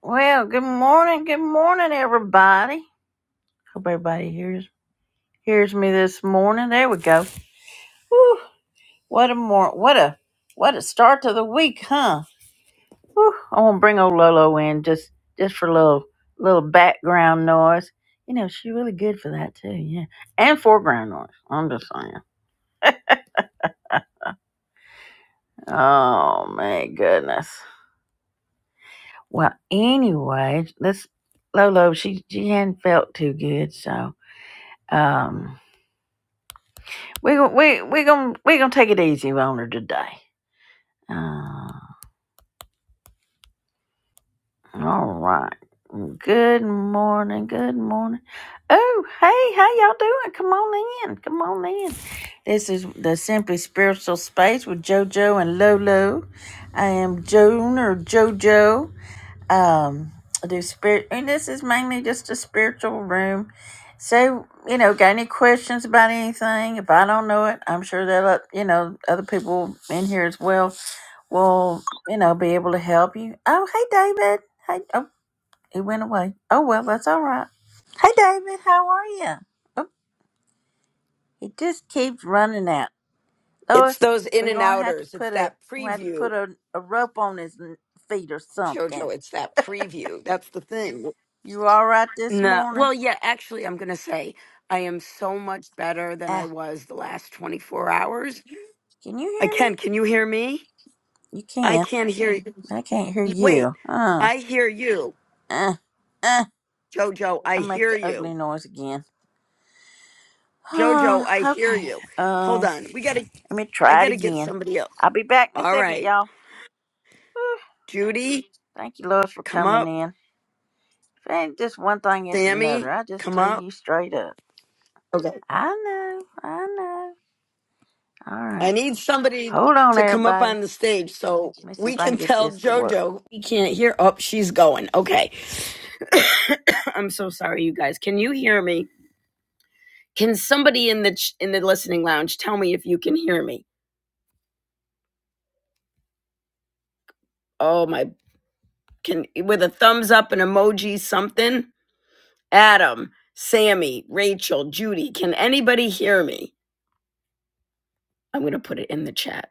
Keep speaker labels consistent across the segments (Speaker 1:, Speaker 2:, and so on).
Speaker 1: Well, good morning, good morning, everybody. Hope everybody hears hears me this morning. There we go. Whew, what a more what a what a start to the week, huh? Whew, I want to bring old Lolo in just just for a little little background noise. You know she's really good for that too, yeah, and foreground noise. I'm just saying. Oh my goodness. Well, anyway, this Lolo she she hadn't felt too good, so um We gon' we we gon' we gonna take it easy on her today. Uh, all right. Good morning. Good morning. Oh, hey, how y'all doing? Come on in. Come on in. This is the Simply Spiritual Space with JoJo and Lolo. I am Joan or JoJo. Um, I do spirit, and this is mainly just a spiritual room. So, you know, got any questions about anything? If I don't know it, I'm sure that, uh, you know, other people in here as well will, you know, be able to help you. Oh, hey, David. Hey, oh, he went away. Oh, well, that's all right. Hey, David, how are you? Oh, he just keeps running out.
Speaker 2: It's
Speaker 1: Lois,
Speaker 2: those in
Speaker 1: we're
Speaker 2: and
Speaker 1: gonna have to
Speaker 2: outers. It's
Speaker 1: put a
Speaker 2: that
Speaker 1: we have to put
Speaker 2: preview,
Speaker 1: a, a rope on his n- feet or something.
Speaker 2: Jojo. It's that preview. That's the thing.
Speaker 1: You all right this
Speaker 2: No,
Speaker 1: morning?
Speaker 2: well, yeah. Actually, I'm gonna say I am so much better than I
Speaker 1: Ah,
Speaker 2: was the last 24 hours.
Speaker 1: can you
Speaker 2: I
Speaker 1: hear
Speaker 2: can.
Speaker 1: me?
Speaker 2: Can you hear me?
Speaker 1: You
Speaker 2: I
Speaker 1: can.
Speaker 2: can't hear you.
Speaker 1: I can't hear
Speaker 2: Wait,
Speaker 1: you. Uh,
Speaker 2: I hear you,
Speaker 1: uh, uh.
Speaker 2: Jojo. I
Speaker 1: I make
Speaker 2: hear
Speaker 1: the
Speaker 2: you,
Speaker 1: ugly noise again.
Speaker 2: Jojo.
Speaker 1: Oh,
Speaker 2: I hear
Speaker 1: okay.
Speaker 2: you.
Speaker 1: uh,
Speaker 2: Hold on. We gotta.
Speaker 1: Let me
Speaker 2: I
Speaker 1: try it
Speaker 2: gotta get
Speaker 1: again.
Speaker 2: somebody else.
Speaker 1: I'll be back in a
Speaker 2: All
Speaker 1: second,
Speaker 2: right,
Speaker 1: y'all. Whew.
Speaker 2: Judy,
Speaker 1: Thank you, Lois, for
Speaker 2: come
Speaker 1: coming
Speaker 2: up.
Speaker 1: in. If it ain't just one thing, it's another.
Speaker 2: Sammy,
Speaker 1: I just
Speaker 2: come
Speaker 1: tell
Speaker 2: up.
Speaker 1: you straight up.
Speaker 2: Okay.
Speaker 1: I know, I know. All
Speaker 2: I
Speaker 1: right.
Speaker 2: need somebody
Speaker 1: Hold on,
Speaker 2: to come up
Speaker 1: everybody.
Speaker 2: on the stage so
Speaker 1: Let me see
Speaker 2: we
Speaker 1: if I can
Speaker 2: can
Speaker 1: get
Speaker 2: tell
Speaker 1: this to work.
Speaker 2: JoJo we can't hear. Oh, she's going. Okay. I'm so sorry, you guys. Can you hear me? Can somebody in the ch- in the listening lounge tell me if you can hear me? Oh my! Can with a thumbs up, an emoji, something. Adam, Sammy, Rachel, Judy. Can anybody hear me? I'm gonna put it in the chat.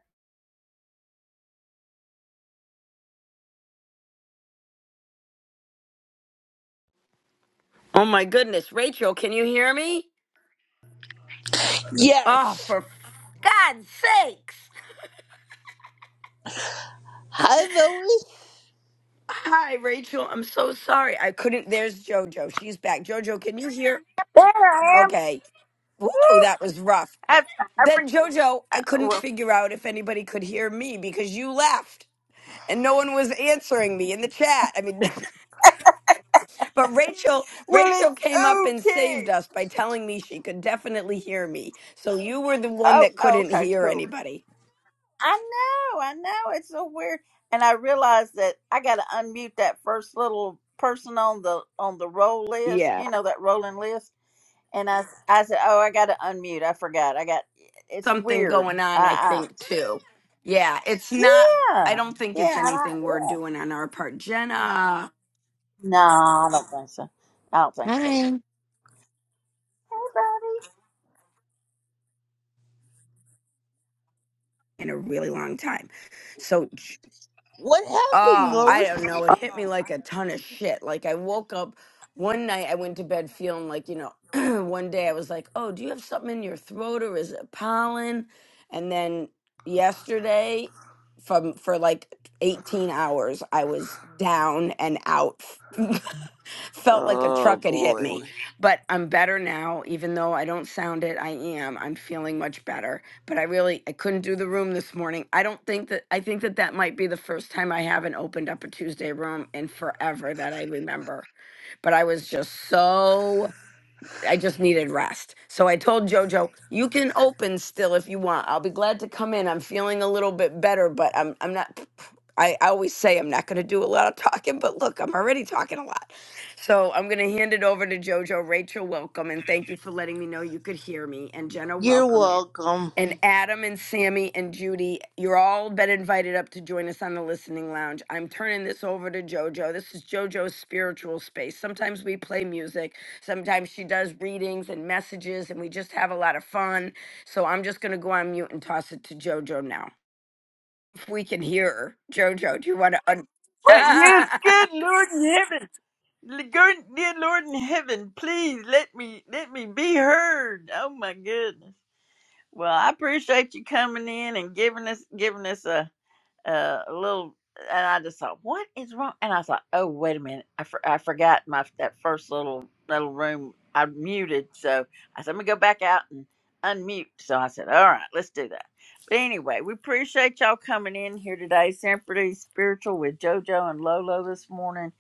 Speaker 2: Oh my goodness, Rachel, can you hear me? Oh,
Speaker 3: Yes.
Speaker 2: for f- God's sakes!
Speaker 3: Hi, Lois.
Speaker 2: Hi, Rachel. I'm so sorry. I couldn't. There's JoJo. She's back. JoJo, can you hear?
Speaker 1: There I am.
Speaker 2: Okay. Whoa,
Speaker 1: Woo!
Speaker 2: that was rough.
Speaker 1: I, I
Speaker 2: Then,
Speaker 1: forget.
Speaker 2: JoJo,
Speaker 1: Uh,
Speaker 2: I couldn't
Speaker 1: well,
Speaker 2: figure out if anybody could hear me because you left and no one was answering me in the chat. I mean, but Rachel,
Speaker 1: well,
Speaker 2: Rachel came up and
Speaker 1: it's okay.
Speaker 2: saved us by telling me she could definitely hear me. So you were the one
Speaker 1: Oh,
Speaker 2: that
Speaker 1: oh,
Speaker 2: couldn't
Speaker 1: okay,
Speaker 2: hear
Speaker 1: cool.
Speaker 2: anybody.
Speaker 1: I know, I know. It's so weird. And I realized that I gotta unmute that first little person on the on the roll list, you know, that rolling list. And I s- I said, Oh, I gotta unmute. I forgot. I got it's
Speaker 2: something
Speaker 1: weird.
Speaker 2: going on, I
Speaker 1: I, I
Speaker 2: think, too. Yeah, it's not, I
Speaker 1: Yeah.
Speaker 2: don't think it's
Speaker 1: Yeah, I,
Speaker 2: anything we're
Speaker 1: yeah.
Speaker 2: doing on our part, Jenna,
Speaker 1: No, I don't think so. I don't think so.
Speaker 4: Hi.
Speaker 1: Hey
Speaker 2: in a really long time. So,
Speaker 3: What happened,
Speaker 2: Ah,
Speaker 1: buddy. Uh,
Speaker 2: I
Speaker 3: Lois?
Speaker 2: don't know. It hit me like a ton of shit. Like I woke up one night, I went to bed feeling like, you know, one day I was like, "Oh, do you have something in your throat or is it pollen?" And then yesterday from for like 18 hours, I was down and out. Felt like a
Speaker 3: Oh,
Speaker 2: truck had hit me.
Speaker 3: boy.
Speaker 2: But I'm better now, even though I don't sound it, I am. I'm feeling much better but I really I couldn't do the room this morning. I don't think that I think that that might be the first time I haven't opened up a Tuesday room in forever that I remember. But I was just so I just needed rest. So I told Jojo, "You can open still if you want. I'll be glad to come in. I'm feeling a little bit better, but I'm I'm not I, I always say I'm not going to do a lot of talking, but look, I'm already talking a lot. So I'm going to hand it over to Jojo. Rachel, welcome. And thank you for letting me know you could hear me. And Jenna,
Speaker 3: You're
Speaker 2: welcome
Speaker 3: welcome.
Speaker 2: and Adam and Sammy and Judy, you're all been invited up to join us on the listening lounge. I'm turning this over to JoJo. This is JoJo's spiritual space. Sometimes we play music, sometimes she does readings and messages, and we just have a lot of fun. So I'm just going to go on mute and toss it to JoJo now. If we can hear her, JoJo, do you want to?
Speaker 1: Well, yes,
Speaker 2: Un-
Speaker 1: good Lord in heaven, L- good dear Lord in heaven, please let me let me be heard. Oh my goodness. Well, I appreciate you coming in and giving us giving us a a a little. And I just thought, what is wrong? And I thought, oh wait a minute, I, for, I forgot my that first little little room I muted. So I said, let me go back out and unmute. So I said, all right, let's do that. But anyway, we appreciate y'all coming in here today. Sympathy Spiritual with JoJo and Lolo this morning.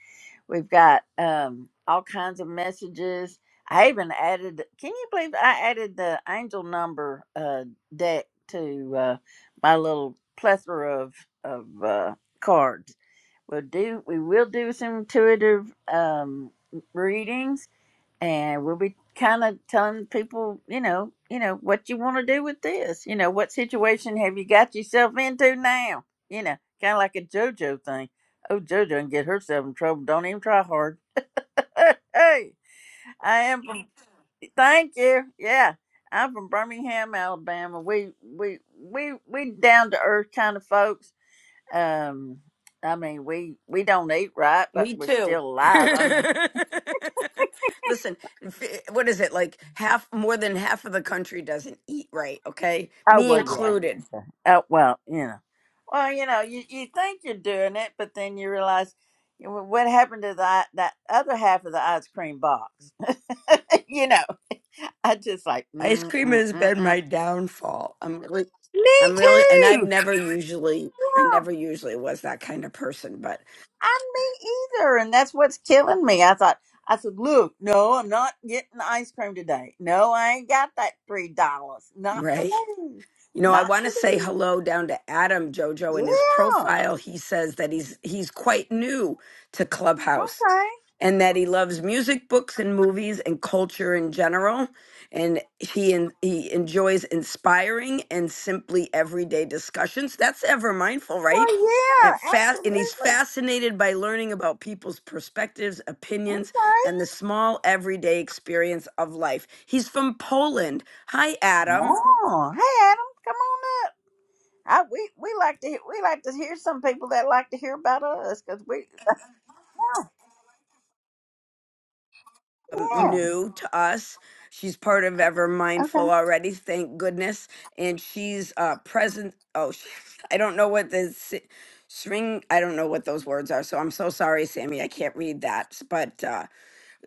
Speaker 1: We've got um, all kinds of messages. I even added, can you believe I added the angel number uh, deck to uh, my little plethora of, of uh, cards? We'll do, we will do some intuitive um, readings and we'll be kind of telling people, you know, you know what you want to do with this. You know, what situation have you got yourself into now? You know, kind of like a JoJo thing. Oh, JoJo can get herself in trouble. Don't even try hard. hey, I am from. Thank you. Yeah, I'm from Birmingham, Alabama. We we we we down to earth kind of folks. Um, I mean, we we don't eat right, but
Speaker 2: Me
Speaker 1: we're
Speaker 2: too.
Speaker 1: still alive. I mean.
Speaker 2: Listen, f- what is it like? Half, more than half of the country doesn't eat right. Okay,
Speaker 1: Oh
Speaker 2: me
Speaker 1: well, yeah.
Speaker 2: included.
Speaker 1: Okay. Oh well, you know. Well, you know, you, you think you're doing it, but then you realize you know, what happened to that that other half of the ice cream box. you know, I just like
Speaker 2: Ice
Speaker 1: mm
Speaker 2: cream
Speaker 1: mm
Speaker 2: has
Speaker 1: mm
Speaker 2: been
Speaker 1: mm.
Speaker 2: my downfall. I'm really,
Speaker 1: Me
Speaker 2: I'm really, and I've
Speaker 1: too.
Speaker 2: never usually, I
Speaker 1: Yeah,
Speaker 2: never usually was that kind of person. But
Speaker 1: I'm me either, and that's what's killing me. I thought I said, look, no, I'm not getting ice cream today. No, I ain't got that three dollars. Not
Speaker 2: I'm ready.
Speaker 1: today.
Speaker 2: You know, I
Speaker 1: Not
Speaker 2: want to say
Speaker 1: today.
Speaker 2: hello down to Adam Jojo. In his
Speaker 1: Yeah.
Speaker 2: profile, he says that he's he's quite new to Clubhouse
Speaker 1: Okay.
Speaker 2: and that he loves music, books, and movies and culture in general. And he en- he enjoys inspiring and simply everyday discussions. That's ever mindful, right?
Speaker 1: Well,
Speaker 2: And
Speaker 1: yeah,
Speaker 2: fa- and he's
Speaker 1: absolutely.
Speaker 2: fascinated by learning about people's perspectives, opinions,
Speaker 1: Okay.
Speaker 2: and the small everyday experience of life. He's from Poland. Hi, Adam.
Speaker 1: Oh, hey Adam, come on up. I we, we like to hear, we like to hear some people that like to hear about us because we
Speaker 2: um,
Speaker 1: yeah
Speaker 2: new to us. She's part of Ever
Speaker 1: okay
Speaker 2: Mindful already, thank goodness. And she's uh, present. Oh, sh- I don't know what the si- string. I don't know what those words are. So I'm so sorry, Sammy. I can't read that. s- But uh,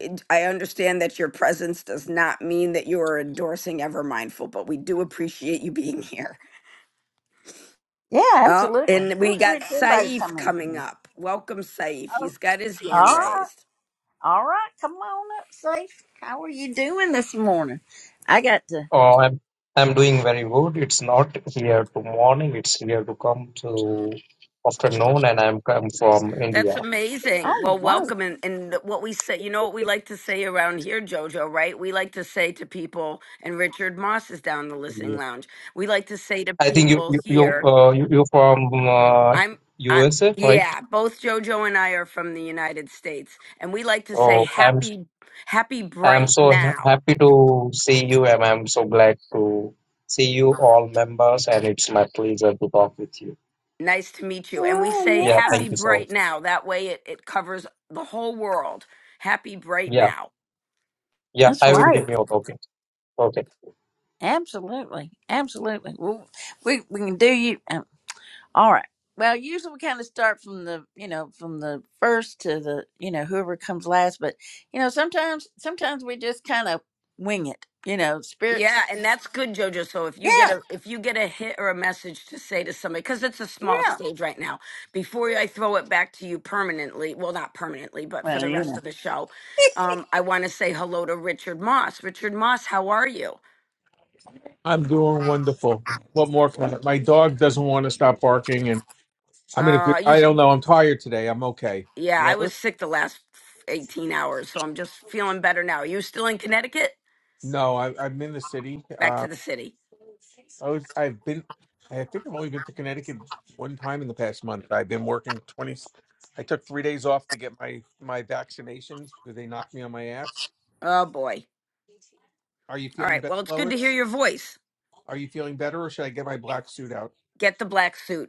Speaker 2: it, I understand that your presence does not mean that you are endorsing Ever Mindful. But we do appreciate you being here.
Speaker 1: yeah
Speaker 2: Oh,
Speaker 1: absolutely
Speaker 2: and
Speaker 1: we
Speaker 2: we got
Speaker 1: want everybody to
Speaker 2: Saif
Speaker 1: come in
Speaker 2: coming
Speaker 1: here.
Speaker 2: up. Welcome, Saif.
Speaker 1: Oh,
Speaker 2: He's got his
Speaker 1: all
Speaker 2: hand
Speaker 1: right,
Speaker 2: raised.
Speaker 1: all right, come on up, safe. How are you doing this morning? I got to.
Speaker 5: Oh, I'm I'm doing very good. It's not here to morning. It's here to come to afternoon, and I'm come from
Speaker 2: That's
Speaker 5: India.
Speaker 2: amazing.
Speaker 1: Oh
Speaker 2: Well,
Speaker 1: right.
Speaker 2: welcome. And, and what we say, you know what we like to say around here, JoJo, right? We like to say to people, and Richard Moss is down in the listening
Speaker 5: Yeah.
Speaker 2: lounge. We like to say to
Speaker 5: I think you
Speaker 2: people
Speaker 5: you you
Speaker 2: here,
Speaker 5: uh, you you're from uh,
Speaker 2: I'm, I,
Speaker 5: USA, right?
Speaker 2: yeah, both JoJo and I are from the United States. And we like to say,
Speaker 5: Oh, I'm
Speaker 2: happy, happy
Speaker 5: I'm
Speaker 2: bright
Speaker 5: so ha-
Speaker 2: now.
Speaker 5: happy to see you, and I'm so glad to see you all members, and it's my pleasure to talk with you.
Speaker 2: Nice to meet you. And we say,
Speaker 5: Yeah,
Speaker 1: Oh
Speaker 2: happy
Speaker 1: yeah,
Speaker 5: thank you so.
Speaker 2: bright now. That way it, it covers the whole world. Happy bright
Speaker 5: Yeah,
Speaker 2: now.
Speaker 5: yeah,
Speaker 1: that's
Speaker 5: I will be
Speaker 1: right.
Speaker 5: mute. Okay, okay.
Speaker 1: Absolutely, absolutely. Well, we we can do you. uh, All right. Well, usually we kind of start from the, you know, from the first to the, you know, whoever comes last. But, you know, sometimes, sometimes we just kind of wing it, you know, spirits.
Speaker 2: Yeah, and that's good, Jojo. So if you get
Speaker 1: Yeah.
Speaker 2: a if you get a hit or a message to say to somebody, because it's a small
Speaker 1: Yeah.
Speaker 2: stage right now, before I throw it back to you permanently, well, not permanently, but for
Speaker 1: Well,
Speaker 2: the
Speaker 1: you
Speaker 2: rest
Speaker 1: know,
Speaker 2: of the show, um, I want to say hello to Richard Moss. Richard Moss, how are you?
Speaker 6: I'm doing wonderful. What more can I? My dog doesn't want to stop barking, and I'm in a good.
Speaker 2: Uh, you,
Speaker 6: I
Speaker 2: s-
Speaker 6: don't know. I'm tired today. I'm okay.
Speaker 2: yeah, I
Speaker 6: Love it.
Speaker 2: was sick the last eighteen hours, so I'm just feeling better now. Are you still in Connecticut?
Speaker 6: No, I, I'm in the city.
Speaker 2: Back
Speaker 6: Um,
Speaker 2: to the city.
Speaker 6: I was, I've been. I think I've only been to Connecticut one time in the past month. I've been working twenty. I took three days off to get my my vaccinations because they knocked me on my ass.
Speaker 2: Oh boy.
Speaker 6: Are you
Speaker 2: All
Speaker 6: feeling
Speaker 2: right.
Speaker 6: better,
Speaker 2: Well, it's good to hear
Speaker 6: Lois?
Speaker 2: your voice.
Speaker 6: Are you feeling better, or should I get my black suit out?
Speaker 2: Get the black suit.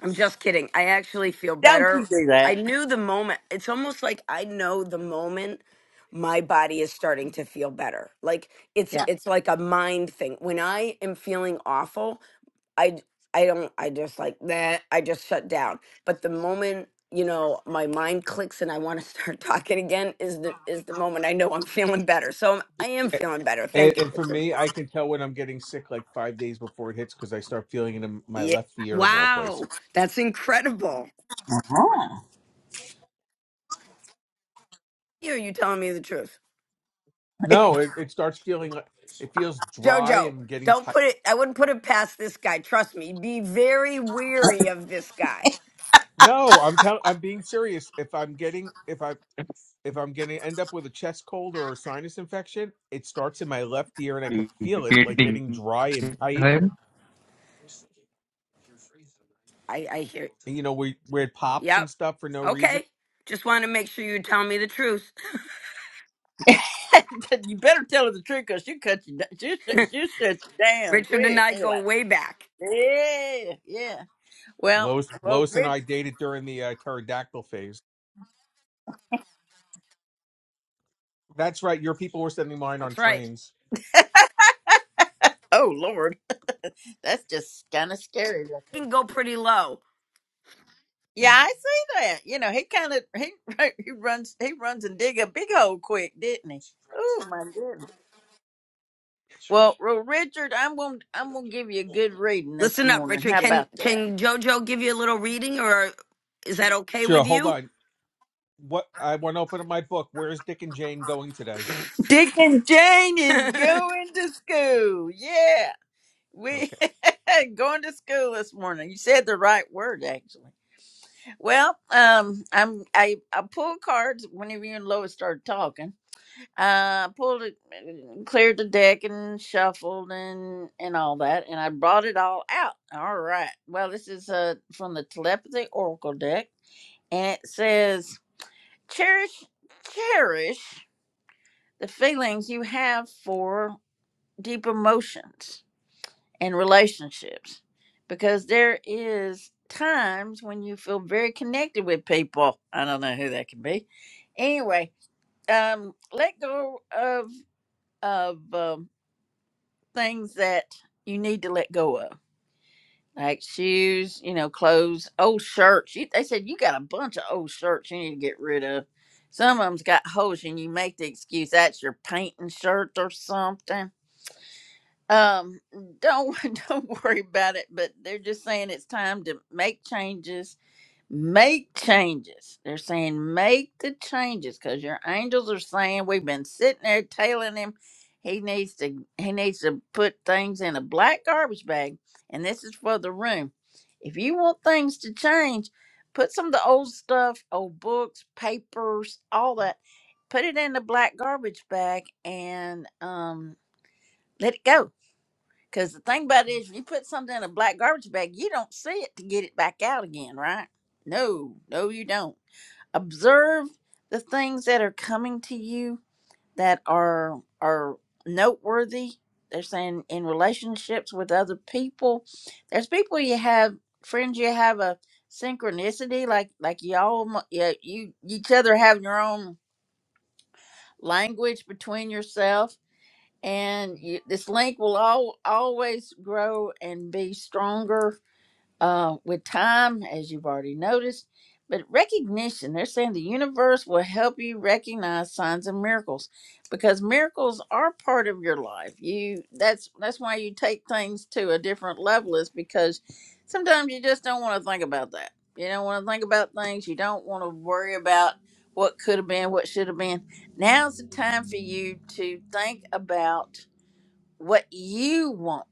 Speaker 2: I'm just kidding. I actually feel
Speaker 1: don't you
Speaker 2: better.
Speaker 1: do
Speaker 2: I
Speaker 1: that.
Speaker 2: knew the moment. It's almost like I know the moment my body is starting to feel better. Like it's
Speaker 1: Yeah.
Speaker 2: it's like a mind thing. When I am feeling awful, I d- I don't I just like that. I just shut down. But the moment you know my mind clicks and I want to start talking again is the is the moment I know I'm feeling better. So I am feeling better.
Speaker 6: And,
Speaker 2: Thank you,
Speaker 6: and for
Speaker 2: Richard.
Speaker 6: me, I can tell when I'm getting sick like five days before it hits because I start feeling it in my
Speaker 2: Yeah.
Speaker 6: left ear of all
Speaker 2: Wow,
Speaker 6: places.
Speaker 2: that's incredible.
Speaker 1: Uh-huh.
Speaker 2: Are you telling me the truth?
Speaker 6: No, it, it starts feeling like it feels dry
Speaker 2: Jojo,
Speaker 6: and getting
Speaker 2: don't
Speaker 6: tight.
Speaker 2: put it. I wouldn't put it past this guy. Trust me. Be very weary of this guy.
Speaker 6: No, I'm tell, I'm being serious. If I'm getting if I if I'm getting end up with a chest cold or a sinus infection, it starts in my left ear and I can feel it like
Speaker 5: Greeting
Speaker 6: getting dry and tight.
Speaker 5: time.
Speaker 2: I, I hear.
Speaker 6: And, you know where where it pops
Speaker 2: Yep.
Speaker 6: and stuff for no reason.
Speaker 2: Okay. Just want to make sure you tell me the truth.
Speaker 1: you better tell her the truth because she cut you, down- she, shut- she shut you down
Speaker 2: Richard and
Speaker 1: quick.
Speaker 2: I
Speaker 1: You're
Speaker 2: go
Speaker 1: like,
Speaker 2: way back.
Speaker 1: yeah, yeah. Well,
Speaker 6: Lois
Speaker 1: well,
Speaker 6: Lois and
Speaker 1: Rick,
Speaker 6: I dated during the uh, pterodactyl phase. That's right. Your people were sending mine on
Speaker 2: That's right.
Speaker 6: trains.
Speaker 1: oh, Lord, that's just kind of scary.
Speaker 2: You can go pretty low.
Speaker 1: Yeah, I see that. You know, he kind of he he runs he runs and dig a big hole quick, didn't he? Oh my goodness. Well, well, Richard, I'm gonna I'm gonna give you a good reading this
Speaker 2: Listen up,
Speaker 1: morning.
Speaker 2: Richard.
Speaker 1: How
Speaker 2: Can
Speaker 1: about that?
Speaker 2: can Jojo give you a little reading, or is that okay
Speaker 6: Sure,
Speaker 2: with
Speaker 6: hold
Speaker 2: you?
Speaker 6: on. What I want to open up my book. Where is Dick and Jane going today?
Speaker 1: Dick and Jane is
Speaker 2: you
Speaker 1: going to school. Yeah, we
Speaker 6: Okay,
Speaker 1: going to school this morning. You said the right word actually. Well, um, I'm I I pull cards whenever you and Lois started talking uh pulled it cleared the deck and shuffled and and all that and i brought it all out all right well this is uh from the telepathy oracle deck and it says cherish cherish the feelings you have for deep emotions and relationships because there is times when you feel very connected with people i don't know who that can be anyway um let go of of um things that you need to let go of, like shoes, you know, clothes, old shirts. You, they said you got a bunch of old shirts you need to get rid of. Some of them's got holes, and you make the excuse that's your painting shirt or something. Um, don't don't worry about it. But they're just saying it's time to make changes Make changes. They're saying make the changes because your angels are saying we've been sitting there tailing him. He needs to he needs to put things in a black garbage bag. And this is for the room. If you want things to change, put some of the old stuff, old books, papers, all that, put it in the black garbage bag and um let it go because the thing about it is, if you put something in a black garbage bag, you don't see it to get it back out again, right? No, no, you don't. Observe the things that are coming to you that are are noteworthy. They're saying in relationships with other people. There's people you have, friends you have a synchronicity, like like y'all, yeah, you each other have your own language between yourself and you, this link will all, always grow and be stronger uh, with time, as you've already noticed. But recognition, they're saying the universe will help you recognize signs and miracles because miracles are part of your life. You that's that's why you take things to a different level is because sometimes you just don't want to think about that. You don't want to think about things. You don't want to worry about what could have been, what should have been. Now's the time for you to think about what you want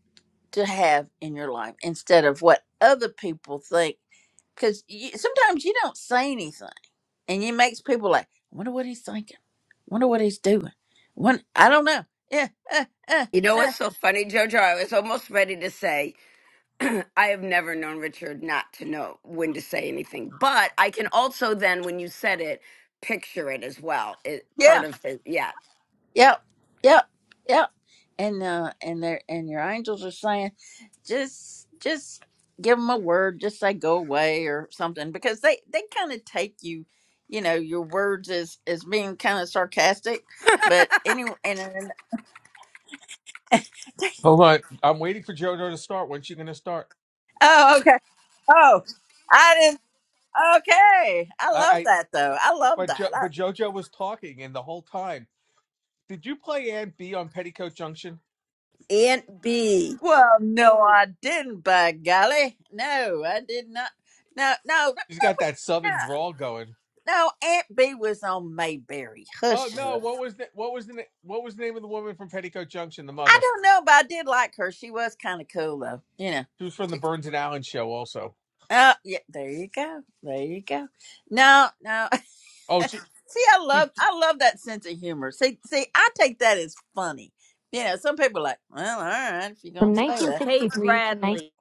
Speaker 1: to have in your life instead of what other people think. Because you, sometimes you don't say anything, and it makes people like, I wonder what he's thinking, wonder what he's doing. When I don't know. Yeah, uh, uh,
Speaker 2: know what's so funny, Jojo? I was almost ready to say I have never known Richard not to know when to say anything. But I can also then, when you said it, picture it as well. It part
Speaker 1: yeah,
Speaker 2: of the yeah.
Speaker 1: yep, yep, yep. And uh, and they are and your angels are saying. just just give them a word just say go away or something because they they kind of take you you know your words as as being kind of sarcastic but anyway and, and
Speaker 6: hold on. I'm waiting for JoJo to start. When's she going to start?
Speaker 1: oh okay oh i didn't okay i love
Speaker 6: I,
Speaker 1: that though
Speaker 6: I
Speaker 1: i love
Speaker 6: but jo,
Speaker 1: that I,
Speaker 6: but JoJo was talking, and the whole time, did you play Aunt B on Petticoat Junction?
Speaker 2: Aunt B.
Speaker 1: well no i didn't by golly no i did not no no
Speaker 6: She's got that
Speaker 1: no
Speaker 6: southern drawl going.
Speaker 1: no aunt b was on mayberry
Speaker 6: Oh
Speaker 1: hush
Speaker 6: no,
Speaker 1: up
Speaker 6: what was the what was the na- what was the name of the woman from Petticoat Junction? The
Speaker 1: i
Speaker 6: mother.
Speaker 1: don't know but i did like her she was kind of cool though you know
Speaker 6: She was from the Burns and Allen show, also.
Speaker 1: Oh, yeah. There you go. There you go. No, no.
Speaker 6: Oh, she.
Speaker 1: see, I
Speaker 6: she
Speaker 1: love, I love that sense of humor. See, see, I take that as funny. You know, some people are like, well, all right, if you're gonna
Speaker 2: From Hey,
Speaker 1: say that,
Speaker 2: 1963 to 19. Bradley.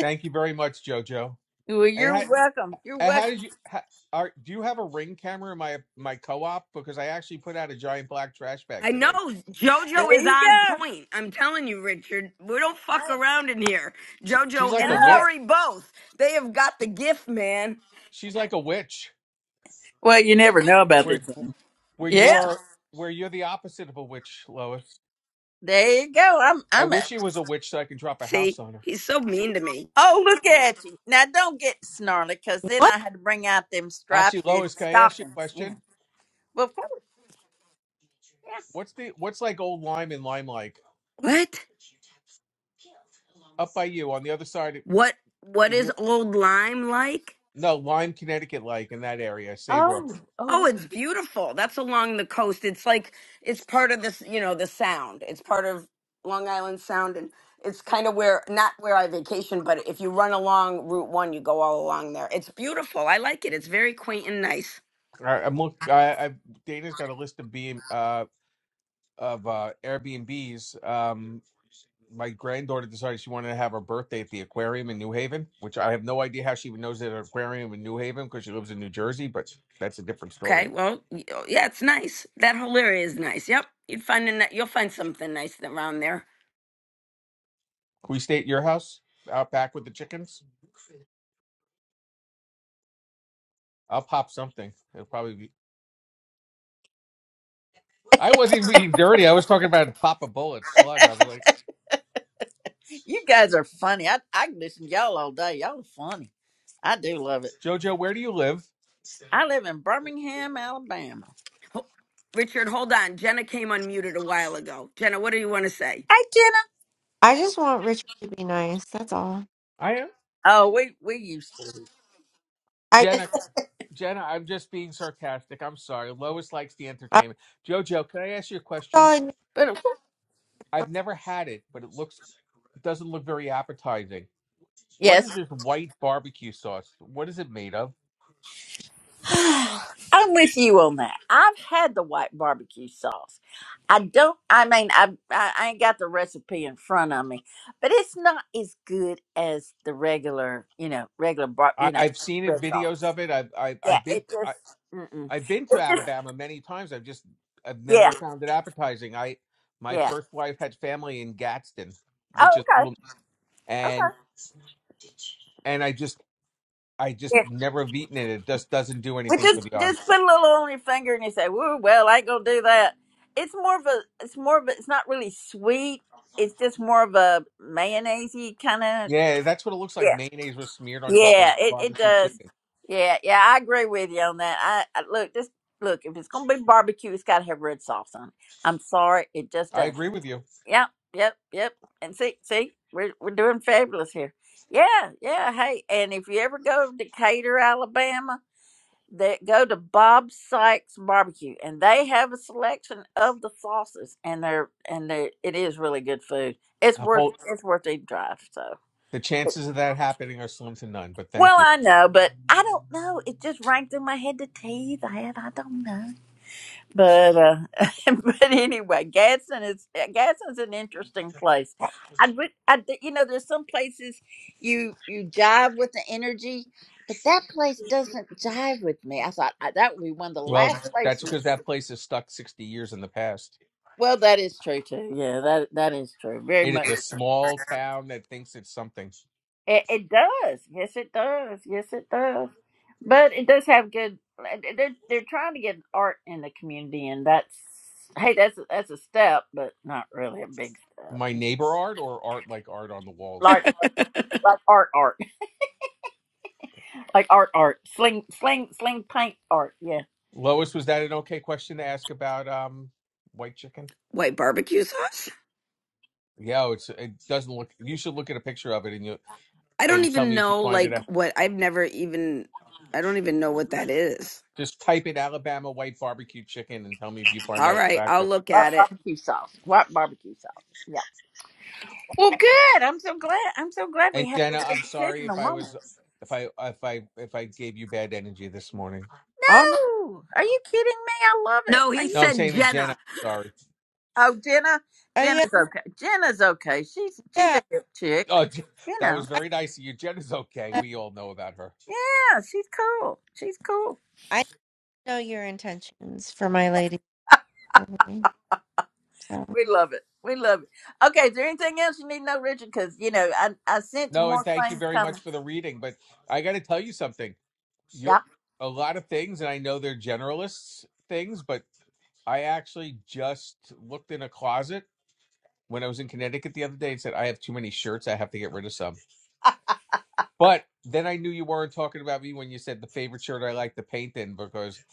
Speaker 6: thank you very much, JoJo.
Speaker 1: well,
Speaker 6: And
Speaker 1: you're
Speaker 6: ha,
Speaker 1: welcome. You're
Speaker 6: And how
Speaker 1: welcome.
Speaker 6: did you? How, are do you have a ring camera in my my co-op? Because I actually put out a giant black trash bag
Speaker 2: I know
Speaker 6: today.
Speaker 1: There
Speaker 2: JoJo is
Speaker 1: you
Speaker 2: on
Speaker 1: go.
Speaker 2: point. I'm telling you, Richard, we don't
Speaker 1: All
Speaker 2: fuck
Speaker 1: right.
Speaker 2: around in here.
Speaker 6: She, she's
Speaker 2: JoJo
Speaker 6: like a
Speaker 2: and
Speaker 1: No.
Speaker 6: witch.
Speaker 2: Lori both. They have got the
Speaker 6: She,
Speaker 2: gift, man.
Speaker 6: she's like a witch.
Speaker 1: Well, you never know about
Speaker 6: Where
Speaker 1: this thing.
Speaker 6: where you
Speaker 1: Yeah.
Speaker 6: are where you're the opposite of a witch, Lois.
Speaker 1: There you go. I'm,
Speaker 6: I
Speaker 1: I'm. A,
Speaker 6: wish she was a witch so I can drop a house
Speaker 2: See,
Speaker 6: on her.
Speaker 2: he's so mean to me.
Speaker 1: oh, look at you. Now, don't get snarly, because then
Speaker 4: What?
Speaker 1: I had to bring out them striped
Speaker 6: Actually, Lois, can I ask you a
Speaker 1: stockings. You know.
Speaker 6: question?
Speaker 1: Well, yeah.
Speaker 6: What's the what's like old Lyme and Lyme like?
Speaker 2: What?
Speaker 6: Up by you on the other side of-
Speaker 2: What? What
Speaker 6: in
Speaker 2: is
Speaker 6: your
Speaker 2: old lime like?
Speaker 6: no Lyme, Connecticut, like in that area, Saybrook.
Speaker 1: Oh. Oh.
Speaker 2: Oh,
Speaker 1: okay.
Speaker 2: it's beautiful. That's along the coast. It's like it's part of this, you know, the sound. It's part of Long Island Sound and it's kind of where not where I vacation, but if you run along Route 1, you go all along there. It's beautiful. I like it. It's very quaint and nice.
Speaker 6: I, I'm look. I, I Dana's got a list of BM. of uh, Airbnbs, um, my granddaughter decided she wanted to have her birthday at the aquarium in New Haven, which I have no idea how she even knows that an aquarium in New Haven because she lives in New Jersey, but that's a different story.
Speaker 2: Okay? Well, y- oh, yeah, it's nice. That whole area is nice. Yep. You'd find a, ni- you'll find something nice around there.
Speaker 6: Can we stay at your house out back with the chickens? I'll pop something. It'll probably be. I wasn't even being dirty. I was talking about pop a bullet slug. I was like,
Speaker 1: You guys are funny. I I can listen to y'all all day. Y'all are funny. I do love it.
Speaker 6: JoJo, where do you live?
Speaker 1: I live in Birmingham, Alabama.
Speaker 2: Ho- Richard, hold on. Jenna came unmuted a while ago. Jenna, what do you want to say?
Speaker 1: Hey Jenna.
Speaker 4: I just want Richard to be nice. That's all.
Speaker 6: I am
Speaker 1: Oh, we we used to.
Speaker 4: I
Speaker 6: Jenna. Jenna, I'm just being sarcastic. I'm sorry. Lois likes the
Speaker 4: I
Speaker 6: entertainment. JoJo, can I ask you a question?
Speaker 4: saw.
Speaker 1: But
Speaker 6: I've never had it, but it looks it doesn't look very appetizing. What is
Speaker 1: yes.
Speaker 6: this white barbecue sauce? What is it made of?
Speaker 1: I'm with you on that. I've had the white barbecue sauce. I don't I mean I I I ain't got the recipe in front of me, but it's not as good as the regular, you know, regular bar,
Speaker 6: I,
Speaker 1: you know,
Speaker 6: I've seen it
Speaker 1: red sauce.
Speaker 6: videos of it. I've I've,
Speaker 1: Yeah,
Speaker 6: I've been
Speaker 1: it just
Speaker 6: I,
Speaker 1: mm-mm.
Speaker 6: I've been to
Speaker 1: It just
Speaker 6: Alabama many times. I've just I've
Speaker 1: yeah,
Speaker 6: never found it appetizing. I my
Speaker 1: yeah.
Speaker 6: first wife had family in Gadsden,
Speaker 1: Oh,
Speaker 6: which is a
Speaker 1: okay.
Speaker 6: little
Speaker 1: Okay.
Speaker 6: and and I just I
Speaker 1: Yeah.
Speaker 6: just never have eaten it. It just doesn't do
Speaker 1: But
Speaker 6: anything for
Speaker 1: just
Speaker 6: the eye.
Speaker 1: just put a little on your finger and you say, "Woo, well, I ain't gonna do that." It's more of a, it's more of a, it's not really sweet. It's just more of a mayonnaisey kind of.
Speaker 6: Yeah, that's what it looks like.
Speaker 1: Yeah,
Speaker 6: Mayonnaise was smeared on top of
Speaker 1: yeah, it it
Speaker 6: barbecue
Speaker 1: does.
Speaker 6: chicken.
Speaker 1: Yeah, yeah, I agree with you on that. I, I look, just look. If it's gonna be barbecue, it's gotta have red sauce on it. I'm sorry, it just
Speaker 6: I
Speaker 1: does.
Speaker 6: agree with you.
Speaker 1: Yep, yep, yep. And see, see, we're we're doing fabulous here. Yeah, yeah. Hey, and if you ever go to Decatur, Alabama that go to Bob Sykes Barbecue, and they have a selection of the sauces, and they're and they it is really good food. It's
Speaker 6: I'm, hol-
Speaker 1: worth it's worth a drive. So
Speaker 6: The chances of that happening are slim to none, but
Speaker 1: well,
Speaker 6: thank you.
Speaker 1: I know, but I don't know. It just rang through my head to tell you that I don't know. But uh, but anyway, Gadsden is Gadsden's an interesting place. I would I th- you know there's some places you you jive with the energy. But that place doesn't jive with me. I thought I, that would be one of the
Speaker 6: Well,
Speaker 1: last
Speaker 6: that's
Speaker 1: places
Speaker 6: because that place is stuck 60 years in the past.
Speaker 1: Well, that is true too. Yeah, that that is true. Very
Speaker 6: It is
Speaker 1: much.
Speaker 6: a small town that thinks it's something.
Speaker 1: It, it does. Yes, it does. Yes, it does. But it does have good. They're they're trying to get art in the community, and that's hey, that's that's a step, but not really a big step.
Speaker 6: My neighbor art or art like art on the walls?
Speaker 1: Like like art, art, like art, art, sling, sling, sling, paint art. Yeah,
Speaker 6: Lois, was that an okay question to ask about um white chicken?
Speaker 2: White barbecue sauce?
Speaker 6: Yeah, oh, it's it doesn't look you should look at a picture of it and you
Speaker 2: I don't
Speaker 6: and tell
Speaker 2: even
Speaker 6: me if you
Speaker 2: know
Speaker 6: find it
Speaker 2: like
Speaker 6: a-
Speaker 2: what I've never even I don't even know what that is.
Speaker 6: just type in Alabama white barbecue chicken and tell me if you find
Speaker 2: All
Speaker 6: that
Speaker 2: right, I'll
Speaker 6: attractive.
Speaker 2: look
Speaker 1: white
Speaker 2: at it.
Speaker 1: barbecue sauce, white barbecue sauce. Yeah. Well, good. I'm so glad. I'm so glad we
Speaker 6: And
Speaker 1: had
Speaker 6: Jenna,
Speaker 1: this
Speaker 6: I'm sorry
Speaker 1: educational
Speaker 6: if I
Speaker 1: moment.
Speaker 6: was if I if I if I gave you bad energy this morning.
Speaker 4: Oh no.
Speaker 1: No, are you kidding me? I love it.
Speaker 2: No,
Speaker 1: Are
Speaker 2: he
Speaker 1: you
Speaker 6: No, I'm
Speaker 2: said
Speaker 6: saying to
Speaker 2: Jenna.
Speaker 6: Jenna. Sorry.
Speaker 1: Oh, Jenna,
Speaker 4: Uh, yeah.
Speaker 1: Jenna's okay. Jenna's okay. She's she's
Speaker 4: Yeah.
Speaker 1: a hip chick,
Speaker 4: I,
Speaker 6: Oh, Je-
Speaker 1: you
Speaker 6: that
Speaker 1: know.
Speaker 6: was
Speaker 4: I
Speaker 6: very nice of you. Jenna's okay.
Speaker 4: I
Speaker 6: We all know about her.
Speaker 1: Yeah, she's cool. She's cool.
Speaker 4: I know your intentions for my lady. Mhm. So
Speaker 1: We love it. We love it. Okay, is there anything else you need to know, Richard? Because you know, I I sense
Speaker 6: No, and
Speaker 1: more
Speaker 6: thank you
Speaker 1: things
Speaker 6: very
Speaker 1: coming.
Speaker 6: much for the reading. But I got to tell you something. You're
Speaker 1: Yeah.
Speaker 6: a lot of things, and I know they're generalists things, but I actually just looked in a closet when I was in Connecticut the other day and said, I have too many shirts. I have to get rid of some. But then I knew you weren't talking about me when you said the favorite shirt I like to paint in, because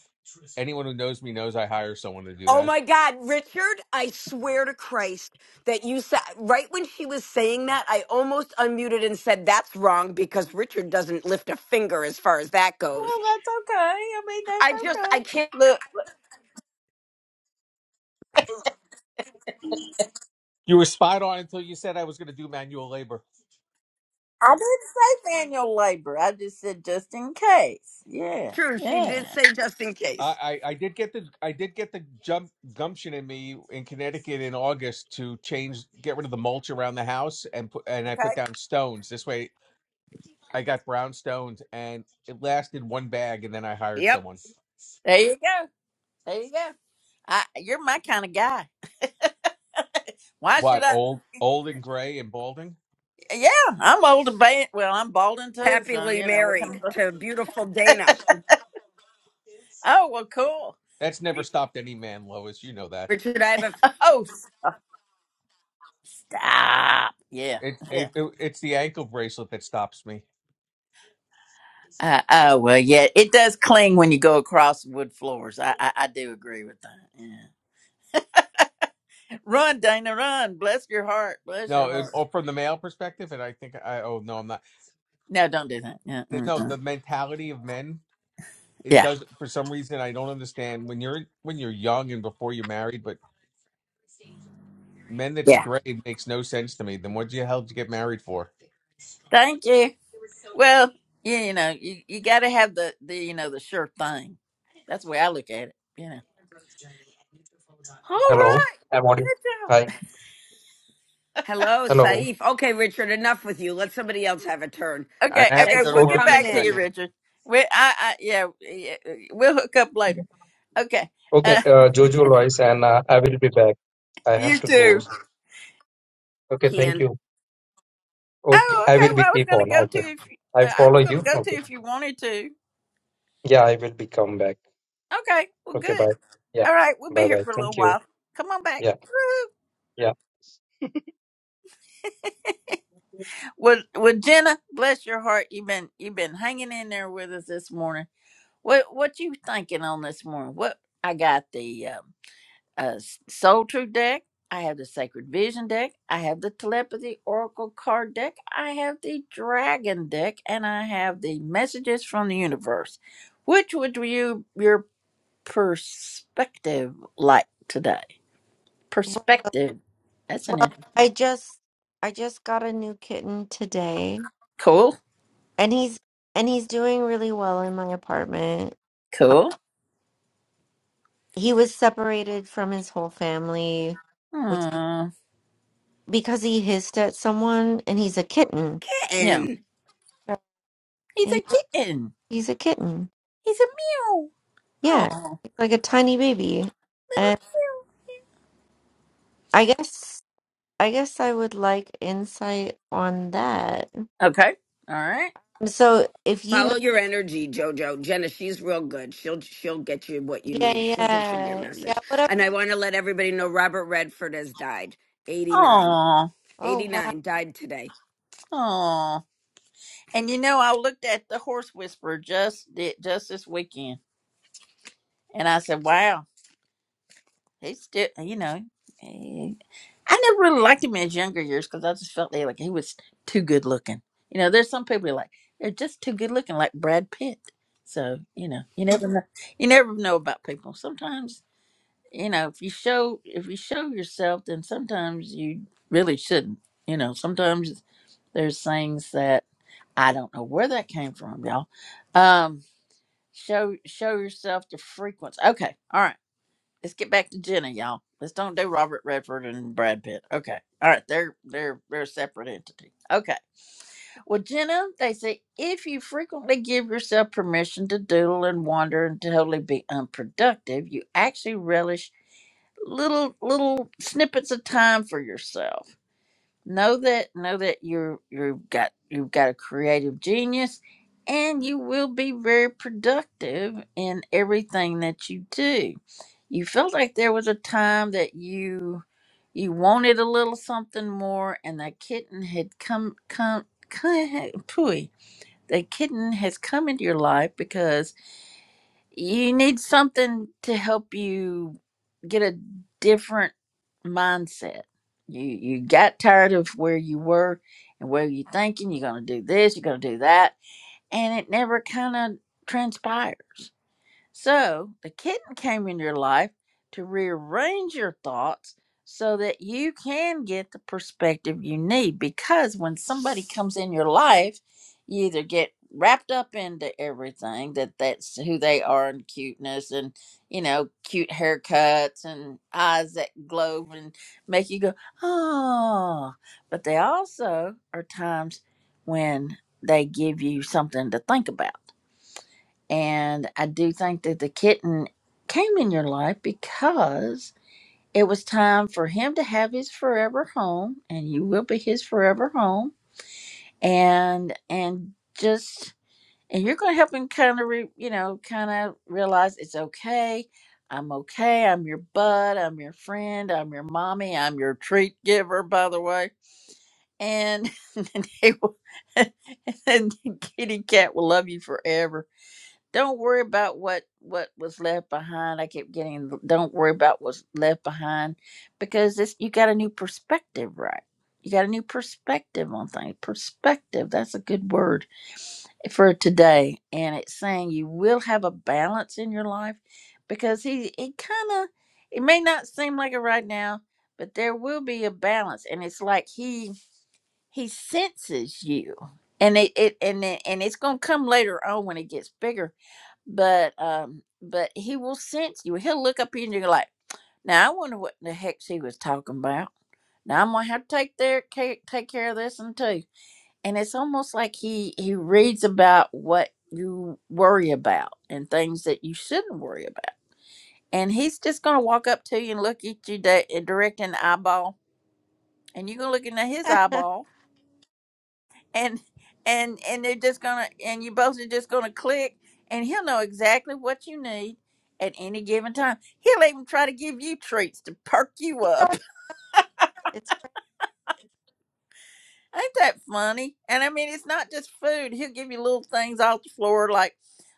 Speaker 6: anyone who knows me knows I hire someone to do
Speaker 2: Oh
Speaker 6: that.
Speaker 2: my God, Richard, I swear to Christ that you said, right when she was saying that, I almost unmuted and said, that's wrong because Richard doesn't lift a finger as far as that
Speaker 1: Well,
Speaker 2: goes.
Speaker 1: that's okay. I mean, that's
Speaker 2: I just, I can't.
Speaker 1: okay. Look,
Speaker 6: You were spot on until you said I was going to do manual labor.
Speaker 1: I didn't say manual labor. I just said just in case. Yeah.
Speaker 2: True, she did
Speaker 1: Yeah.
Speaker 2: say just in
Speaker 6: I,
Speaker 2: case.
Speaker 6: I I did get the I did get the jump gumption in me in Connecticut in August to change get rid of the mulch around the house and put and I put
Speaker 1: Okay.
Speaker 6: down stones. This way I got brown stones and it lasted one bag and then I hired
Speaker 2: Yep.
Speaker 6: someone.
Speaker 1: There you go. There you go. I, you're my kind of guy. Why should
Speaker 6: What,
Speaker 1: I?
Speaker 6: old old and gray and balding?
Speaker 1: Yeah, I'm old and bald. Well, I'm balding too, so
Speaker 2: Happily
Speaker 1: you know. we
Speaker 2: married
Speaker 1: can-
Speaker 2: to beautiful Dana.
Speaker 1: oh well, cool.
Speaker 6: That's never stopped any man, Lois, you know that.
Speaker 2: Richard, I have a
Speaker 1: Oh, stop. Yeah,
Speaker 6: It
Speaker 1: yeah.
Speaker 6: it, it it's the ankle bracelet that stops me.
Speaker 1: Uh, oh well, yeah. It does cling when you go across wood floors. I, I I do agree with that. Yeah. Run, Dana, run. Bless your heart. Bless
Speaker 6: No,
Speaker 1: your
Speaker 6: it,
Speaker 1: heart.
Speaker 6: or from the male perspective, and I think I oh no, I'm not.
Speaker 1: No, don't do that. Yeah,
Speaker 6: There's No,
Speaker 1: mm-mm.
Speaker 6: the mentality of men It
Speaker 1: yeah,
Speaker 6: does for some reason I don't understand when you're when you're young and before you're married, but men that
Speaker 1: yeah.
Speaker 6: stray makes no sense to me. Then what the hell did you get married for?
Speaker 1: Thank you. Well, yeah, you know, you you got to have the the you know the sure thing. That's the way I look at it. You know. All
Speaker 5: Hello,
Speaker 1: right.
Speaker 5: I'm
Speaker 1: Good
Speaker 5: audio.
Speaker 1: job.
Speaker 5: Hi.
Speaker 2: Hello,
Speaker 5: Hello.
Speaker 2: Saif. Okay, Richard, enough with you. Let somebody else have a turn.
Speaker 6: I
Speaker 1: Okay,
Speaker 6: have to
Speaker 1: okay,
Speaker 2: Thanks
Speaker 6: go to
Speaker 1: we'll
Speaker 2: for
Speaker 5: Okay.
Speaker 1: get
Speaker 6: work in a
Speaker 2: coming
Speaker 1: back to you,
Speaker 2: in,
Speaker 6: second.
Speaker 1: Richard. We, I, I, yeah, yeah, we'll hook up later. Okay,
Speaker 5: Okay.
Speaker 1: uh,
Speaker 5: Uh, Jojo Lois, and uh, I will be back. I
Speaker 1: you
Speaker 5: have to go.
Speaker 1: too.
Speaker 5: Okay. Thank
Speaker 2: Kian.
Speaker 5: you. Okay.
Speaker 1: Oh,
Speaker 5: I will
Speaker 1: okay.
Speaker 5: be
Speaker 1: Well, I was
Speaker 5: keep
Speaker 1: gonna
Speaker 5: on.
Speaker 1: go to
Speaker 5: Okay.
Speaker 1: if
Speaker 5: I
Speaker 1: uh, I was
Speaker 5: follow
Speaker 1: gonna
Speaker 5: you.
Speaker 1: go to
Speaker 5: Okay.
Speaker 1: if you wanted to.
Speaker 5: Yeah. I will be come back.
Speaker 1: Okay, well,
Speaker 5: Okay.
Speaker 1: good.
Speaker 5: Bye. Yeah.
Speaker 1: All right, we'll be
Speaker 5: Bye.
Speaker 1: here
Speaker 5: Bye.
Speaker 1: for a little
Speaker 5: Thank you.
Speaker 1: while. Come on back.
Speaker 5: Yeah.
Speaker 1: Woo.
Speaker 5: Yeah.
Speaker 1: Well, well, Jenna, bless your heart. You've been you've been hanging in there with us this morning. What what you thinking on this morning? What I got the uh, uh, Soul Truth deck. I have the Sacred Vision deck. I have the Telepathy Oracle card deck. I have the Dragon deck, and I have the Messages from the Universe. Which would you your perspective like today?
Speaker 4: well,
Speaker 1: Perspective. That's an
Speaker 4: well,
Speaker 1: interesting.
Speaker 4: I just I just got a new kitten today,
Speaker 1: Cool.
Speaker 4: and he's and he's doing really well in my apartment.
Speaker 1: Cool.
Speaker 4: He was separated from his whole family, which
Speaker 1: Hmm.
Speaker 4: because he hissed at someone, and he's a kitten.
Speaker 1: Yeah.
Speaker 2: And
Speaker 4: Right.
Speaker 1: He's
Speaker 4: He-
Speaker 1: a kitten.
Speaker 4: He's a kitten.
Speaker 1: He's a meow.
Speaker 4: Yeah,
Speaker 1: Oh,
Speaker 4: it's like a tiny baby.
Speaker 1: little
Speaker 4: And I guess I guess I would like insight on that.
Speaker 1: meow. Okay. All right.
Speaker 4: Mm, So if you
Speaker 2: follow
Speaker 4: know,
Speaker 2: your energy, Jojo. Jenna, she's real good. She'll she'll get you what you
Speaker 4: yeah,
Speaker 2: need. She'll get you your
Speaker 4: yeah, yeah,
Speaker 2: message.
Speaker 4: whatever.
Speaker 2: And I want to let everybody know Robert Redford has died. 89.
Speaker 1: Oh.
Speaker 4: Oh wow,
Speaker 2: 89 died today.
Speaker 1: And you know, I looked at the horse whisperer just thi- just this weekend, and I said, "Wow, he's still." You know, he- I never really liked him in his younger years because I just felt that, like he was too good looking. You know, there's some people who are like they're just too good looking, like Brad Pitt. So you know, you never know. You never know about people. Sometimes you know if you show if you show yourself, then sometimes you really shouldn't. You know, sometimes there's things that I don't know where that came from, y'all. Um, Show show yourself the frequency. Okay, all right. Let's get back to Jenna, y'all. Let's don't do Robert Redford and Brad Pitt. Okay, all right. They're they're they're a separate entity. Okay. Well, Jenna, they say if you frequently give yourself permission to doodle and wander and totally be unproductive, you actually relish little little snippets of time for yourself know that know that you're you've got you've got a creative genius and you will be very productive in everything that you do you felt like there was a time that you you wanted a little something more and that kitten had come come, come pooey the kitten has come into your life because you need something to help you get a different mindset. You you got tired of where you were and where you thinking you're gonna do this, you're gonna do that, and it never kind of transpires. So the kitten came in your life to rearrange your thoughts so that you can get the perspective you need. Because when somebody comes in your life, you either get wrapped up into everything that that's who they are and cuteness and you know cute haircuts and eyes that glow and make you go oh but they also are times when they give you something to think about and I do think that the kitten came in your life because it was time for him to have his forever home and you will be his forever home and and just and you're going to help him kind of re, you know kind of realize it's okay i'm okay i'm your bud i'm your friend i'm your mommy i'm your treat giver by the way and and, they will, and the kitty cat will love you forever don't worry about what what was left behind i kept getting don't worry about what's left behind because it's you got a new perspective right you got a new perspective on things perspective that's a good word for today and it's saying you will have a balance in your life because he it kind of it may not seem like it right now but there will be a balance and it's like he he senses you and it, it and it, and it's gonna come later on when it gets bigger but um but he will sense you he'll look up at you and you're like now i wonder what the heck she was talking about now i'm gonna have to take their care, take care of this one too and it's almost like he he reads about what you worry about and things that you shouldn't worry about and he's just gonna walk up to you and look at you di- direct in the eyeball and you're gonna look into his eyeball and and and they're just gonna and you both are just gonna click and he'll know exactly what you need at any given time he'll even try to give you treats to perk you up
Speaker 4: it's great.
Speaker 1: ain't that funny and i mean it's not just food he'll give you little things off the floor like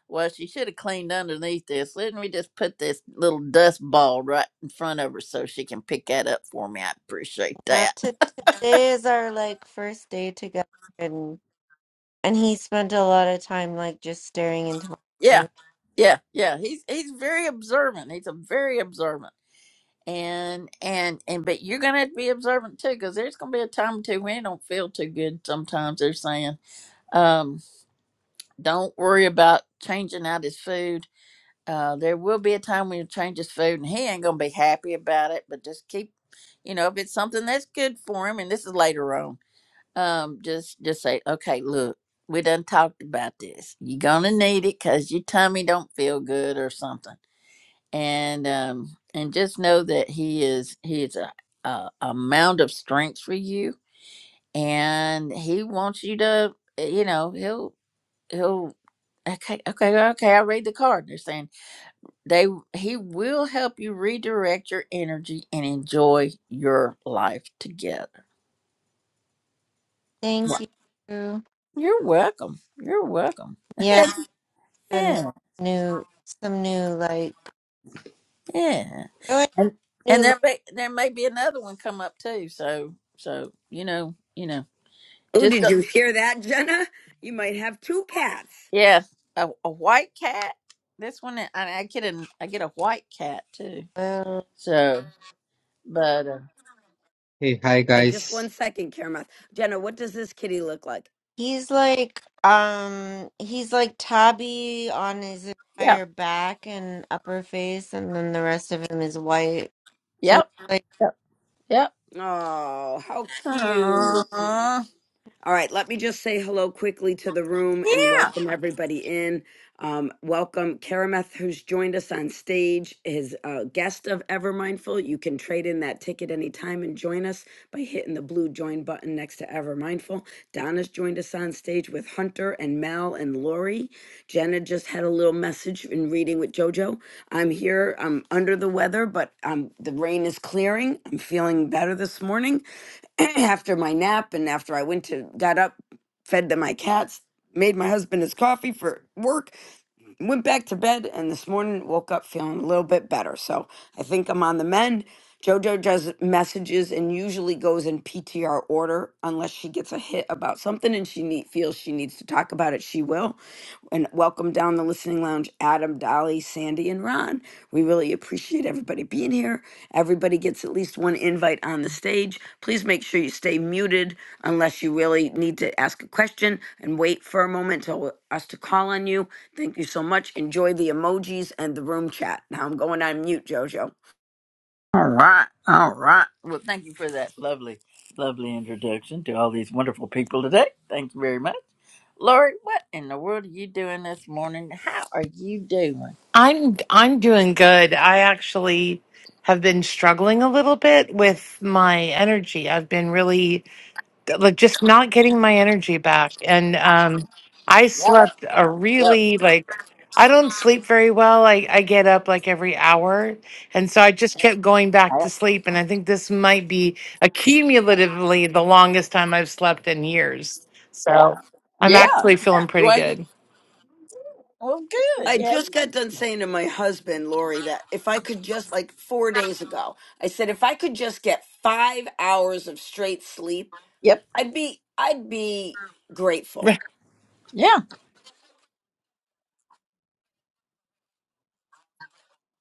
Speaker 1: well she should have cleaned underneath this let me just put this little dust ball right in front of her so she can pick that up for me i appreciate
Speaker 4: now.
Speaker 1: that
Speaker 4: To today is our like first day together, and and he spent a lot of time like just staring into my
Speaker 1: yeah
Speaker 4: eyes.
Speaker 1: yeah yeah he's he's very observant he's a very observant and and and but you're gonna have to be observant too because there's gonna be a time or two when it don't feel too good sometimes they're saying um don't worry about changing out his food uh there will be a time when you change his food and he ain't gonna be happy about it but just keep you know if it's something that's good for him and this is later on um just just say okay look we done talked about this you're gonna need it because your tummy don't feel good or something and um and just know that he is he is a, a, a mound of strength for you and he wants you to eh, you know he'll he'll okay okay okay i read the card they're saying they he will help you redirect your energy and enjoy your life together Wa-
Speaker 4: Thank you.
Speaker 1: you're welcome you're welcome
Speaker 4: Yeah, and
Speaker 1: yeah
Speaker 4: new some new like
Speaker 1: yeah
Speaker 4: oh,
Speaker 1: and and
Speaker 4: new
Speaker 1: there may there may be another one come up too so so you know you know
Speaker 2: Oh,
Speaker 1: just.
Speaker 2: did you hear that, Jenna? You might have two cats.
Speaker 1: Yeah, a, a white cat. This one, I, I get a I get a white cat too.
Speaker 4: love.
Speaker 1: So, but uh,
Speaker 7: Hey, hi
Speaker 2: Hey, just
Speaker 7: guys.
Speaker 2: one second, Karamoth. Jenna, what does this kitty look like?
Speaker 4: He's like um he's like tabby on his
Speaker 1: yeah,
Speaker 4: entire back and upper face and then the rest of him is white. So
Speaker 1: yep,
Speaker 4: it's like
Speaker 1: yep, yep.
Speaker 2: Oh, how cute.
Speaker 1: Aw.
Speaker 2: All right, let me just say hello quickly to the room and
Speaker 1: yeah.
Speaker 2: welcome everybody in. Um, welcome Karameth, who's joined us on stage, is a guest of Ever Mindful. You can trade in that ticket anytime and join us by hitting the blue join button next to Ever Mindful. Donna's joined us on stage with Hunter and Mal and Lori. Jenna just had a little message in reading with JoJo. I'm here. I'm under the weather, but um, the rain is clearing. I'm feeling better this morning. after my nap and after I went to got up, fed to my cats, made my husband his coffee for work went back to bed and this morning woke up feeling a little bit better. So I think I'm on the mend. JoJo does messages and usually goes in PTR order unless she gets a hit about something and she need, feels she needs to talk about it. She will. And welcome down the listening lounge, Adam, Dolly, Sandy, and Ron. We really appreciate everybody being here. Everybody gets at least one invite on the stage. Please make sure you stay muted unless you really need to ask a question and wait for a moment till us to call on you. Thank you so much. Enjoy the emojis and the room chat. Now I'm going on mute, Jojo.
Speaker 1: All right, all right. Well, thank you for that lovely, lovely introduction to all these wonderful people today. Thank you very much, Lori. What in the world are you doing this morning? How are you doing?
Speaker 8: I'm I'm doing good. I actually have been struggling a little bit with my energy. I've been really like just not getting my energy back. And um I
Speaker 1: Yep,
Speaker 8: slept a
Speaker 1: yep,
Speaker 8: really like I don't sleep very well. I, I get up like every hour. And so I just kept going back
Speaker 1: yep.
Speaker 8: to sleep. And I think this might be accumulatively the longest time I've slept in years. So I'm
Speaker 1: Yeah,
Speaker 8: actually feeling
Speaker 1: yeah.
Speaker 8: pretty
Speaker 1: Well, you,
Speaker 8: good.
Speaker 1: well, good.
Speaker 2: I
Speaker 1: Yep,
Speaker 2: just got done saying to my husband, Lori, that if I could just, like four days ago, I said, if I could just get five hours of straight sleep,
Speaker 1: yep,
Speaker 2: I'd be, I'd be grateful.
Speaker 1: yeah,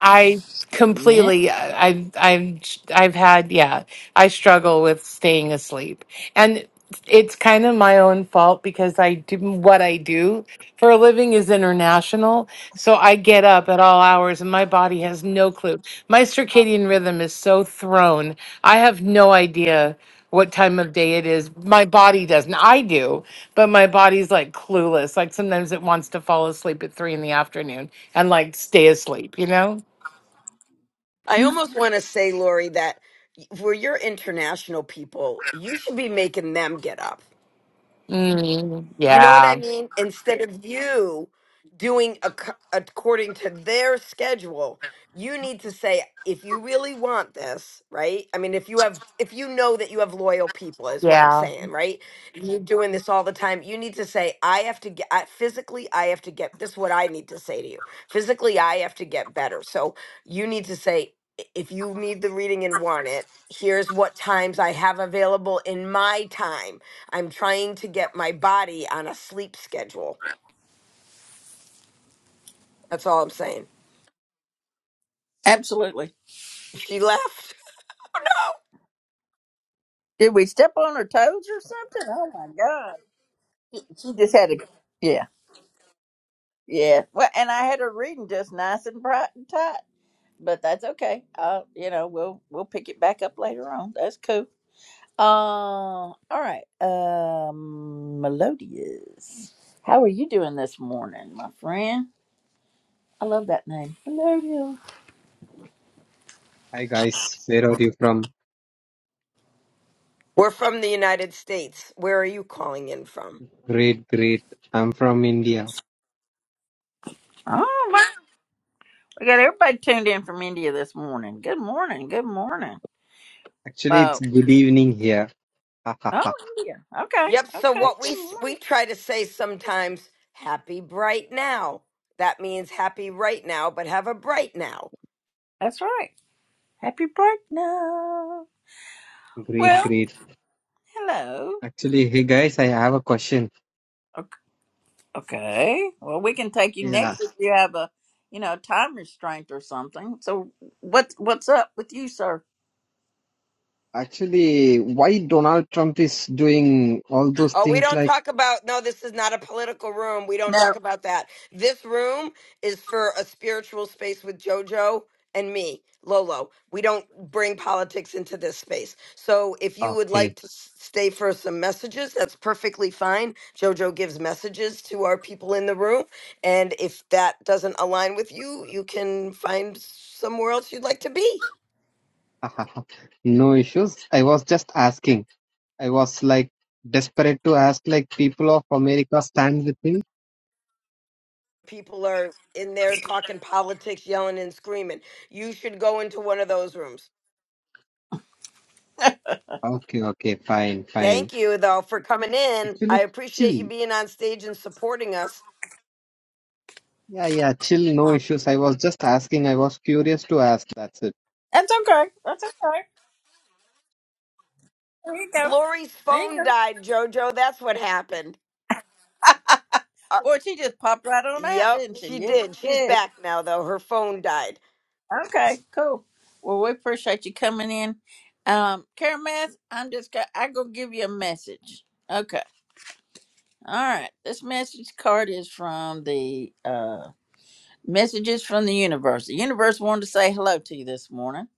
Speaker 8: I
Speaker 1: yeah.
Speaker 8: completely I- have I've I've had yeah, I struggle with staying asleep. And it's kind of my own fault because I do what I do for a living is international. So I get up at all hours and my body has no clue. My circadian rhythm is so thrown. I have no idea what time of day it is. My body doesn't. I do, but my body's like clueless. Like sometimes it wants to fall asleep at three in the afternoon and like stay asleep, you know?
Speaker 2: I almost want to say, Lori, that for your international people, you should be making them get up.
Speaker 8: Mm,
Speaker 2: You know what
Speaker 8: yeah,
Speaker 2: I mean? Instead of you doing ac- according to their schedule, you need to say, if you really want this, right? I mean, if you have, if you know that you have loyal people, is what I'm
Speaker 8: yeah.
Speaker 2: saying, right? And You're doing this all the time. You need to say, I have to get, I, physically, I have to get, this is what I need to say to you. Physically, I have to get better. So you need to say, "I- if you need the reading and want it, here's what times I have available in my time I'm trying to get my body on a sleep schedule. That's all I'm saying.
Speaker 1: Absolutely.
Speaker 2: She left. Oh no.
Speaker 1: Did we step on her toes or something? Oh my God. She she just had a, yeah, yeah. Well, and I had her reading just nice and bright and tight, but that's okay. Uh, you know, we'll, we'll pick it back up later on. That's cool. Uh, all right. Um, Melodious. How are you doing this morning, my friend? I love that name. Melodious.
Speaker 7: Hi guys. Where are you from?
Speaker 2: We're from the United States. Where are you calling in from?
Speaker 7: Great, great. I'm from India.
Speaker 1: Oh, wow. We got everybody tuned in from India this morning. Good morning. Good morning.
Speaker 7: Actually,
Speaker 1: Uh,
Speaker 7: it's good evening here. Ha
Speaker 1: oh, yeah. Okay.
Speaker 2: Yep. So
Speaker 1: Okay.
Speaker 2: what we
Speaker 1: Good
Speaker 7: Ach-
Speaker 2: s-
Speaker 1: morning.
Speaker 2: we try to say sometimes, happy bright now. That means happy right now, but have a bright now.
Speaker 1: That's right. Happy birthday. No.
Speaker 7: Great,
Speaker 1: Well,
Speaker 7: great.
Speaker 1: hello.
Speaker 7: Actually, hey guys, I have a question.
Speaker 1: Okay. okay. Well, we can take you
Speaker 7: Yeah.
Speaker 1: next if you have a, you know, time restraint or something. So what's what's up with you, sir?
Speaker 7: Actually, why Donald Trump is doing all those
Speaker 2: Oh, we
Speaker 7: things
Speaker 2: don't
Speaker 7: like,
Speaker 2: talk about, no, this is not a political room. We don't
Speaker 1: No,
Speaker 2: talk about that. This room is for a spiritual space with JoJo and me, Lolo. We don't bring politics into this space. So if you would
Speaker 7: okay.
Speaker 2: like to s- stay for some messages, that's perfectly fine. JoJo gives messages to our people in the room. And if that doesn't align with you, you can find somewhere else you'd like to be.
Speaker 7: Ha No issues. I was just asking. I was like desperate to ask like people of America stand with him.
Speaker 2: People are in there talking politics, yelling and screaming. You should go into one of those rooms.
Speaker 7: Okay, okay, fine, fine.
Speaker 2: Thank you, though, for coming in. I
Speaker 7: Actually,
Speaker 2: appreciate
Speaker 7: chill.
Speaker 2: you being on stage and supporting us.
Speaker 7: Yeah, yeah, chill, no issues. I was just asking. I was curious to ask. That's it.
Speaker 1: that's okay. That's okay. There you go.
Speaker 2: Lori's
Speaker 1: There you
Speaker 2: phone
Speaker 1: go.
Speaker 2: died, JoJo. That's what happened. Uh,
Speaker 1: Boy, she just popped right on out,
Speaker 2: yep,
Speaker 1: didn't she?
Speaker 2: she
Speaker 1: Yes.
Speaker 2: did. She's
Speaker 1: yes.
Speaker 2: back now, though. Her phone died.
Speaker 1: Okay. Cool. Well, we appreciate you coming in. Um, Karameth, I'm just go- I go give you a message. Okay. All right. This message card is from the uh Messages from the universe. The universe wanted to say hello to you this morning.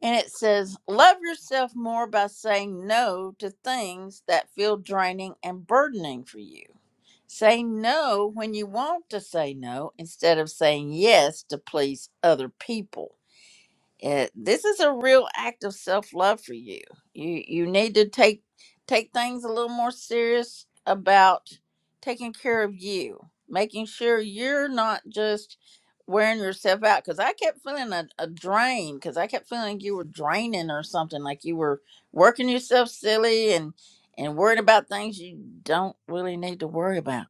Speaker 1: And it says, Love yourself more by saying no to things that feel draining and burdening for you. Say no when you want to say no instead of saying yes to please other people it, this is a real act of self-love for you you you need to take take things a little more serious about taking care of you making sure you're not just wearing yourself out because i kept feeling a, a drain because i kept feeling you were draining or something like you were working yourself silly and and worried about things you don't really need to worry about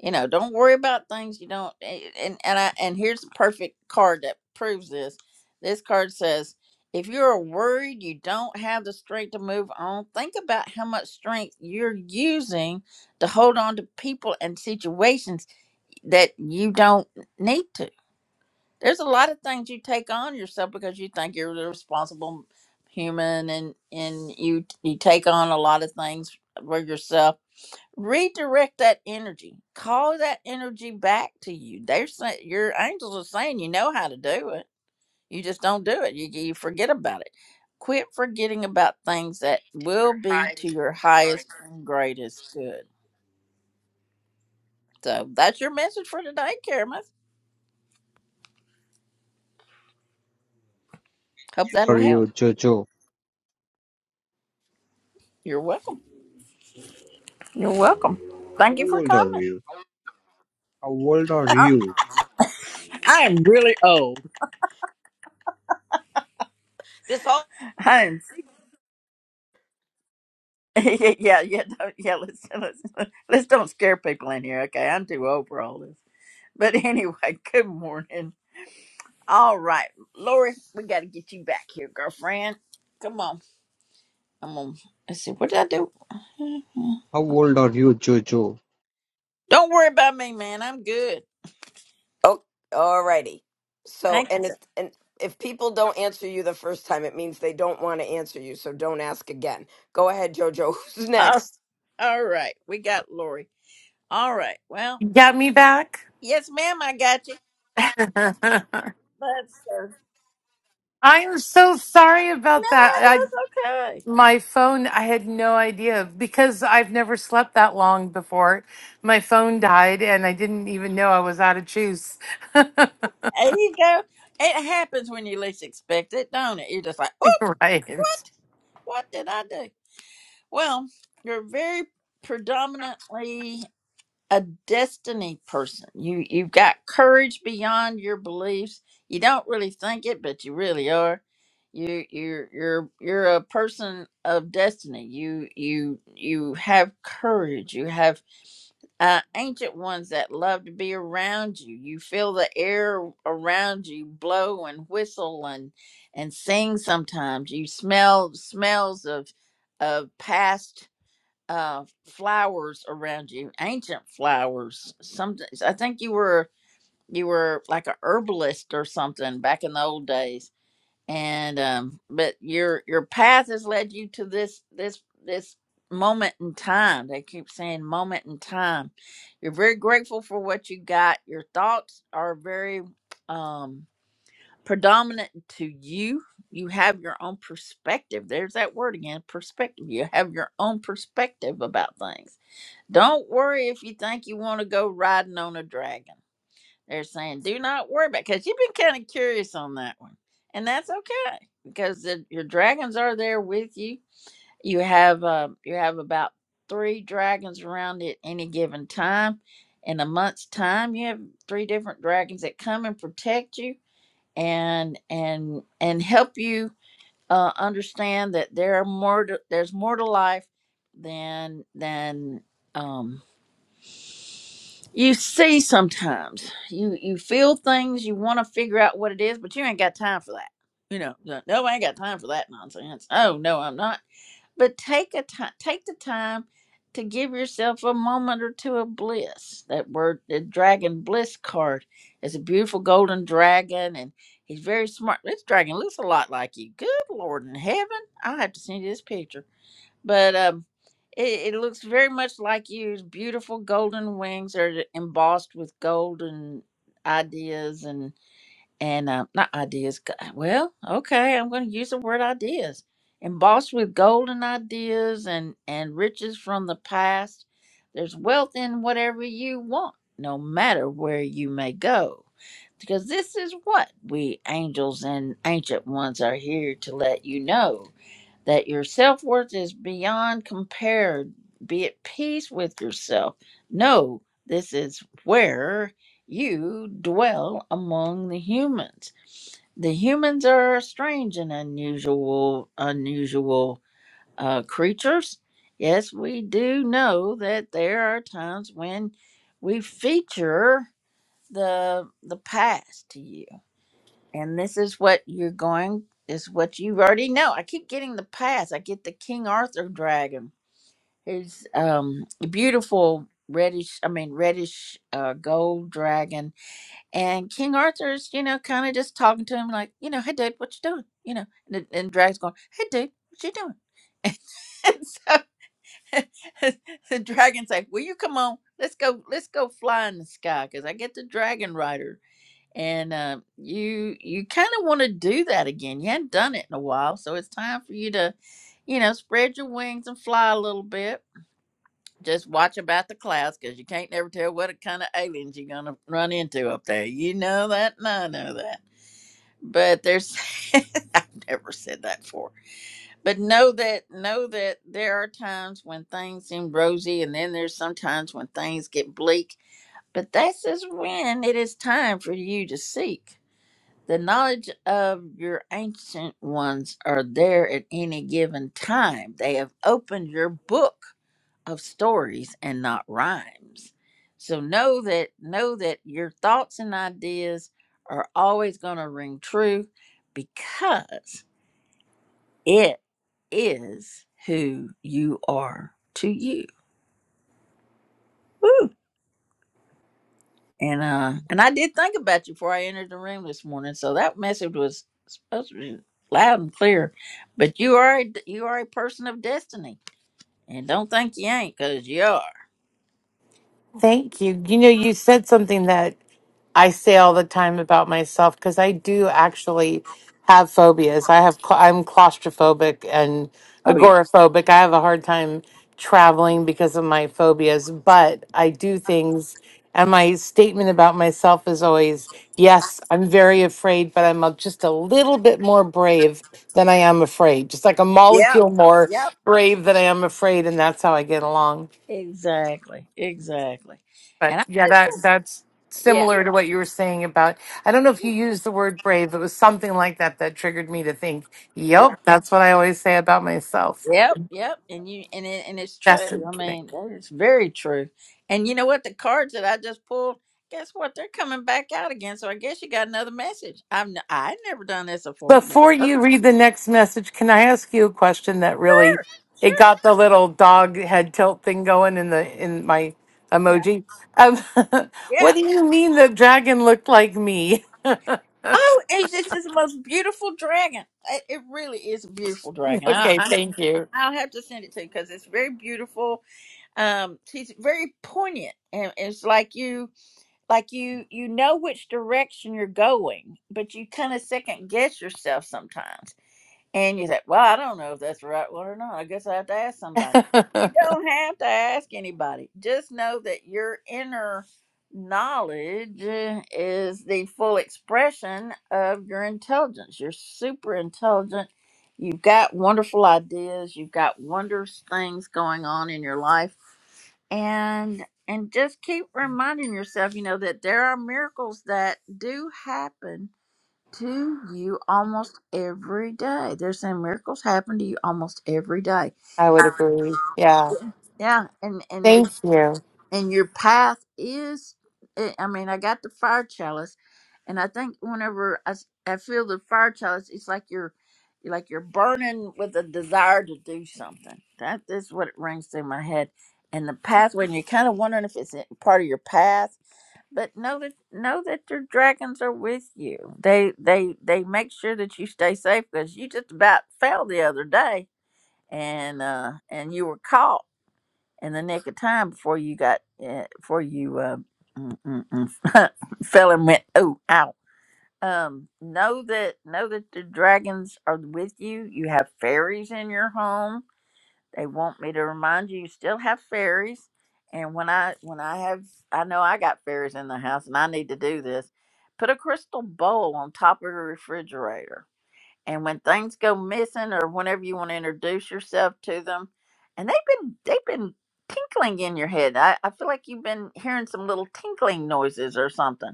Speaker 1: you know don't worry about things you don't and and i and here's the perfect card that proves this this card says if you're worried you don't have the strength to move on think about how much strength you're using to hold on to people and situations that you don't need to there's a lot of things you take on yourself because you think you're the responsible human and and you you take on a lot of things for yourself redirect that energy call that energy back to you they're saying your angels are saying you know how to do it you just don't do it you, you forget about it quit forgetting about things that will be to your highest and greatest good so that's your message for today Karamus. hope that'll
Speaker 7: For you,
Speaker 1: help
Speaker 7: Jojo,
Speaker 1: you're welcome you're welcome
Speaker 7: how
Speaker 1: thank you for
Speaker 7: old are
Speaker 1: coming
Speaker 7: you? How old are
Speaker 1: I,
Speaker 7: you?
Speaker 1: I am really old.
Speaker 2: This all.
Speaker 1: I'm yeah yeah yeah don't, yeah let's, let's let's don't scare people in here okay i'm too old for all this But anyway, good morning. All right, Lori, we got to get you back here, girlfriend. Come on. Come on. Let's see. What did I do?
Speaker 7: How old are you, Jojo?
Speaker 1: Don't worry about me, man. I'm good.
Speaker 2: Oh, alrighty. So,
Speaker 1: Thank you,
Speaker 2: and
Speaker 1: sir.
Speaker 2: it and if people don't answer you the first time, it means they don't want to answer you. So don't ask again. Go ahead, JoJo. Who's
Speaker 1: All
Speaker 2: next?
Speaker 1: all right. We got Lori. All right. Well,
Speaker 8: You got me back?
Speaker 1: yes, ma'am, I got you.
Speaker 8: I
Speaker 1: That's uh,
Speaker 8: am so sorry
Speaker 1: no,
Speaker 8: about that. I
Speaker 1: that's okay.
Speaker 8: my phone I had no idea because I've never slept that long before. My phone died and I didn't even know I was out of juice.
Speaker 1: There you go. It happens when you least expect it, don't it? You're just like, oop,
Speaker 8: right.
Speaker 1: what did I do? Well, you're very predominantly a destiny person. You you've got courage beyond your beliefs. You don't really think it, but you really are. You you're you're you're a person of destiny. You you you have courage. You have uh, ancient ones that love to be around you. You feel the air around you blow and whistle and and sing. Sometimes you smell smells of of past uh flowers around you ancient flowers some i think you were you were like a herbalist or something back in the old days and um but your your path has led you to this this this moment in time they keep saying moment in time you're very grateful for what you got your thoughts are very um predominant to you you have your own perspective there's that word again perspective you have your own perspective about things don't worry if you think you want to go riding on a dragon. They're saying, do not worry about it, because you've been kind of curious on that one. And that's okay because the, your dragons are there with you. You have uh, you have about three dragons around at any given time. In a month's time, you have three different dragons that come and protect you and and and help you uh, understand that there are more to, there's more to life than than um, you see sometimes you you feel things you want to figure out what it is but you ain't got time for that you know no no, i ain't got time for that nonsense oh no i'm not but take a time take the time to give yourself a moment or two of bliss that word the dragon bliss card is a beautiful golden dragon and he's very smart this dragon looks a lot like you good lord in heaven i'll have to send you this picture but um, it, it looks very much like you. His beautiful golden wings are embossed with golden ideas and and uh, not ideas. g- Well, okay, I'm going to use the word ideas. Embossed with golden ideas and and riches from the past. There's wealth in whatever you want, no matter where you may go. Because this is what we angels and ancient ones are here to let you know that your self worth is beyond compared. Be at peace with yourself. Know this is where you dwell among the humans. The humans are strange and unusual, unusual uh, creatures. Yes, we do know that there are times when we feature the the past to you and this is what you're going is what you already know i keep getting the pass i get the king arthur dragon His um beautiful reddish i mean reddish uh gold dragon and king arthur's you know kind of just talking to him like you know hey dude what you doing you know and, the- and dragon's going hey dude what you doing and so the dragon's like will you come on let's go let's go fly in the sky because i get the dragon rider and uh, you you kind of want to do that again. You hadn't done it in a while, so it's time for you to, you know, spread your wings and fly a little bit. Just watch about the clouds because you can't never tell what kind of aliens you're gonna run into up there. You know that, and I know that. But there's, I've never said that before. But know that, know that there are times when things seem rosy, and then there's sometimes when things get bleak. But this is when it is time for you to seek. The knowledge of your ancient ones are there at any given time. They have opened your book of stories and not rhymes. So know that know that your thoughts and ideas are always going to ring true because it is who you are to you. Woo. And uh and I did think about you before I entered the room this morning, so that message was supposed to be loud and clear. But you are a, you are a person of destiny, and don't think you ain't, cause you are.
Speaker 8: Thank you. You know, you said something that I say all the time about myself because I do actually have phobias. I have cla I'm claustrophobic and
Speaker 1: Oh yeah.
Speaker 8: agoraphobic. I have a hard time traveling because of my phobias, but I do things and my statement about myself is always, yes, I'm very afraid, but I'm a- just a little bit more brave than I am afraid. Just like a
Speaker 1: Yep.
Speaker 8: molecule more
Speaker 1: Yep.
Speaker 8: brave than I am afraid and that's how I get along.
Speaker 1: Exactly. Exactly.
Speaker 8: But
Speaker 1: And I
Speaker 8: yeah, that
Speaker 1: just
Speaker 8: that's
Speaker 1: yeah.
Speaker 8: similar to what you were saying about. I don't know if you used the word brave. It was something like that that triggered me to think.
Speaker 1: yeah.
Speaker 8: Yep, that's what I always say about myself.
Speaker 1: Yep, yep, and you and it and it's true.
Speaker 8: That's the
Speaker 1: I
Speaker 8: thing.
Speaker 1: mean, it's very true. And you know what? The cards that I just pulled, guess what? They're coming back out again. So I guess you got another message. I've n- I've never done this before, but
Speaker 8: Before
Speaker 1: okay,
Speaker 8: you read the next message, can I ask you a question that really
Speaker 1: sure,
Speaker 8: it
Speaker 1: sure,
Speaker 8: got the little dog head tilt thing going in the in my
Speaker 1: yeah,
Speaker 8: emoji? Um,
Speaker 1: yeah.
Speaker 8: what do you mean the dragon looked like me?
Speaker 1: Oh, it's just this most beautiful dragon. It, it really is a beautiful dragon. I,
Speaker 8: okay,
Speaker 1: I
Speaker 8: thank you.
Speaker 1: I'll have to send it to you because it's very beautiful. Um, she's very poignant, and it's like you. like you you know which direction you're going but you kind of second guess yourself sometimes and you say, Well, I don't know if that's the right one or not. I guess I have to ask somebody. You don't have to ask anybody. Just know that your inner knowledge uh, is the full expression of your intelligence. You're super intelligent. You've got wonderful ideas. You've got wondrous things going on in your life. And and just keep reminding yourself, you know, that there are miracles that do happen to you almost every day. They're saying miracles happen to you almost every day.
Speaker 8: I would agree. Yeah,
Speaker 1: Yeah, and and they're
Speaker 8: thank you.
Speaker 1: and your path is. I I mean, I got the fire chalice, and I think whenever I, s- I feel the fire chalice, it's like you're, you're like you're burning with a desire to do something. That is what it rings through my head, and the pathway. And you're kind of wondering if it's a part of your path but know that know that your dragons are with you. They they they make sure that you stay safe because you just about fell the other day, and uh and you were caught in the nick of time before you got uh, before you uh mm, mm, mm, fell and went oh out. Um, know that know that the dragons are with you. You have fairies in your home they want me to remind you you still have fairies. And when I when I have I know I got fairies in the house and I need to do this. Put a crystal bowl on top of your refrigerator. And when things go missing or whenever you want to introduce yourself to them, and they've been they've been tinkling in your head. I, I feel like you've been hearing some little tinkling noises or something.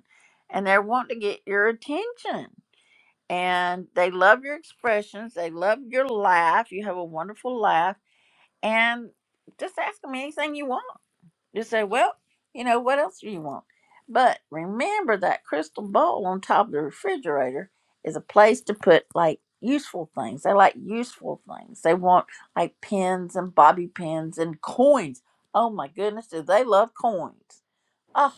Speaker 1: And they're wanting to get your attention and they love your expressions. They love your laugh. You have a wonderful laugh and just ask them anything you want. Just say, well, you know, what else do you want? But remember that crystal bowl on top of the refrigerator is a place to put like useful things. They like useful things. They want like pens and bobby pins and coins. Oh my goodness, do they love coins? Oh.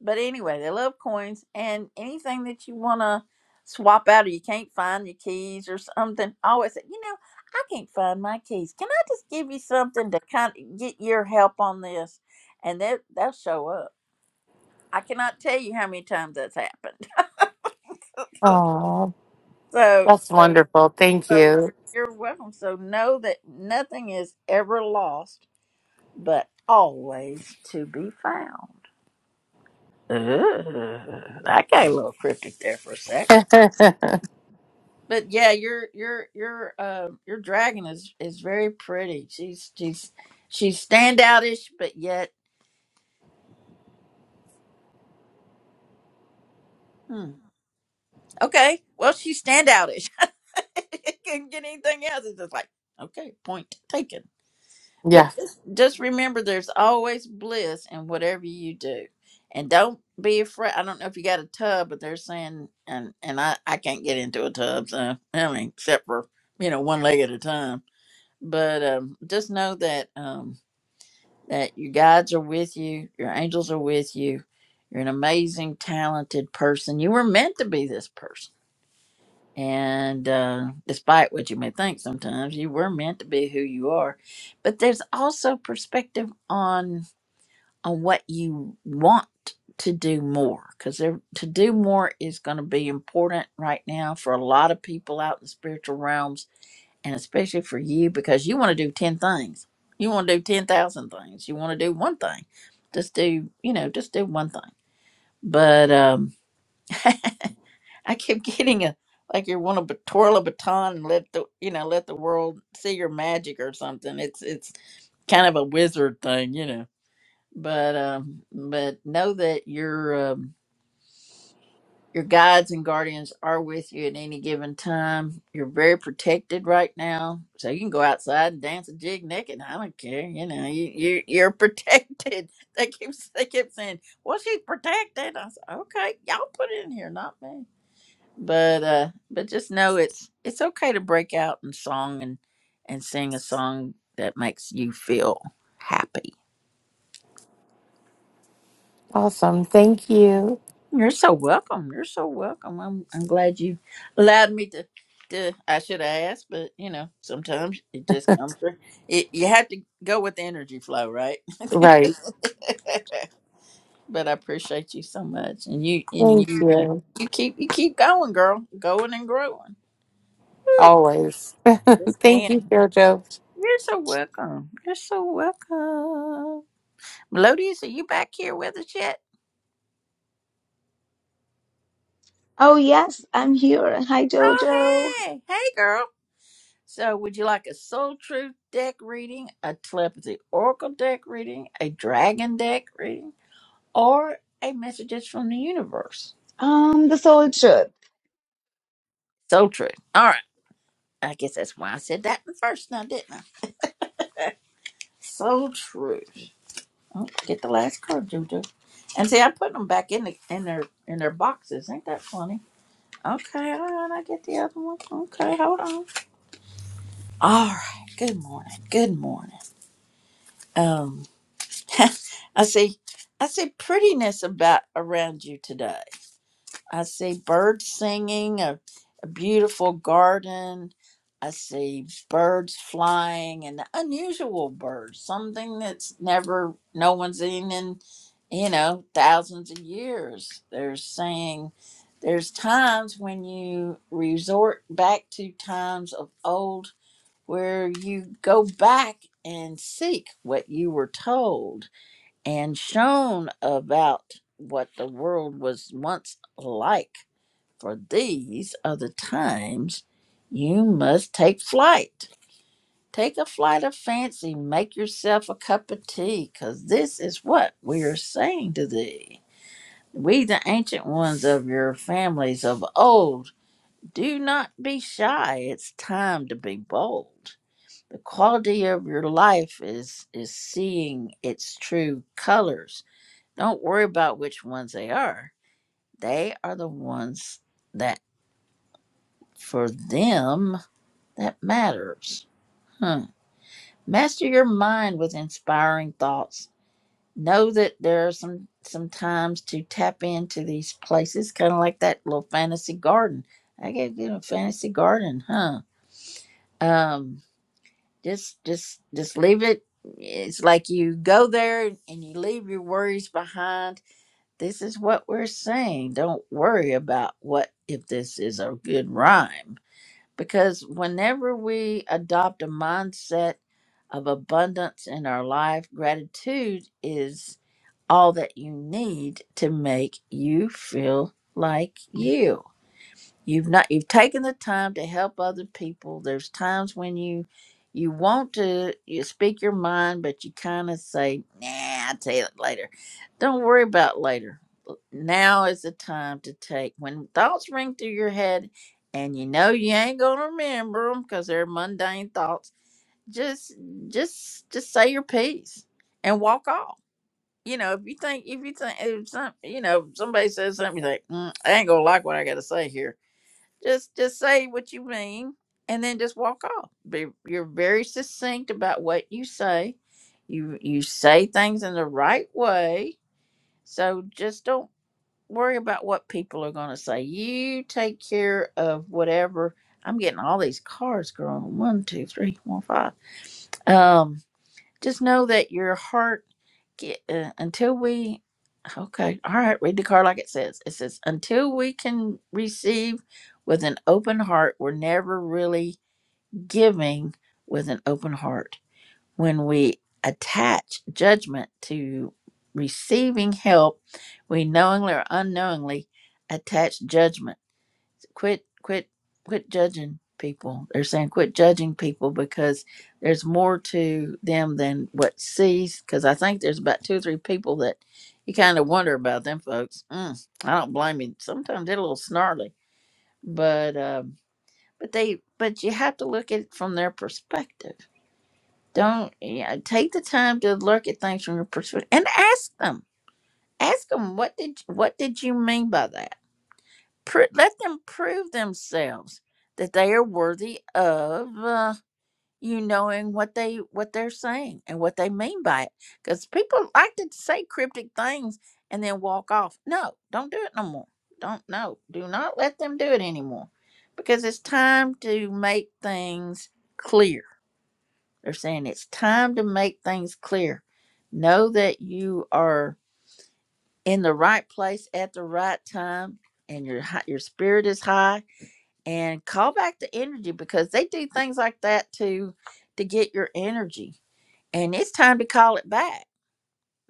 Speaker 1: But anyway, they love coins and anything that you want to swap out or you can't find your keys or something. I always say, you know, I can't find my keys. Can I just give you something to kind of get your help on this? And they, they'll show up. I cannot tell you how many times that's happened.
Speaker 8: Oh,
Speaker 1: so,
Speaker 8: That's
Speaker 1: so,
Speaker 8: wonderful. Thank
Speaker 1: so
Speaker 8: you.
Speaker 1: you're welcome. So know that nothing is ever lost, but always to be found. Ooh, I got a little cryptic there for a sec.
Speaker 8: yeah.
Speaker 1: but yeah, your your your uh your dragon is is very pretty. She's she's she's standoutish, but yet hmm. okay. Well, she's standoutish. it can get anything else. It's just like okay, point taken. But just just remember, there's always bliss in whatever you do, and don't be afraid. I don't know if you got a tub, but they're saying and and I I can't get into a tub, so I mean, except for you know one leg at a time. But um, just know that um that your guides are with you, your angels are with you. You're an amazing, talented person. You were meant to be this person. And uh, despite what you may think sometimes, you were meant to be who you are. But there's also perspective on on what you want to do more because to do more is going to be important right now for a lot of people out in the spiritual realms and especially for you because you want to do 10 things you want to do 10,000 things you want to do one thing just do you know just do one thing but um i kept getting a like you want to twirl a baton and let the you know let the world see your magic or something it's it's kind of a wizard thing you know but um but know that you're um Your guides and guardians are with you at any given time. You're very protected right now, so you can go outside and dance a jig naked. I don't care. You know, you, you you're protected. They keep they keep saying, "Well, she's protected." I said, "Okay, y'all put it in here, not me." But uh, but just know it's it's okay to break out in song and and sing a song that makes you feel happy
Speaker 8: Awesome. Thank you.
Speaker 1: You're so welcome. You're so welcome. I'm I'm glad you allowed me to to I should have asked, but you know, sometimes it just comes through. It, you have to go with the energy flow, right?
Speaker 8: Right.
Speaker 1: but I appreciate you so much, and you and
Speaker 8: Thank
Speaker 1: you uh,
Speaker 8: you.
Speaker 1: you keep you keep going, girl, going and growing. Woo,
Speaker 8: Always.
Speaker 1: this
Speaker 8: Thank you,
Speaker 1: man,
Speaker 8: Jojo.
Speaker 1: you're so welcome. You're so welcome. Melodious, are you back here with us yet?
Speaker 9: Oh yes, I'm here. Hi Jojo.
Speaker 1: Oh hey, hey girl. So, would you like a Soul Truth deck reading, a Telepathy Oracle deck reading, a Dragon deck reading, or a Messages from the Universe?
Speaker 9: Um, the Soul Truth.
Speaker 1: Soul Truth. All right. I guess that's why I said that in the first now, didn't I? Soul Truth. Oh, get the last card, Juju. And see, I put them back in the in their in their boxes. Ain't that funny? Okay, all right. I get the other one. Okay, hold on. All right. Good morning. Good morning. Um. I see I see prettiness about around you today. I see birds singing, a, a beautiful garden. I see birds flying and unusual birds, something that's never no one's seen in, you know, thousands of years. They're saying there's times when you resort back to times of old where you go back and seek what you were told and shown about what the world was once like. For these are the times you must take flight. Take a flight of fancy, make yourself a cup of tea, because this is what we are saying to thee. We, the ancient ones of your families of old, do not be shy. It's time to be bold. The quality of your life is, is seeing its true colors don't worry about which ones they are. They are the ones that, for them, that matters. Huh. Master your mind with inspiring thoughts. Know that there are some some times to tap into these places, kind of like that little fantasy garden. I gotta get a fantasy garden, huh? Um, just just just leave it. It's like you go there and you leave your worries behind This is what we're saying. Don't worry about what if this is a good rhyme. Because whenever we adopt a mindset of abundance in our life, gratitude is all that you need to make you feel like you you've not you've taken the time to help other people there's times when you you want to you speak your mind but you kind of say nah i'll tell you later don't worry about later now is the time to take when thoughts ring through your head and you know you ain't gonna remember them because they're mundane thoughts just just just say your piece and walk off you know if you think if you think if some you know somebody says something you think mm, i ain't gonna like what i gotta say here just just say what you mean and then just walk off be, you're very succinct about what you say you you say things in the right way so just don't worry about what people are going to say you take care of whatever i'm getting all these cards going one two three four five um just know that your heart get, uh, until we Okay. All right. Read the card like it says. It says, until we can receive with an open heart, we're never really giving with an open heart. When we attach judgment to receiving help, we knowingly or unknowingly attach judgment quit quit quit judging people they're saying quit judging people because there's more to them than what sees because i think there's about two or three people that you kind of wonder about them folks mm, i don't blame you sometimes they're a little snarly but um but they but you have to look at it from their perspective don't yeah take the time to look at things from your perspective and ask them ask them what did what did you mean by that Pro- let them prove themselves that they are worthy of uh, you knowing what they what they're saying and what they mean by it. Because people like to say cryptic things and then walk off. No, don't do it no more. Don't no. Do not let them do it anymore. Because it's time to make things clear. They're saying it's time to make things clear. Know that you are in the right place at the right time and your hi- your spirit is high and call back the energy because they do things like that to to get your energy and it's time to call it back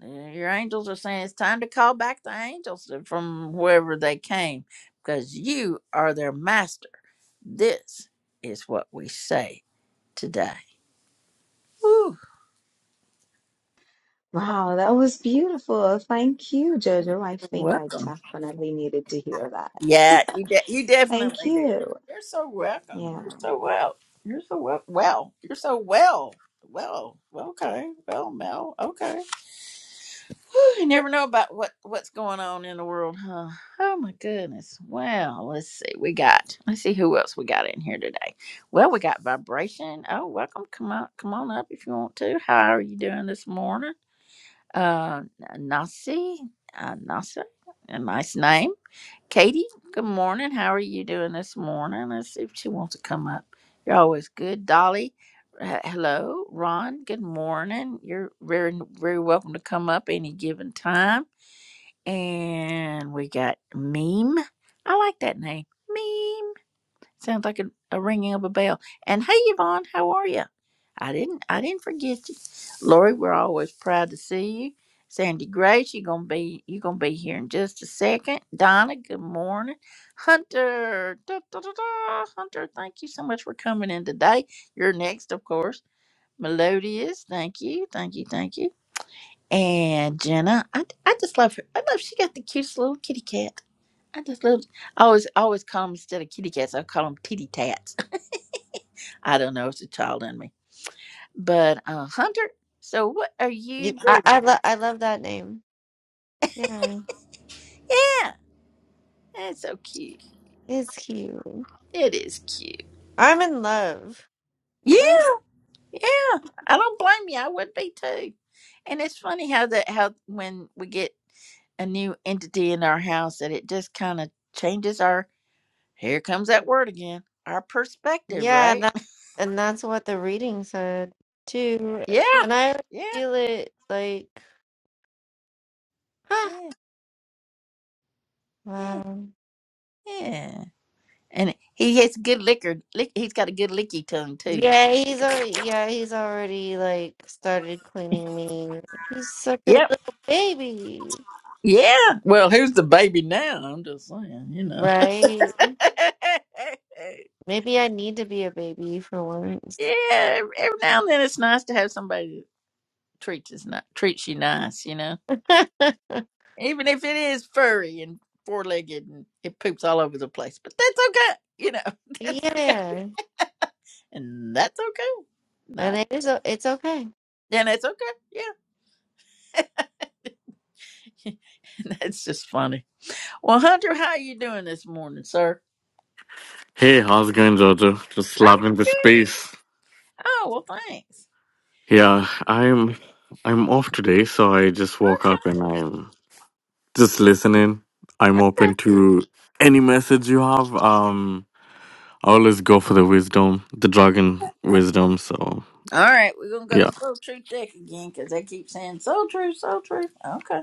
Speaker 1: Uh, your angels are saying it's time to call back the angels from wherever they came because you are their master this is what we say today Woo,
Speaker 9: Wow, that was beautiful. Thank you, Jojo. I think I
Speaker 1: welcome
Speaker 9: definitely needed to hear that.
Speaker 1: yeah you, de- you
Speaker 9: Thank
Speaker 1: definitely do
Speaker 9: you.
Speaker 1: you're so welcome
Speaker 9: Yeah.
Speaker 1: you're so well you're so well well you're so well well okay well mel okay you never know about what what's going on in the world, huh? Oh my goodness. Well, let's see. We got. Let's see who else we got in here today. Well, we got vibration. Oh, welcome. Come on, come on up if you want to. How are you doing this morning? Uh, Nasi, uh, Nasi, a nice name. Katie, good morning. How are you doing this morning? Let's see if she wants to come up. You're always good. Dolly, uh, hello. Ron, good morning. You're very, very welcome to come up any given time. And we got Meme. I like that name. Meme. Sounds like a, a ringing of a bell. And hey, Yvonne, how are you? I didn't, I didn't forget you, Lori. We're always proud to see you. Sandy Grace, you're gonna be, you're gonna be here in just a second. Donna, good morning. Hunter, da, da, da, da. Hunter, thank you so much for coming in today. You're next, of course. Melodious, thank you, thank you, thank you. And Jenna, I, I just love her. I love she got the cutest little kitty cat. I just love. I always, I always call them instead of kitty cats. I call them titty tats I don't know. It's a child in me. But uh, Hunter, so what are you
Speaker 4: you- I
Speaker 1: doing?
Speaker 4: I, lo- I love that name. Yeah.
Speaker 1: Yeah, that's so cute.
Speaker 4: It's cute.
Speaker 1: It is cute.
Speaker 4: I'm in love.
Speaker 1: Yeah,
Speaker 4: Mm.
Speaker 1: yeah. I don't blame you. I would be too. And it's funny how that how when we get a new entity in our house that it just kind of changes our. Here comes that word again. Our perspective,
Speaker 4: Yeah,
Speaker 1: right?
Speaker 4: that and that's what the reading said too.
Speaker 1: Yeah,
Speaker 4: And I
Speaker 1: yeah,
Speaker 4: feel it like
Speaker 1: yeah, yeah.
Speaker 4: wow.
Speaker 1: yeah. And he has good liquor. Lick, he's got a good licky tongue too.
Speaker 4: Yeah,
Speaker 1: He
Speaker 4: he's
Speaker 1: goes.
Speaker 4: already yeah, he's already like started cleaning me. He's such a
Speaker 1: Yep.
Speaker 4: little baby.
Speaker 1: Yeah. Well, who's the baby now? I'm just saying, you know.
Speaker 4: Right? Maybe I need to be a baby for once.
Speaker 1: yeah. Every now and then it's nice to have somebody that treats us ni- treats you nice, you know. Even if it is furry and four legged and it poops all over the place. But that's okay. You know. That's okay.
Speaker 4: Yeah.
Speaker 1: And that's okay.
Speaker 4: And
Speaker 1: Not
Speaker 4: it is o- it's okay.
Speaker 1: and that's okay. Yeah. that's just funny. Well, Hunter, how you doing this morning, sir?
Speaker 10: Hey, how's it going, Jojo? Just
Speaker 1: I'm,
Speaker 10: slapping the space.
Speaker 1: oh well thanks.
Speaker 10: Yeah, I'm I'm off today, so I just woke up and I'm just listening. I'm open to any message you have. Um, I always go for the wisdom, the dragon wisdom. So
Speaker 1: All right, we're gonna go to
Speaker 10: yeah,
Speaker 1: Soul Truth Deck again because they keep saying Soul Truth, Soul Truth. Okay.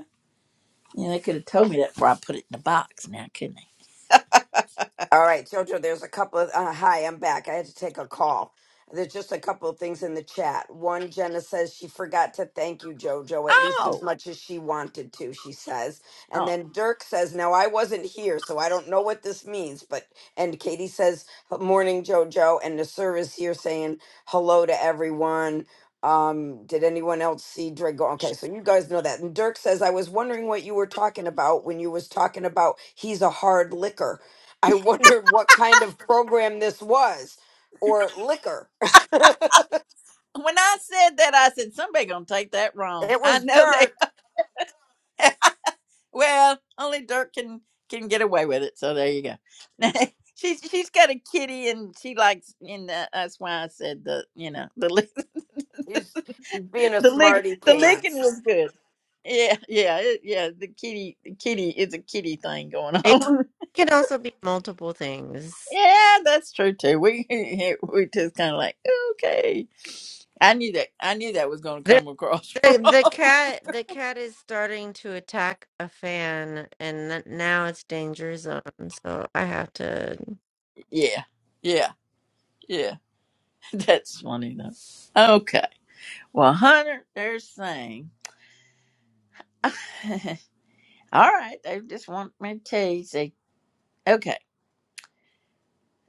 Speaker 1: Yeah, they could have told me that before I put it in the box now, couldn't they?
Speaker 2: All right, Jojo, there's a couple of. Uh, hi, I'm back. I had to take a call. There's just a couple of things in the chat. One, Jenna says she forgot to thank you, Jojo, at least
Speaker 1: Oh,
Speaker 2: as much as she wanted to, she says. And
Speaker 1: oh.
Speaker 2: then Dirk says, Now I wasn't here, so I don't know what this means. But, and Katie says, Morning, Jojo. And Nasir is here saying hello to everyone. Um, did anyone else see Drago? Okay, so you guys know that. And Dirk says, I was wondering what you were talking about when you was talking about he's a hard liquor I wondered what kind of program this was, or liquor. it
Speaker 1: When I said that, I said somebody gonna take that wrong. I
Speaker 2: was
Speaker 1: know they.
Speaker 2: Dirk.
Speaker 1: well, only Dirk can can get away with it. So there you go. she's she's got a kitty and she likes and uh, that's why I said the you know the li-
Speaker 2: He's he's being a
Speaker 1: the lick
Speaker 2: smarty
Speaker 1: the licking
Speaker 2: pants.
Speaker 1: was good. Yeah, yeah, it, yeah. The kitty, the kitty, it's a kitty thing going
Speaker 4: It
Speaker 1: on.
Speaker 4: can also be multiple things.
Speaker 1: Yeah, that's true too. We we just kind of like okay. I knew that. I knew that was going to
Speaker 4: The,
Speaker 1: come across
Speaker 4: the the
Speaker 1: wrong.
Speaker 4: cat the cat is starting to attack a fan and n- now it's danger zone, so I have to
Speaker 1: yeah, yeah, yeah. That's funny though. Okay. Well, Hunter, they're saying, all right. They just want me to tell you. Say, okay.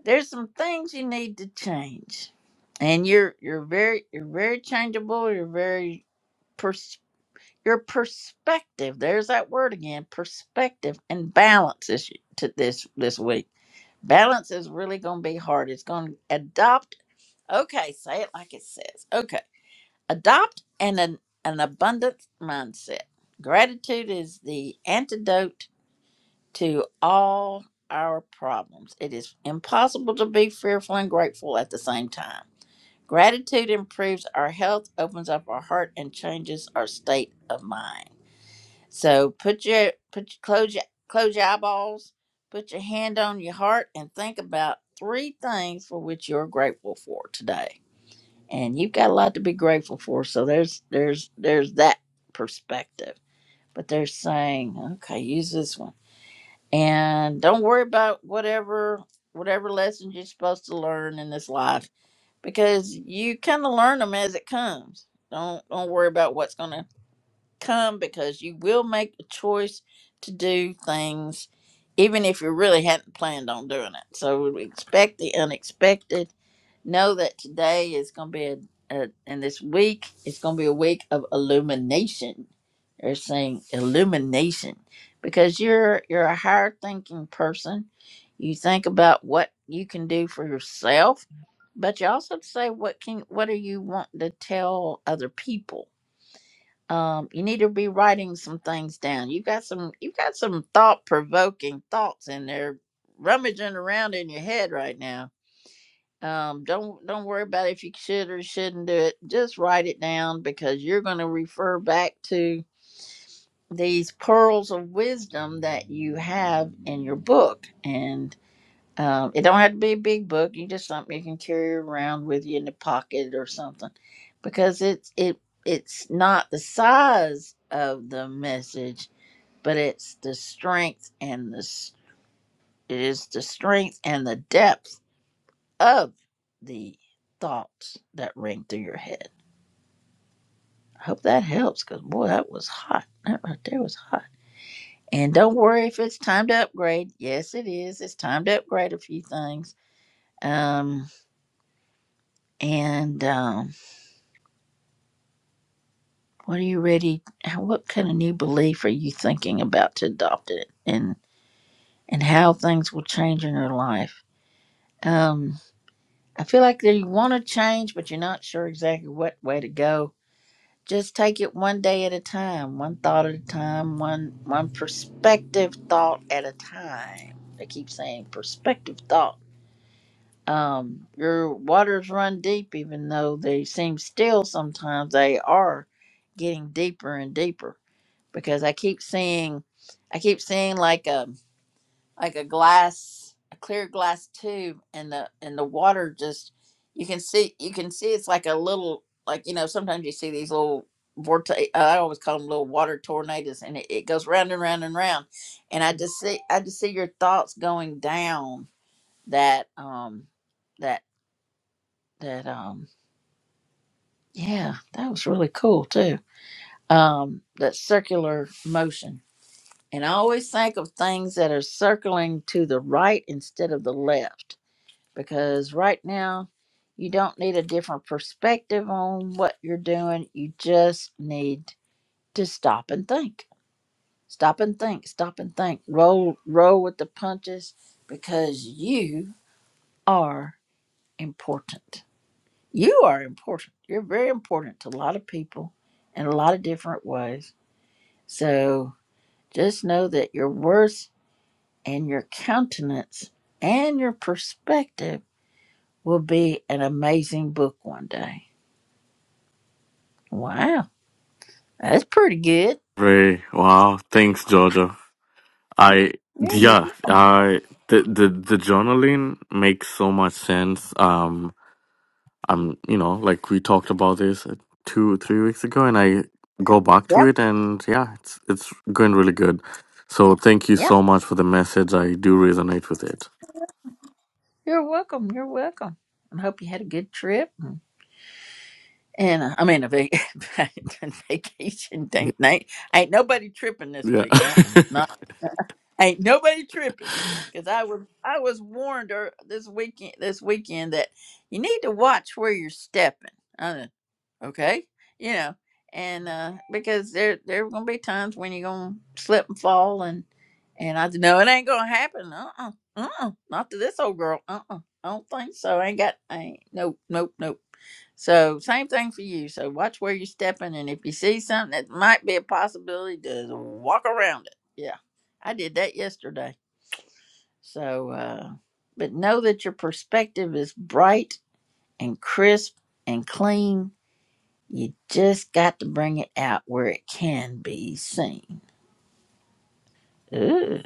Speaker 1: There's some things you need to change, and you're you're very you're very changeable. You're very your perspective there's that word again perspective and balance is to this this week balance is really going to be hard it's going to adopt okay say it like it says okay adopt an an, an abundant mindset gratitude is the antidote to all our problems it is impossible to be fearful and grateful at the same time gratitude improves our health opens up our heart and changes our state of mind so put your put your close your close your eyeballs, put your hand on your heart, and think about three things for which you're grateful for today. And you've got a lot to be grateful for. So there's there's there's that perspective. But they're saying, okay, use this one, and don't worry about whatever whatever lessons you're supposed to learn in this life because you kind of learn them as it comes. Don't don't worry about what's gonna Come because you will make a choice to do things even if you really hadn't planned on doing it. So we expect the unexpected. Know that today is going to be a, a and this week is going to be a week of illumination. They're saying illumination because you're you're a higher thinking person. You think about what you can do for yourself, but you also say what can what do you want to tell other people? Um, you need to be writing some things down. You got some you got some thought provoking thoughts in there rummaging around in your head right now. Um, don't don't worry about if you should or shouldn't do it. Just write it down because you're gonna refer back to these pearls of wisdom that you have in your book. and. Um, it don't have to be a big book. You just something you can carry around with you in the pocket or something, because it's it it's not the size of the message, but it's the strength and the s- it is the strength and the depth of the thoughts that ring through your head. I hope that helps, because boy, that was hot. That right there was hot. And don't worry if it's time to upgrade. Yes, it is. It's time to upgrade a few things. Um, and um What are you ready? how- What kind of new belief are you thinking about to adopt it, and and how things will change in your life? Um, I feel like that you want to change, but you're not sure exactly what way to go. Just take it one day at a time, one thought at a time, one one perspective thought at a time. They keep saying perspective thought. Um, your waters run deep, even though they seem still. Sometimes they are getting deeper and deeper because I keep seeing, I keep seeing like a like a glass, a clear glass tube, and the and the water just you can see you can see it's like a little like you know sometimes you see these little vortex. I always call them little water tornadoes, and it, it goes round and round and round. And I just see I just see your thoughts going down that um that that um yeah that was really cool too um that circular motion And I always think of things that are circling to the right instead of the left because right now you don't need a different perspective on what you're doing. You just need to stop and think. Stop and think. Stop and think. Roll roll with the punches because you are important. You are important. You're very important to a lot of people in a lot of different ways. So just know that you're worth. and your countenance and your perspective will be an amazing book one day. Wow, that's pretty good.
Speaker 10: very wow. Thanks, Jojo. I
Speaker 1: There's a,
Speaker 10: yeah, I the the the journaling makes so much sense. Um, I'm, you know, like we talked about this uh, two, three weeks ago, and I go back to
Speaker 1: yep,
Speaker 10: it, and yeah, it's it's going really good. So thank you
Speaker 1: yep.
Speaker 10: so much for the message. I do resonate with it.
Speaker 1: You're welcome. You're welcome. I hope you had a good trip. And, and, uh, I mean, a vac- a vacation.
Speaker 10: Y-
Speaker 1: Ain't, ain't, ain't nobody tripping this
Speaker 10: Yeah,
Speaker 1: week. Uh-uh. Not, ain't nobody tripping. Cause I was I was warned er, this weekend this weekend that you need to watch where you're stepping. Uh, okay you know and uh because there there are gonna be times when you're gonna slip and fall and and i said, no it ain't gonna happen uh-uh uh-uh uh not to this old girl uh-uh i don't think so I ain't got I ain't nope nope nope so same thing for you so watch where you're stepping and if you see something that might be a possibility just walk around it yeah i did that yesterday so uh but know that your perspective is bright and crisp and clean you just got to bring it out where it can be seen. Ooh,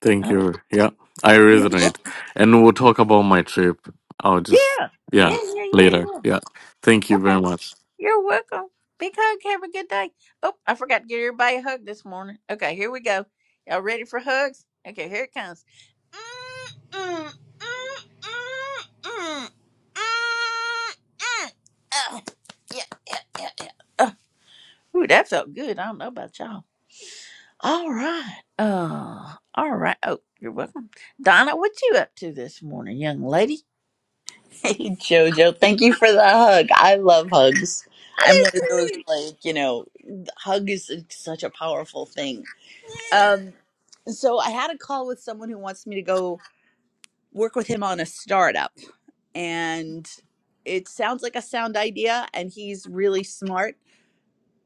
Speaker 10: thank
Speaker 1: that was
Speaker 10: you. Yeah, I
Speaker 1: yeah,
Speaker 10: resonate, and we'll talk about my trip. I'll just
Speaker 1: yeah,
Speaker 10: yeah
Speaker 1: yeah, yeah,
Speaker 10: later.
Speaker 1: yeah.
Speaker 10: Yeah, thank you
Speaker 1: Okay,
Speaker 10: very much.
Speaker 1: you're welcome. Big hug. Have a good day. Oh, I forgot to give everybody a hug this morning. Okay, here we go. Y'all ready for hugs? Okay, here it comes. Ah, yeah, yeah, yeah, yeah. Uh, ooh, that felt good. I don't know about y'all. All right. Uh, all right. Oh, you're welcome. Donna, what you up to this morning, young lady?
Speaker 11: Hey Jojo, thank you for the hug. I love hugs.
Speaker 1: I
Speaker 11: I'm
Speaker 1: do
Speaker 11: one of those
Speaker 1: too.
Speaker 11: like, you know, hug is like, such a powerful thing.
Speaker 1: Yeah.
Speaker 11: Um so I had a call with someone who wants me to go work with him on a startup and it sounds like a sound idea and he's really smart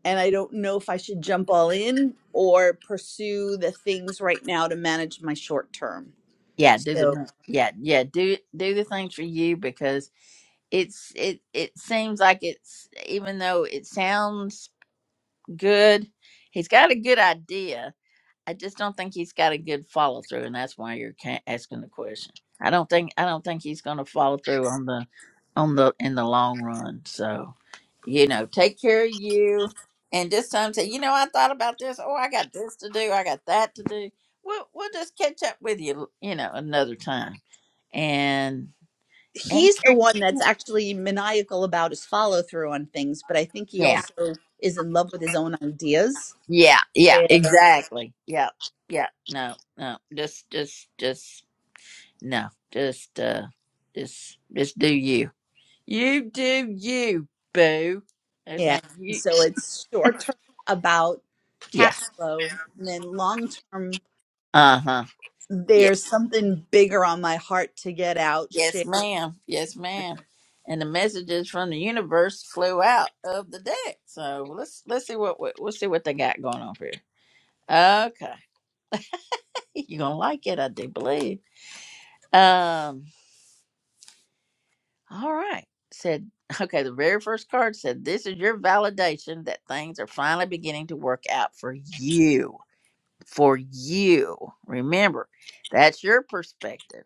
Speaker 11: and I don't know if I should jump all in or pursue the things right now to manage my short term.
Speaker 1: Yeah, do the
Speaker 11: So
Speaker 1: mo- yeah, yeah, do do the thing for you because it's it it seems like it's even though it sounds good, he's got a good idea I just don't think he's got a good follow through, and that's why you're ca- asking the question. I don't think I don't think he's going to follow through on the on the in the long run. So, you know, take care of you, and this time say, you know, I thought about this. Oh, I got this to do. I got that to do. We'll we'll just catch up with you, you know, another time. And and
Speaker 11: he's the
Speaker 1: and-
Speaker 11: one that's actually maniacal about his follow through on things, but I think he
Speaker 1: yeah,
Speaker 11: also is in love with his own ideas.
Speaker 1: yeah, yeah,
Speaker 11: Where,
Speaker 1: exactly. Yeah, yeah. No, no, just just just no, just uh, just just do you. You do you, boo. They're
Speaker 11: yeah.
Speaker 1: saying
Speaker 11: And
Speaker 1: you.
Speaker 11: so it's short term about
Speaker 1: Yeah.
Speaker 11: cash flow, and then long term,
Speaker 1: Uh huh. Yeah.
Speaker 11: there's something bigger on my heart to get out.
Speaker 1: Yes,
Speaker 11: Share.
Speaker 1: ma'am. Yes, ma'am. And the messages from the universe flew out of the deck. So let's let's see what what- we'll see what they got going on here. Okay, you're gonna like it, I do believe. Um. All right. Said okay. The very first card said, "This is your validation that things are finally beginning to work out for you." for you. Remember, that's your perspective.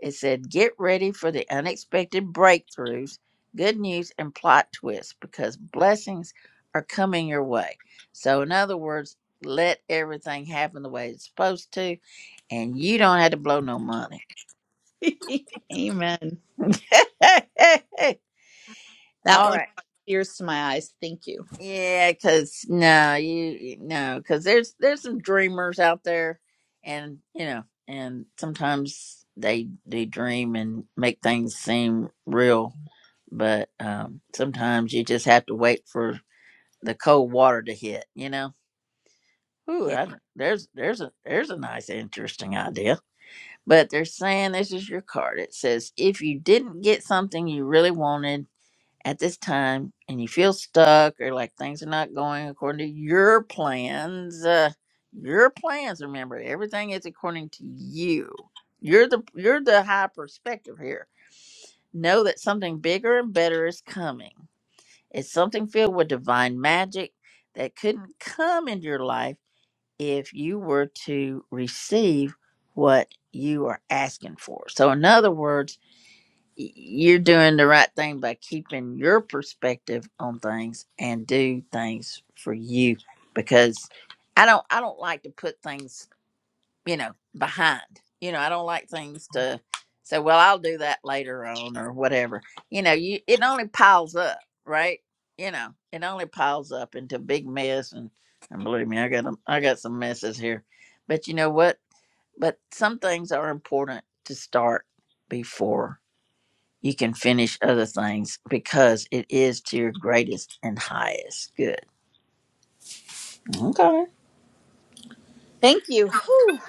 Speaker 1: It said, get ready for the unexpected breakthroughs, good news, and plot twists because blessings are coming your way. So, in other words, let everything happen the way it's supposed to, and you don't have to blow no money.
Speaker 11: Amen. That
Speaker 1: All right.
Speaker 11: one brought tears to my eyes. Thank you.
Speaker 1: Yeah, because no, you no, because there's there's some dreamers out there, and you know, and sometimes they they dream and make things seem real, but um, sometimes you just have to wait for the cold water to hit. You know, ooh,
Speaker 11: Yeah.
Speaker 1: I, don't- there's there's a there's a nice interesting idea, but they're saying this is your card. It says if you didn't get something you really wanted at this time and you feel stuck or like things are not going according to your plans uh, your plans remember everything is according to you you're the you're the high perspective here know that something bigger and better is coming it's something filled with divine magic that couldn't come into your life if you were to receive what you are asking for so in other words y- you're doing the right thing by keeping your perspective on things and do things for you because i don't i don't like to put things you know behind you know i don't like things to say well i'll do that later on or whatever you know you it only piles up right you know it only piles up into a big mess and and believe me i got a, i got some messes here but you know what but some things are important to start before you can finish other things because it is to your greatest and highest good. Okay.
Speaker 11: Thank you. Whew.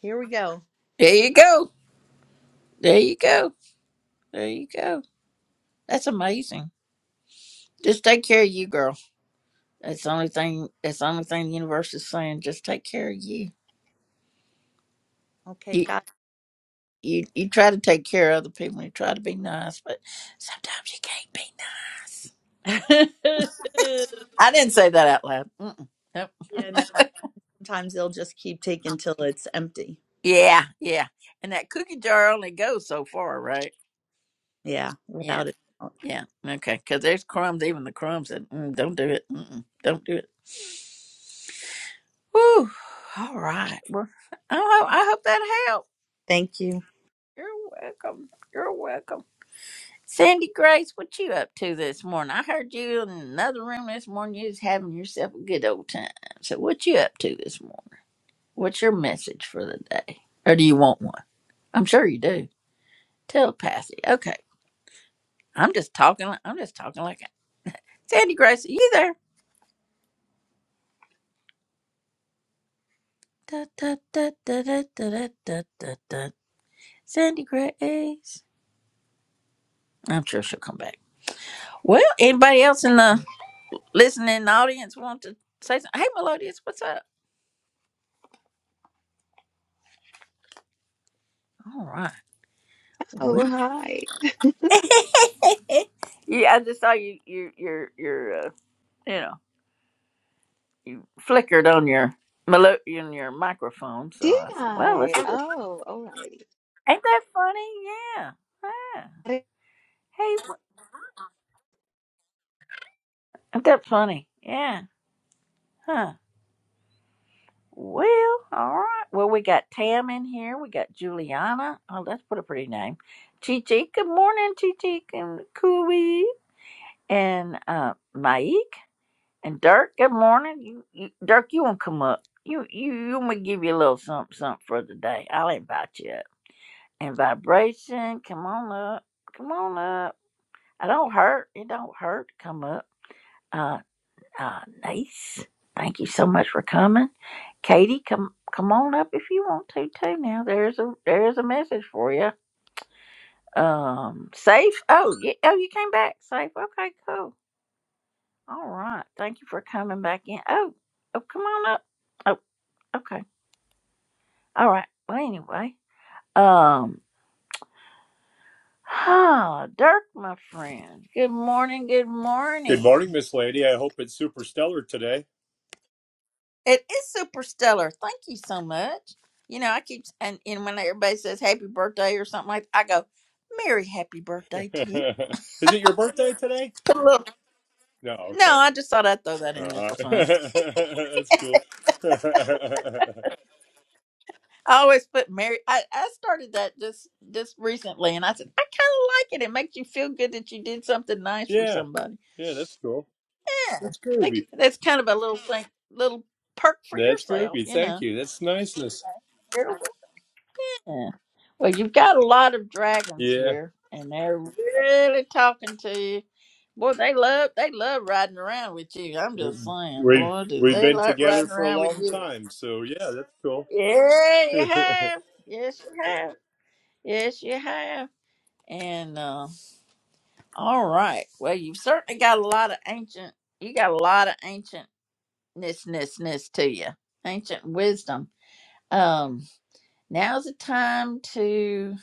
Speaker 11: Here we go.
Speaker 1: There you go. There you go. There you go. That's amazing. Just take care of you, girl. That's the only thing that's the only thing the universe is saying. Just take care of you.
Speaker 11: Okay,
Speaker 1: You
Speaker 11: God.
Speaker 1: you, you try to take care of other people and you try to be nice, but sometimes you can't be nice.
Speaker 11: yeah,
Speaker 1: I didn't say that out loud. Mm-mm. Nope.
Speaker 11: no, I- sometimes they'll just keep taking till it's empty.
Speaker 1: Yeah, yeah. And that cookie jar only goes so far, right?
Speaker 11: Yeah,
Speaker 1: Yeah.
Speaker 11: without it.
Speaker 1: Yeah. Okay. Because there's crumbs, even the crumbs that mm, don't do it. Mm-mm, don't do it. Whew. All right. Well, I hope, I hope that helped.
Speaker 11: Thank you.
Speaker 1: You're welcome. You're welcome. Sandy Grace, what you up to this morning? I heard you in another room this morning. You was having yourself a good old time. So what you up to this morning? What's your message for the day? Or do you want one? I'm sure you do. Telepathy. Okay. I'm just talking. I'm just talking like Sandy Grace. Are you there? Da, da, da, da, da, da, da, da, da, da. Sandy Grace. I'm sure she'll come back. Well, anybody else in the listening audience want to say something? Hey, Melodious, what's up? All right. Well-
Speaker 9: Oh, hi.
Speaker 1: yeah, I just saw you. Your your your uh, you know flickered on your melo- on your microphone. So
Speaker 9: Did
Speaker 1: I said, well, let's
Speaker 9: I?
Speaker 1: see. What-
Speaker 9: Oh, alrighty.
Speaker 1: Ain't that funny? Yeah. Huh. Hey, wh- ain't that funny? Yeah. Huh. Well, all right. Well, we got Tam in here. We got Juliana. Oh, that's what a pretty name. Chichi. Good morning, Chichi. And Cooey. And uh, Mike. And Dirk. Good morning. You, you, Dirk, you want to come up? You, you, you want me to give you a little something, something for the day. I'll invite you up. And vibration. Come on up. Come on up. I don't hurt. It don't hurt to come up. Uh, uh, nice. Thank you so much for coming. Katie, come come on up if you want to too. Now there's a there's a message for you. Um, safe. Oh, yeah, oh, you came back safe. Okay, cool. All right. Thank you for coming back in. Oh, oh, come on up. Oh, okay. All right. Well, anyway. Um. Huh, Dirk, my friend. Good morning. Good
Speaker 12: Good
Speaker 1: morning.
Speaker 12: morning, Miss Lady. I hope it's super stellar today.
Speaker 1: It is super stellar. Thank you so much. You know, I keep and, and when everybody says happy birthday or something like, I go, "Merry happy birthday to you."
Speaker 12: Is it your birthday today?
Speaker 1: Put a little.
Speaker 12: No,
Speaker 1: No, I just thought I'd throw that
Speaker 12: okay.
Speaker 1: in there
Speaker 12: Uh,
Speaker 1: for fun.
Speaker 12: that's cool.
Speaker 1: I always put Mary. I, I started that just just recently, and I said I kind of like it. It makes you feel good that you did something nice for
Speaker 12: yeah,
Speaker 1: somebody.
Speaker 12: yeah, that's cool.
Speaker 1: Yeah,
Speaker 12: That's
Speaker 1: like
Speaker 12: groovy.
Speaker 1: that's kind of a little thing, little perk for
Speaker 12: That's
Speaker 1: yourself,
Speaker 12: groovy.
Speaker 1: you know.
Speaker 12: Thank you. That's niceness.
Speaker 1: You're- Yeah. Well, you've got a lot of dragons
Speaker 12: Yeah,
Speaker 1: here, and they're really talking to you. Boy, they love they love riding around with you. I'm just saying,
Speaker 12: we've
Speaker 1: boy, do
Speaker 12: we've
Speaker 1: they
Speaker 12: been
Speaker 1: like
Speaker 12: together
Speaker 1: riding
Speaker 12: for a
Speaker 1: around with
Speaker 12: long
Speaker 1: you?
Speaker 12: time, so yeah, that's cool.
Speaker 1: Yeah, you
Speaker 12: yeah,
Speaker 1: have. Yes, you have. Yes, you have. And uh, all right. Well, you've certainly got a lot of ancient. You got a lot of ancientnessnessness to you. Ancient wisdom. Um, now's the time to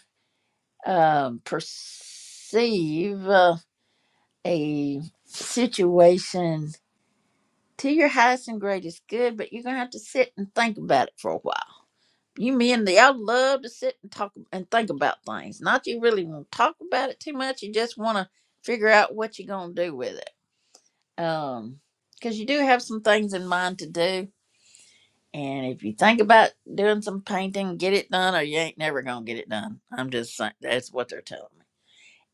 Speaker 1: um, perceive uh, a situation to your highest and greatest good, but you're gonna have to sit and think about it for a while. You men, y'all love to sit and talk and think about things. Not you really want to talk about it too much. You just want to figure out what you're gonna do with it. Um, because you do have some things in mind to do, and if you think about doing some painting, get it done, or you ain't never gonna get it done. I'm just saying that's what they're telling me.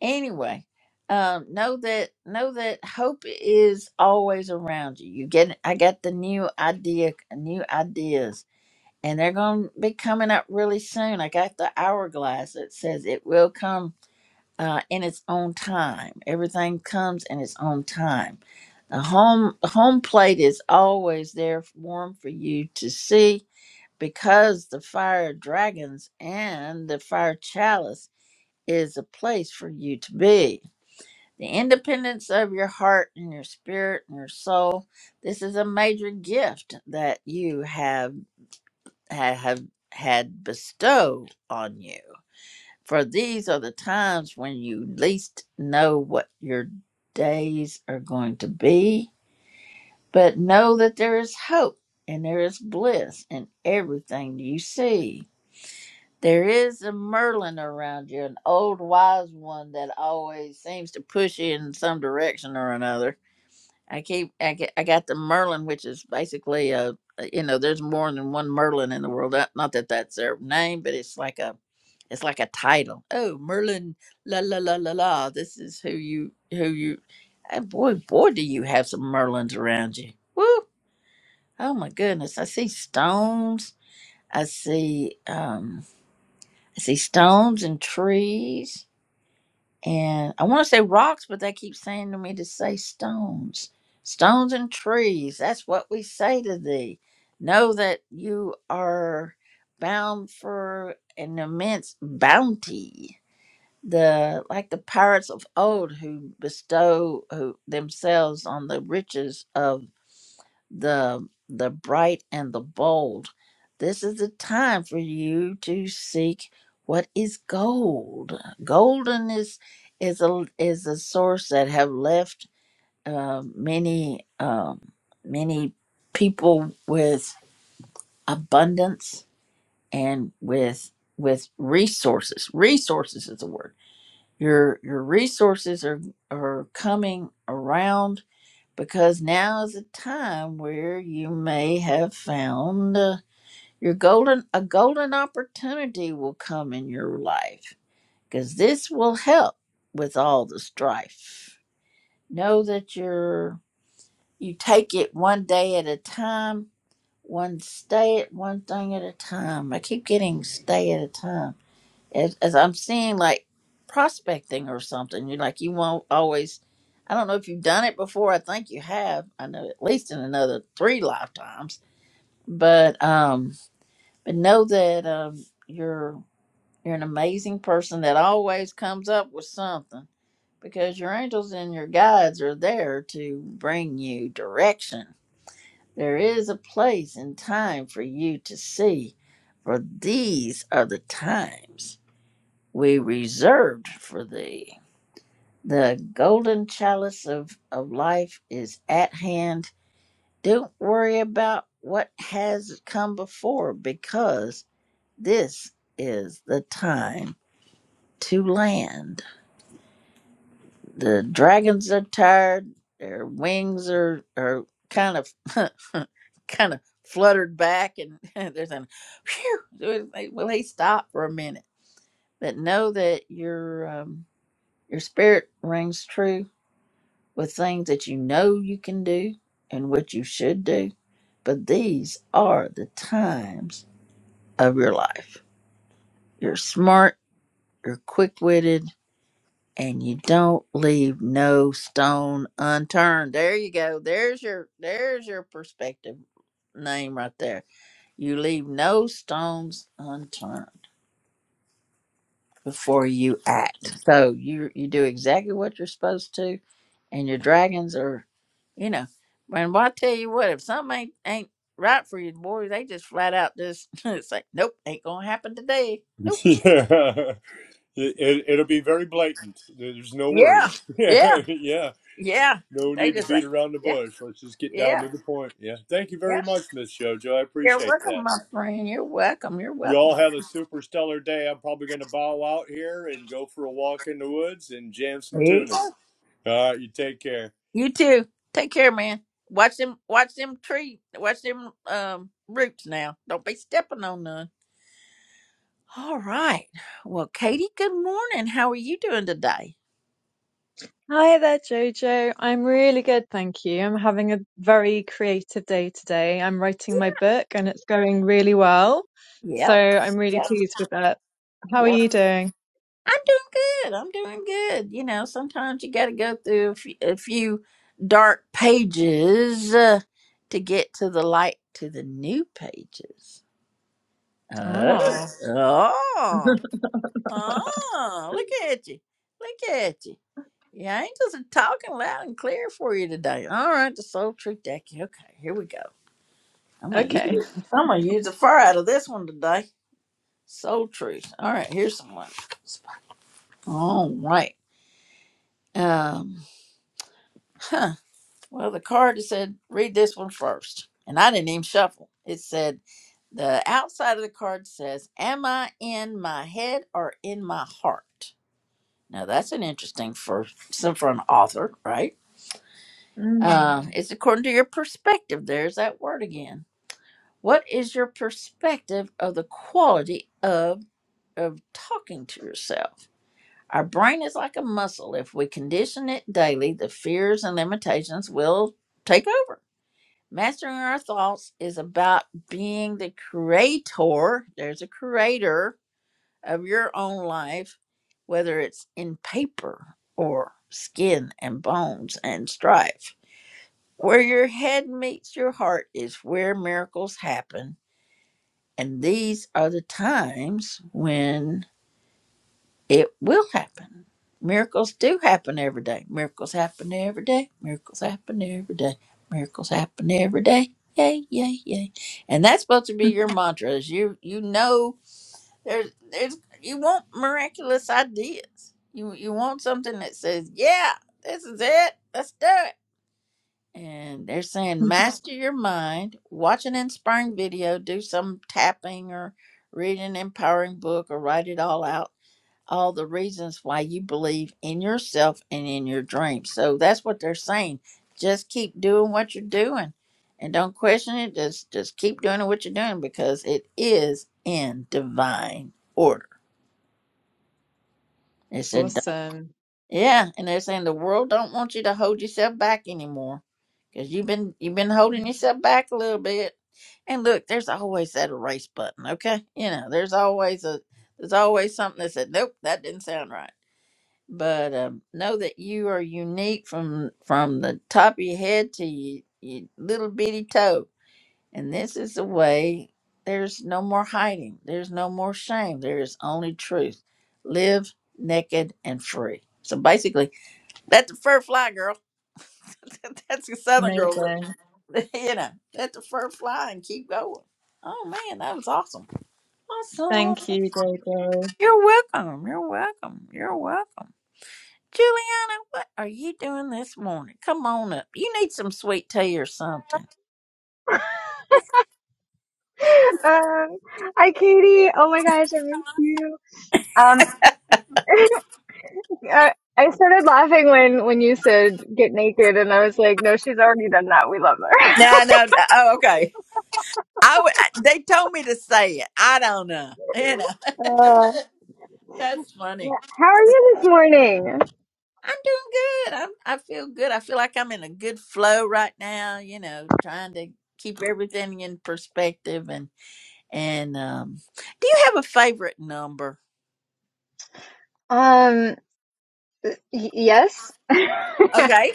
Speaker 1: Anyway, um, know that know that hope is always around you. You get I got the new idea, new ideas and they're going to be coming up really soon. I got the hourglass that says it will come uh, in its own time. Everything comes in its own time. The home the home plate is always there, warm for you to see, because the fire dragons and the fire chalice is a place for you to be. The independence of your heart and your spirit and your soul. This is a major gift that you have ha- have had bestowed on you. For these are the times when you least know what your days are going to be, but know that there is hope and there is bliss in everything you see. There is a Merlin around you, an old wise one that always seems to push you in some direction or another I keep I get, I got the Merlin, which is basically a you know there's more than one Merlin in the world. Not not that that's their name, but it's like a it's like a title. Oh, Merlin, la la la la la. This is who you who you. And boy, boy, do you have some Merlins around you. Woo! Oh my goodness, I see stones. I see um I see stones and trees and I want to say rocks, but they keep saying to me to say stones, stones and trees. That's what we say to thee. Know that you are bound for an immense bounty. The like the pirates of old who bestow who, themselves on the riches of the the bright and the bold. This is the time for you to seek what is gold. Golden is is a is a source that have left uh, many um, many people with abundance and with with resources. Resources is the word. Your your resources are are coming around because now is a time where you may have found uh, your golden a golden opportunity will come in your life because this will help with all the strife know that you're you take it one day at a time one stay at one thing at a time i keep getting stay at a time as, as I'm seeing like prospecting or something, you're like you won't always. I don't know if you've done it before. I think you have. I know at least in another three lifetimes. But um, but know that um, you're you're an amazing person that always comes up with something because your angels and your guides are there to bring you direction. There is a place and time for you to see, for these are the times we reserved for thee. The golden chalice of, of life is at hand. Don't worry about what has come before because this is the time to land. The dragons are tired, their wings are, are kind of kind of fluttered back and there's a, Phew will they stop for a minute? But know that your um, your spirit rings true with things that you know you can do and what you should do. But these are the times of your life. You're smart, you're quick witted, and you don't leave no stone unturned. There you go. There's your there's your perspective name right there. You leave no stones unturned before you act. So you you do exactly what you're supposed to and your dragons are, you know. And well, I tell you what, if something ain't, ain't right for you, boy, they just flat out just it's like, nope, ain't gonna happen today. Nope.
Speaker 12: it, it, it'll be very blatant. There's no
Speaker 1: Yeah,
Speaker 12: worries. yeah,
Speaker 1: yeah,
Speaker 12: yeah.
Speaker 1: yeah.
Speaker 12: No
Speaker 1: They
Speaker 12: need to
Speaker 1: just
Speaker 12: beat
Speaker 1: like,
Speaker 12: around the
Speaker 1: yeah,
Speaker 12: bush. Let's just get down
Speaker 1: yeah,
Speaker 12: to the point. Yeah. Thank you very
Speaker 1: yeah.
Speaker 12: much, Miss Jojo. I
Speaker 1: You're
Speaker 12: appreciate
Speaker 1: welcome,
Speaker 12: that.
Speaker 1: my friend. You're welcome. You're
Speaker 12: You
Speaker 1: welcome.
Speaker 12: all
Speaker 1: my
Speaker 12: have a
Speaker 1: friend.
Speaker 12: super stellar day. I'm probably going to bow out here and go for a walk in the woods and jam some
Speaker 1: There you go.
Speaker 12: tunas. All right. You take care.
Speaker 1: You too. Take care, man. Watch them. Watch them tree. Watch them um roots now. Don't be stepping on none. All right. Well, Katie, good morning. How are you doing today?
Speaker 13: Hi there, Jojo. I'm really good, thank you. I'm having a very creative day today. I'm writing my book and it's going really well. So
Speaker 1: Yep.
Speaker 13: I'm really
Speaker 1: Yep.
Speaker 13: pleased with that. How are
Speaker 1: Yep.
Speaker 13: you doing?
Speaker 1: I'm doing good. I'm doing good. You know, sometimes you got to go through a few, a few dark pages uh, to get to the light, to the new pages. Oh,
Speaker 13: Oh,
Speaker 1: oh, oh, look at you. Look at you. Your angels are talking loud and clear for you today. All right, the soul truth deck. Okay, here we go. I'm gonna use
Speaker 13: okay.
Speaker 1: it. I'm gonna use the fire out of this one today. Soul truth. All right, here's some one. All right. Um Huh. Well, the card said, read this one first. And I didn't even shuffle. It said, the outside of the card says, Am I in my head or in my heart? Now, that's an interesting for, so for an author, right?
Speaker 13: Mm.
Speaker 1: Uh, it's according to your perspective. There's that word again. What is your perspective of the quality of, of talking to yourself? Our brain is like a muscle. If we condition it daily, the fears and limitations will take over Mastering our thoughts is about being the creator. There's a creator of your own life, whether it's in paper or skin and bones and strife. Where your head meets your heart is where miracles happen. And these are the times when it will happen. Miracles do happen every day. Miracles happen every day. Miracles happen every day. Miracles happen every day. Yay, yay, yay. And that's supposed to be your mantra is you you know there's there's you want miraculous ideas. You you want something that says, Yeah, this is it, let's do it. And they're saying master your mind, watch an inspiring video, do some tapping or read an empowering book or write it all out all the reasons why you believe in yourself and in your dreams. So that's what they're saying. Just keep doing what you're doing and don't question it. Just just keep doing what you're doing because it is in divine order. They said, "Duh."
Speaker 13: Awesome.
Speaker 1: yeah, and they're saying the world don't want you to hold yourself back anymore because you've been you've been holding yourself back a little bit. And look, there's always that erase button. Okay, you know, there's always a there's always something that said, nope, that didn't sound right but um, know that you are unique from from the top of your head to your, your little bitty toe. And this is the way. There's no more hiding. There's no more shame. There is only truth. Live naked and free. So basically, let the fur fly, girl. That's the Southern girl.
Speaker 13: Amazing.
Speaker 1: look. you know, let the fur fly and keep going. Oh man, that was awesome.
Speaker 13: Thank
Speaker 1: Awesome.
Speaker 13: you, Jojo.
Speaker 1: You're welcome. You're welcome. You're welcome. Juliana, what are you doing this morning? Come on up. You need some sweet tea or something.
Speaker 14: Um, hi, Katie. Oh my gosh, I miss you. Um, I, I started laughing when when you said get naked, and I was like, no, she's already done that. We love her.
Speaker 1: No, no. no. Oh, okay. I w- they told me to say it. I don't know. You know,
Speaker 14: Uh,
Speaker 1: that's
Speaker 14: yeah.
Speaker 1: funny.
Speaker 14: How are you this morning?
Speaker 1: I'm doing good. I'm I feel good. I feel like I'm in a good flow right now, you know, trying to keep everything in perspective and and um do you have a favorite number?
Speaker 14: Um, y- yes.
Speaker 1: Okay,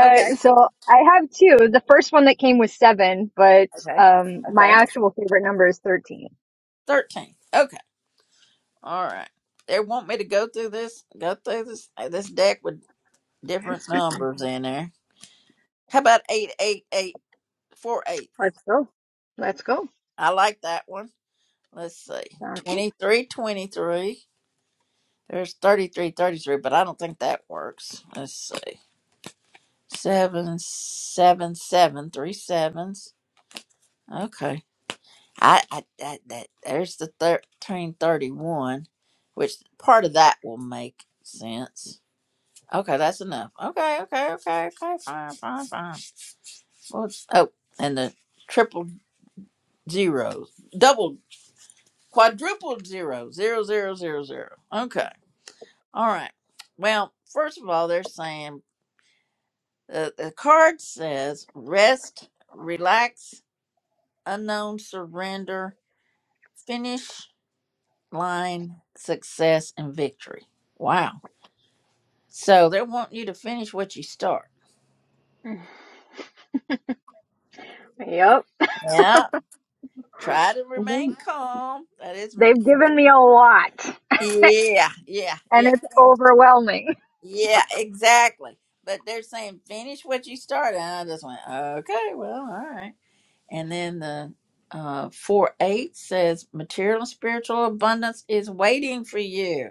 Speaker 1: okay,
Speaker 14: so I have two. The first one that came was seven, but
Speaker 1: okay,
Speaker 14: um, my
Speaker 1: okay.
Speaker 14: actual favorite number is thirteen.
Speaker 1: 13. All right. They want me to go through this, go through this uh, this deck with different numbers in there. How about eight eight eight four eight?
Speaker 14: Let's go. Let's go.
Speaker 1: I like that one. Let's see.
Speaker 14: Sounds
Speaker 1: Twenty three twenty three. There's thirty three thirty three, but I don't think that works. Let's see. Seven seven seven three sevens. Okay. I, I that that there's the thirteen thirty one, which part of that will make sense. Okay, that's enough. Okay, okay, okay, okay, fine, fine, fine. What's oh, and the triple zeros, double, quadruple zero, zero, zero, zero, zero. Okay, all right. Well, first of all, they're saying uh, the card says rest, relax, unknown surrender, finish line, success, and victory. Wow. So they want you to finish what you start.
Speaker 14: good. Yep.
Speaker 1: Yeah. Try to remain
Speaker 14: They-
Speaker 1: calm. That is.
Speaker 14: They've given me a lot.
Speaker 1: Yeah, yeah,
Speaker 14: and
Speaker 1: yeah,
Speaker 14: it's overwhelming.
Speaker 1: yeah, exactly. But they're saying finish what you started. And I just went, okay, well, all right. And then the uh, 4 8 says material and spiritual abundance is waiting for you.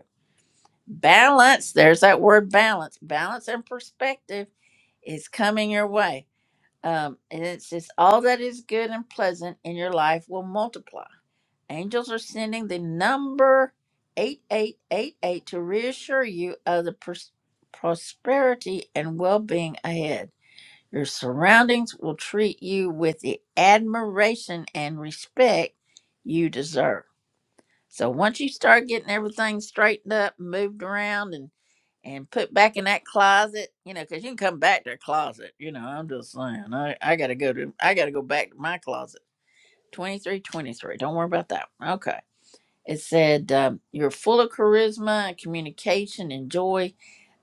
Speaker 1: Balance, there's that word balance, balance and perspective is coming your way. Um, and it says, all that is good and pleasant in your life will multiply. Angels are sending the number 8888 to reassure you of the pros- prosperity and well being ahead. Your surroundings will treat you with the admiration and respect you deserve. So once you start getting everything straightened up, moved around, and and put back in that closet, you know, because you can come back to a closet. You know, I'm just saying, I, I gotta go to, I gotta go back to my closet. Twenty three, twenty three. Don't worry about that. one. Okay. It said, um, You're full of charisma, and communication, and joy.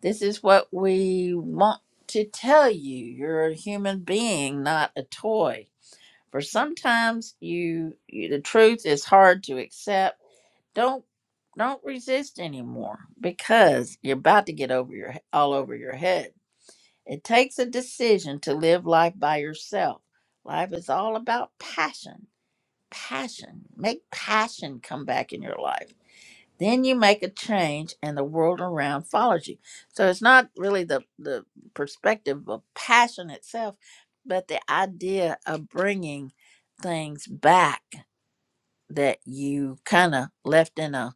Speaker 1: This is what we want to tell you. You're a human being, not a toy. For sometimes you, you the truth is hard to accept. Don't don't resist anymore because you're about to get over your all over your head. It takes a decision to live life by yourself. Life is all about passion. Passion. Make passion come back in your life then you make a change and the world around follows you. So it's not really the, the perspective of passion itself, but the idea of bringing things back that you kind of left in a,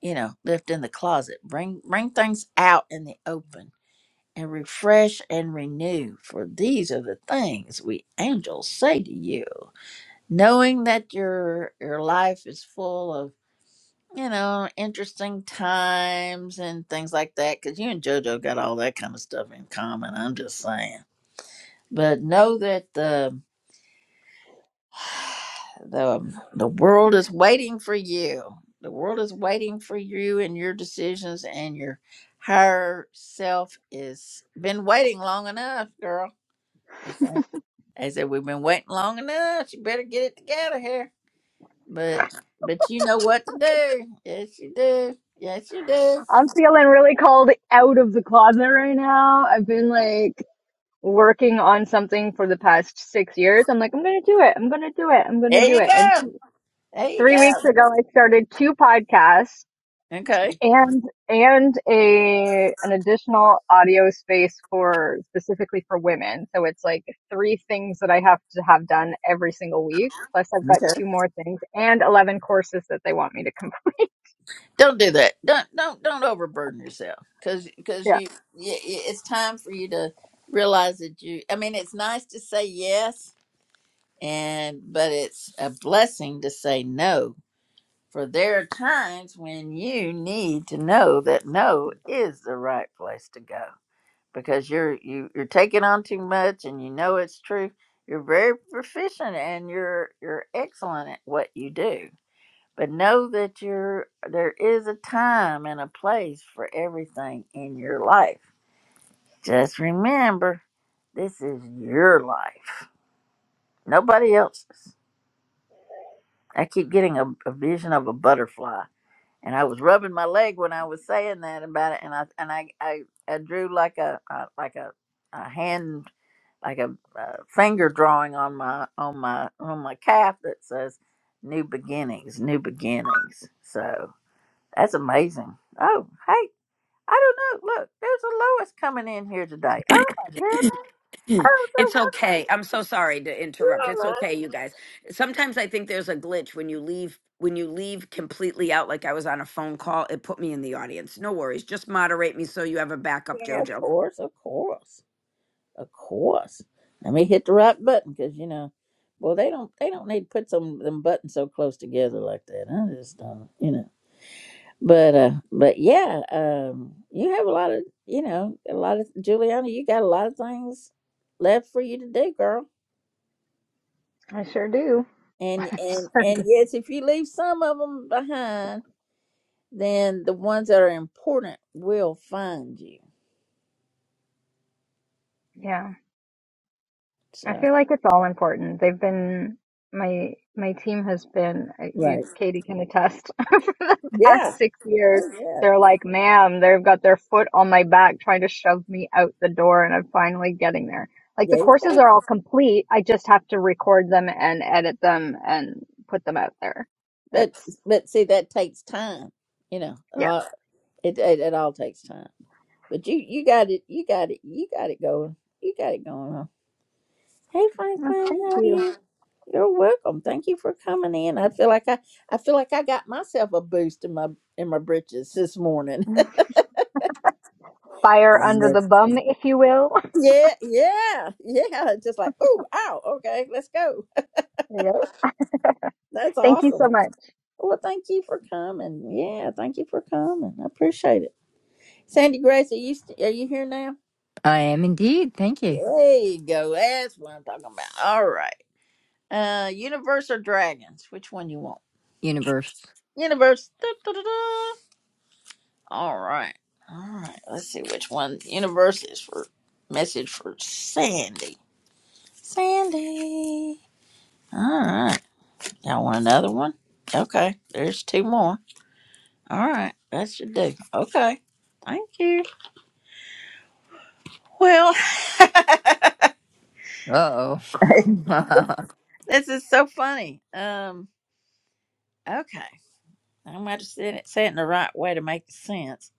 Speaker 1: you know, left in the closet. Bring, bring things out in the open and refresh and renew. For these are the things we angels say to you. Knowing that your, your life is full of you know, interesting times and things like that. Because you and JoJo got all that kind of stuff in common. I'm just saying. But know that the the the world is waiting for you. The world is waiting for you and your decisions and your higher self is been waiting long enough, girl. They said they said, we've been waiting long enough. You better get it together here. But but you know what to do. Yes, you do. Yes, you do.
Speaker 14: I'm feeling really called out of the closet right now. I've been like working on something for the past six years. I'm like, I'm going to do it. I'm going to do it. I'm going to
Speaker 1: There
Speaker 14: do
Speaker 1: you
Speaker 14: it. And
Speaker 1: go. There you
Speaker 14: three
Speaker 1: go.
Speaker 14: weeks ago, I started two podcasts
Speaker 1: Okay.
Speaker 14: and, and a, an additional audio space for specifically for women. So it's like three things that I have to have done every single week. Plus I've got
Speaker 1: Okay.
Speaker 14: two more things and 11 courses that they want me to complete.
Speaker 1: Don't do that. Don't don't don't overburden yourself because because
Speaker 14: Yeah,
Speaker 1: you, you it's time for you to realize that you. I mean, it's nice to say yes, and but it's a blessing to say no. For there are times when you need to know that no is the right place to go because you're you, you're taking on too much and you know it's true. You're very proficient and you're you're excellent at what you do But know that you're, there is a time and a place for everything in your life. Just remember, this is your life, nobody else's. I keep getting a, a vision of a butterfly, and I was rubbing my leg when I was saying that about it, and I and I I, I drew like a, a like a, a hand like a, a finger drawing on my on my on my calf that says new beginnings, new beginnings. So That's amazing. Oh, hey, I don't know. Look, there's a Lois coming in here today. Oh my goodness. Oh,
Speaker 2: it's
Speaker 1: so
Speaker 2: okay.
Speaker 1: welcome.
Speaker 2: I'm so sorry to
Speaker 1: You
Speaker 2: interrupt. It's
Speaker 1: Lois.
Speaker 2: okay, you guys. Sometimes I think there's a glitch when you leave when you leave completely out like I was on a phone call, it put me in the audience. No worries. Just moderate me so you have a backup,
Speaker 1: Yeah, of
Speaker 2: Jojo.
Speaker 1: course, of course, of course. Let me hit the right button because you know, well, they don't they don't need to put some them buttons so close together like that. I just don't, you know. But uh, but yeah, um, you have a lot of you know a lot of Juliana. You got a lot of things left for you to do, girl.
Speaker 14: I sure do.
Speaker 1: And and and
Speaker 14: Sorry.
Speaker 1: yes, if you leave some of them behind, then the ones that are important will find you.
Speaker 14: Yeah, I
Speaker 1: So
Speaker 14: feel like it's all important. They've been my my team has been uh, you-
Speaker 1: right,
Speaker 14: Katie can attest for the
Speaker 1: yeah,
Speaker 14: past six years.
Speaker 1: Oh, yeah,
Speaker 14: They're like, ma'am, they've got their foot on my back trying to shove me out the door, and I'm finally getting there. Like the
Speaker 1: there you
Speaker 14: courses
Speaker 1: go.
Speaker 14: are all complete. I just have to record them and edit them and put them out there.
Speaker 1: But
Speaker 14: That's
Speaker 1: but see, that takes time. You know,
Speaker 14: yeah.
Speaker 1: uh, it, it it all takes time. But you you got it, you got it, you got it going, you got it going on. Hey
Speaker 14: Well,
Speaker 1: Franklin,
Speaker 14: thank
Speaker 1: how are
Speaker 14: you.
Speaker 1: you? You're welcome. Thank you for coming in. I feel like I I feel like I got myself a boost in my in my britches this morning. I
Speaker 14: Fire under
Speaker 1: know.
Speaker 14: the bum, if you will.
Speaker 1: Yeah, yeah, yeah. Just like, oh, ow, okay, let's go.
Speaker 14: Yep.
Speaker 1: That's
Speaker 14: Thank you so
Speaker 1: awesome.
Speaker 14: much.
Speaker 1: Well, thank you for coming. Yeah, thank you for coming. I appreciate it. Sandy Grace, are you st- are you here now?
Speaker 15: I am indeed. Thank you,
Speaker 1: There you go. That's what I'm talking about. All right. Uh, universe or dragons? Which one you want?
Speaker 15: universe.
Speaker 1: Universe. Da, da, da, da. All right. All right. Let's see which one. Universe is for message for Sandy. Sandy. All right. Y'all want another one? Okay, there's two more. All right, that should do. Okay, thank you. Well,
Speaker 15: Uh oh.
Speaker 1: this is so funny. Um, okay, I'm going to say it, say it in the right way to make sense.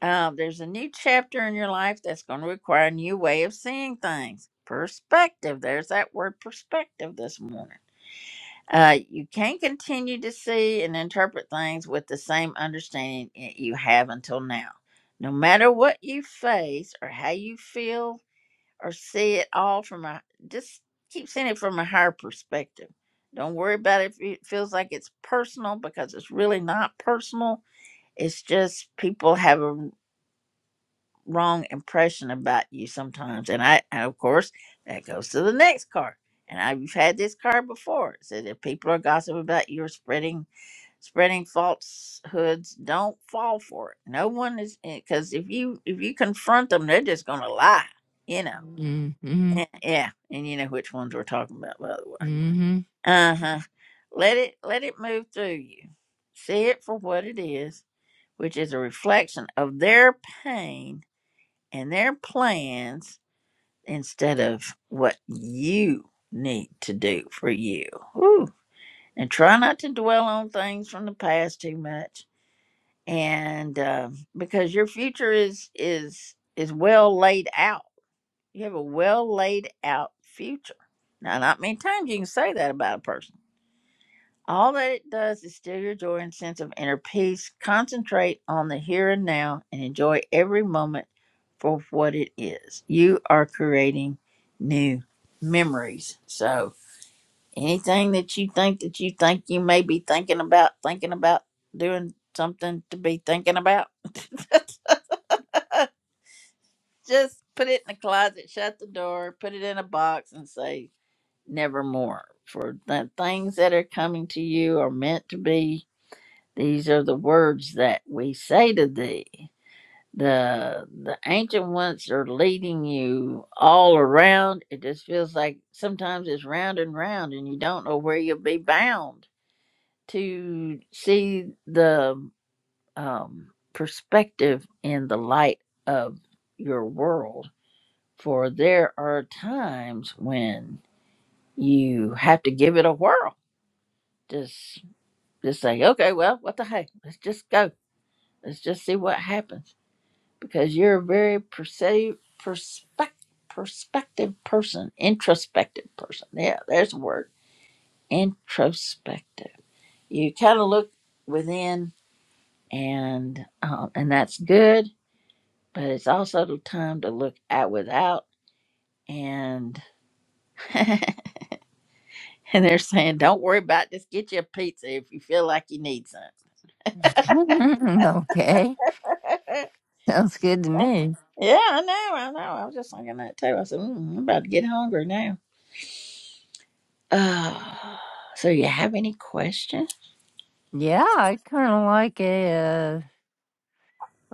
Speaker 1: Um, there's a new chapter in your life that's going to require a new way of seeing things. Perspective. There's that word perspective this morning. Uh, you can continue to see and interpret things with the same understanding y- you have until now. No matter what you face or how you feel or see it all from a just keep seeing it from a higher perspective. Don't worry about it if it feels like it's personal because it's really not personal. It's just people have a wrong impression about you sometimes. And I, and of course, that goes to the next card. And I've had this card before. It said if people are gossiping about you or spreading spreading falsehoods, don't fall for it. No one is because if you if you confront them, they're just gonna lie. You know.
Speaker 15: Mm-hmm.
Speaker 1: Eh, Yeah. And you know which ones we're talking about, by the way.
Speaker 15: Mm-hmm.
Speaker 1: Uh huh. Let it let it move through you. See it for what it is, which is a reflection of their pain and their plans instead of what you need to do for you. Whew. And try not to dwell on things from the past too much. And um because your future is is is well laid out, you have a well laid out future. Now, not many times you can say that about a person all that it does is still your joy and sense of inner peace. Concentrate on the here and now and enjoy every moment for what it is. You are creating new memories. So anything that you think that you think you may be thinking about, thinking about doing something to be thinking about, just put it in the closet, shut the door, put it in a box and say nevermore. For the things that are coming to you are meant to be These are the words that we say to thee. The the ancient ones are leading you all around. It just feels like sometimes it's round and round and you don't know where you'll be bound to see the um, perspective in the light of your world. For there are times when you have to give it a whirl. Just just say, okay, well, what the heck? Let's just go. Let's just see what happens because you're a very perceive, perspec perspective person, introspective person. Yeah, there's a word, introspective. You kind of look within, and um, and that's good, but it's also the time to look at without. And and they're saying, don't worry about it, just get you a pizza if you feel like you need some.
Speaker 15: okay.
Speaker 1: That's-
Speaker 15: Sounds good to me.
Speaker 1: yeah, I know, I know. I was just thinking that too. I said, mm, I'm about to get hungry now. Uh, so, you have any questions?
Speaker 15: Yeah, I kind of like a, uh,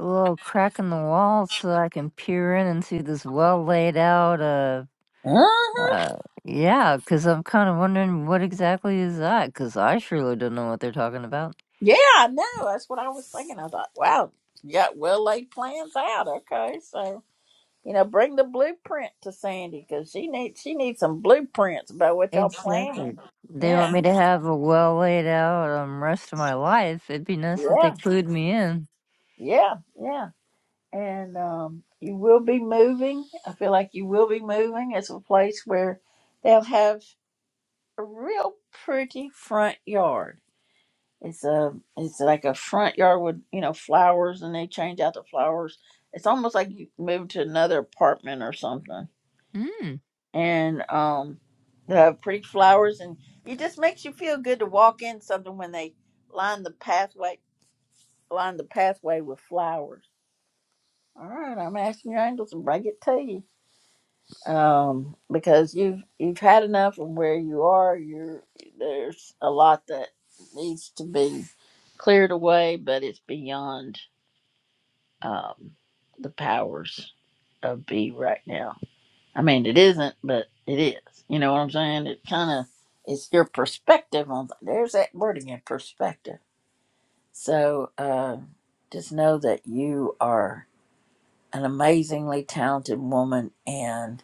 Speaker 15: a little crack in the wall so I can peer in and see this well laid out. Uh,
Speaker 1: Uh-huh.
Speaker 15: uh, yeah, because I'm kind of wondering what exactly is that? Because I surely don't know what they're talking about.
Speaker 1: Yeah, I know. That's what I was thinking. I thought, wow, you got well laid plans out. Okay, so you know, bring the blueprint to Sandy because she needs she needs some blueprints about what y'all
Speaker 15: Exactly.
Speaker 1: planning.
Speaker 15: They want
Speaker 1: Yeah,
Speaker 15: me to have a well laid out um, rest of my life. It'd be nice if they
Speaker 1: yeah,
Speaker 15: clued me in.
Speaker 1: yeah, yeah. And um, you will be moving. I feel like you will be moving. It's a place where they'll have a real pretty front yard It's a it's like a front yard with you know flowers, and they change out the flowers. It's almost like you move to another apartment or something,
Speaker 15: Mm.
Speaker 1: and um, they have pretty flowers, and it just makes you feel good to walk in something when they line the pathway line the pathway with flowers. All right, I'm asking your angels and bring it to you, um, because you've you've had enough of where you are. You're there's a lot that needs to be cleared away, but it's beyond. um, the powers of B right now. I mean, it isn't, but it is. You know what I'm saying? It kind of it's your perspective on. There's that word again, perspective. So uh, just know that you are an amazingly talented woman, and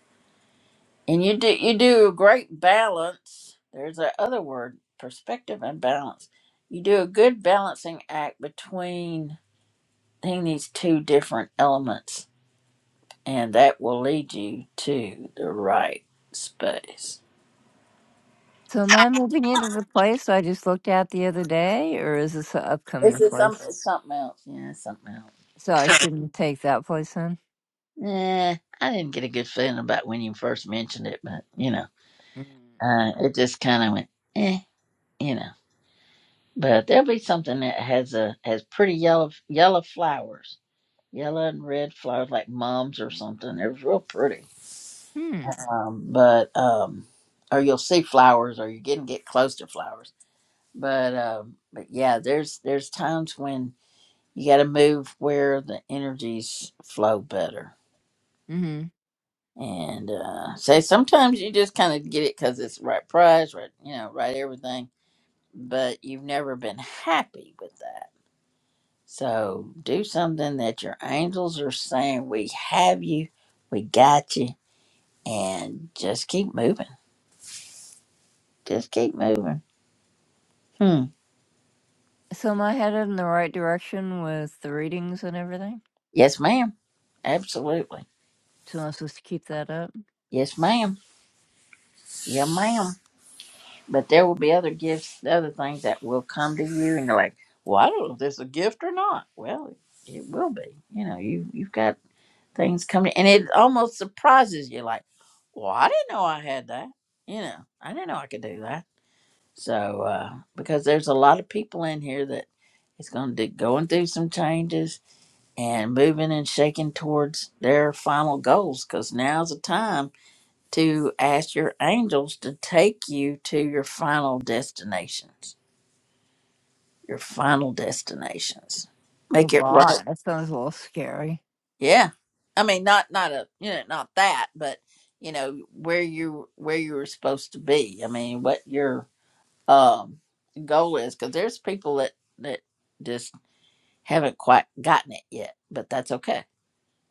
Speaker 1: and you do you do a great balance. There's that other word, perspective and balance. You do a good balancing act between between these two different elements and that will lead you to the right space.
Speaker 15: So, am I moving into the place I just looked at the other day, or is this an
Speaker 1: This
Speaker 15: upcoming
Speaker 1: Is it some,
Speaker 15: place?
Speaker 1: something else? Yeah, it's something
Speaker 15: So, I
Speaker 1: else.
Speaker 15: shouldn't take that place in.
Speaker 1: Eh, I didn't get a good feeling about when you first mentioned it, but you know,
Speaker 15: Mm.
Speaker 1: uh, it just kind of went, eh, you know. But there'll be something that has a has pretty yellow yellow flowers, yellow and red flowers like mums or something. It was real pretty.
Speaker 15: Hmm.
Speaker 1: Um, but um, or you'll see flowers, or you can get close to flowers. But um, but yeah, there's there's times when You got to move where the energies flow better.
Speaker 15: Mm-hmm.
Speaker 1: And uh, say sometimes you just kind of get it because it's the right price, right? You know, right everything. But you've never been happy with that. So do something that your angels are saying. We have you. We got you. And just keep moving. Just keep moving. Hmm.
Speaker 15: So, am I headed in the right direction with the readings and everything?
Speaker 1: Yes, ma'am. Absolutely.
Speaker 15: So, I'm supposed to keep that up?
Speaker 1: Yes, ma'am. Yeah, ma'am. But there will be other gifts, other things that will come to you, and you're like, "Well, I don't know if this is a gift or not." Well, it will be. You know, you you've got things coming, and it almost surprises you. Like, "Well, I didn't know I had that." You know, I didn't know I could do that. So, uh, because there's a lot of people in here that is going to going through some changes and moving and shaking towards their final goals, because now's the time to ask your angels to take you to your final destinations your final destinations
Speaker 15: Oh,
Speaker 1: make it right
Speaker 15: God, that sounds a little scary.
Speaker 1: yeah i mean not not a you know not that but you know where you where you were supposed to be i mean what your um goal is because there's people that that just haven't quite gotten it yet but that's okay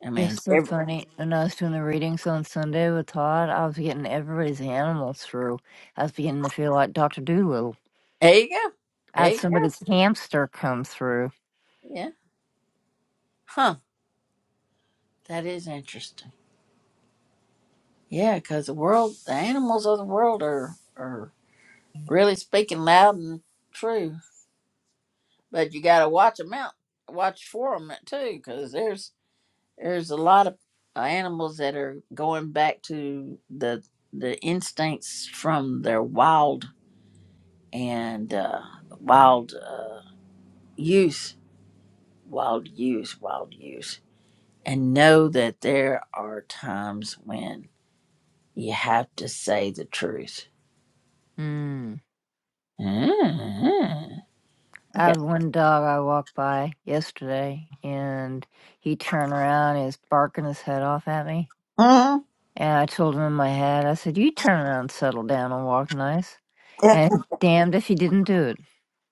Speaker 1: i
Speaker 15: It's
Speaker 1: mean
Speaker 15: so
Speaker 1: every,
Speaker 15: funny. When I was doing the readings on Sunday with Todd, I was getting everybody's animals through. I was beginning to feel like Dr. Doolittle.
Speaker 1: there you go
Speaker 15: I
Speaker 1: there
Speaker 15: had
Speaker 1: you go
Speaker 15: somebody's hamster come through.
Speaker 1: yeah huh that is interesting Yeah, 'cause the world, the animals of the world are are really speaking loud and true. But you got to watch them out, watch for them too, 'cause there's there's a lot of uh, animals that are going back to the the instincts from their wild and uh, wild uh, use, wild use, wild use, and know that there are times when you have to say the truth.
Speaker 15: Mm.
Speaker 1: Mm-hmm.
Speaker 15: I had one dog I walked by yesterday, and he turned around. He was barking his head off at me.
Speaker 1: Mm-hmm.
Speaker 15: And I told him in my head, I said, You turn around, settle down, and walk nice.
Speaker 1: Yeah.
Speaker 15: And damned if he didn't do it.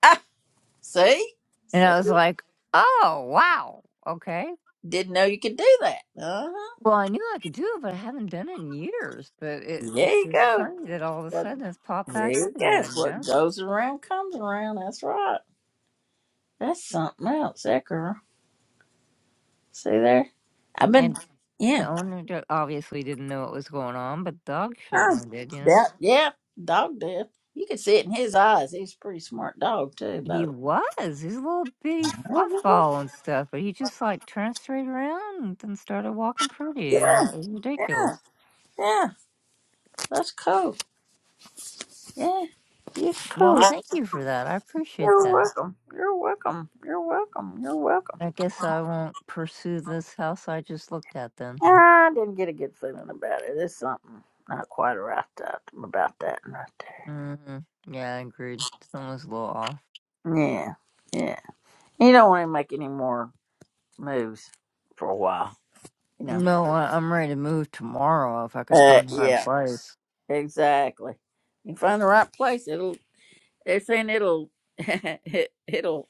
Speaker 1: Ah, see?
Speaker 15: And
Speaker 1: see?
Speaker 15: I was like, Oh, wow. Okay."
Speaker 1: Didn't know you could do that. Uh-huh.
Speaker 15: Well, I knew I could do it, but I haven't done it in years. But it
Speaker 1: There
Speaker 15: just
Speaker 1: you
Speaker 15: is
Speaker 1: go.
Speaker 15: funny that all of a
Speaker 1: What,
Speaker 15: sudden it's popped
Speaker 1: there
Speaker 15: back up
Speaker 1: you go.
Speaker 15: again, you
Speaker 1: What
Speaker 15: know?
Speaker 1: goes around comes around. That's right. That's something else, that girl. See there? I've been,
Speaker 15: And the
Speaker 1: yeah.
Speaker 15: owner d- obviously didn't know what was going on, but the dog
Speaker 1: Oh,
Speaker 15: certainly did, you know?
Speaker 1: that, yeah, dog did. You could see it in his eyes. He's a pretty smart dog, too,
Speaker 15: He
Speaker 1: but.
Speaker 15: was. He's a little bitty fluff ball and stuff, but he just like turned straight around and then started walking pretty, you
Speaker 1: Yeah,
Speaker 15: know? It was
Speaker 1: yeah,
Speaker 15: ridiculous.
Speaker 1: yeah. That's cool. Yeah, you're
Speaker 15: Well,
Speaker 1: cool.
Speaker 15: thank you for that. I appreciate
Speaker 1: You're
Speaker 15: that.
Speaker 1: welcome. You're welcome. You're welcome. You're welcome.
Speaker 15: I guess I won't pursue this house I just looked at then.
Speaker 1: I didn't get a good feeling about it. There's something not quite right up about that one right
Speaker 15: hmm Yeah, I agreed. Someone's a little off.
Speaker 1: there. Yeah, yeah. You don't want to make any more moves for a while, you know.
Speaker 15: No, I- I'm ready to move tomorrow if I could
Speaker 1: Uh,
Speaker 15: find the right
Speaker 1: yeah,
Speaker 15: place.
Speaker 1: exactly. You find the right place, it'll. They're saying it'll, it, it'll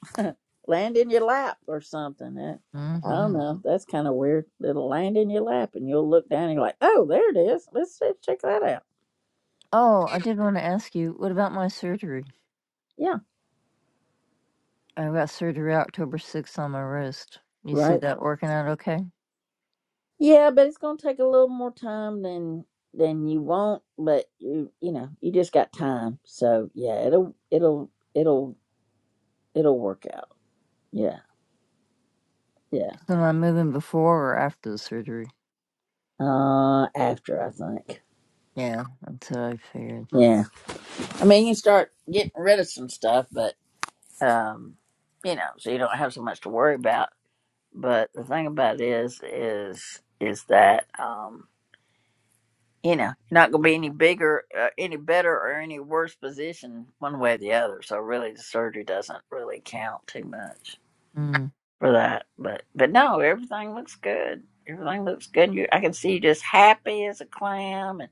Speaker 1: land in your lap or something. Uh, I don't
Speaker 15: hmm
Speaker 1: know. That's kind of weird. It'll land in your lap, and you'll look down and you're like, "Oh, there it is. Let's, let's check that out."
Speaker 15: Oh, I did want to ask you, what about my surgery?
Speaker 1: Yeah,
Speaker 15: I got surgery October 6th on my wrist. You see
Speaker 1: right.
Speaker 15: that working out okay?
Speaker 1: Yeah, but it's gonna take a little more time than than you want, but you you know, you just got time. So yeah, it'll it'll it'll it'll work out. Yeah, yeah.
Speaker 15: So am I moving before or after the surgery?
Speaker 1: Uh after I think.
Speaker 15: Yeah, that's what I figured.
Speaker 1: Yeah. I mean you can start getting rid of some stuff, but um you know, so you don't have so much to worry about. But the thing about it is is is that um you know, you're not going to be any bigger, uh, any better, or any worse position one way or the other. So really, the surgery doesn't really count too much
Speaker 15: Mm.
Speaker 1: for that. But but no, everything looks good. Everything looks good. You, I can see you just happy as a clam and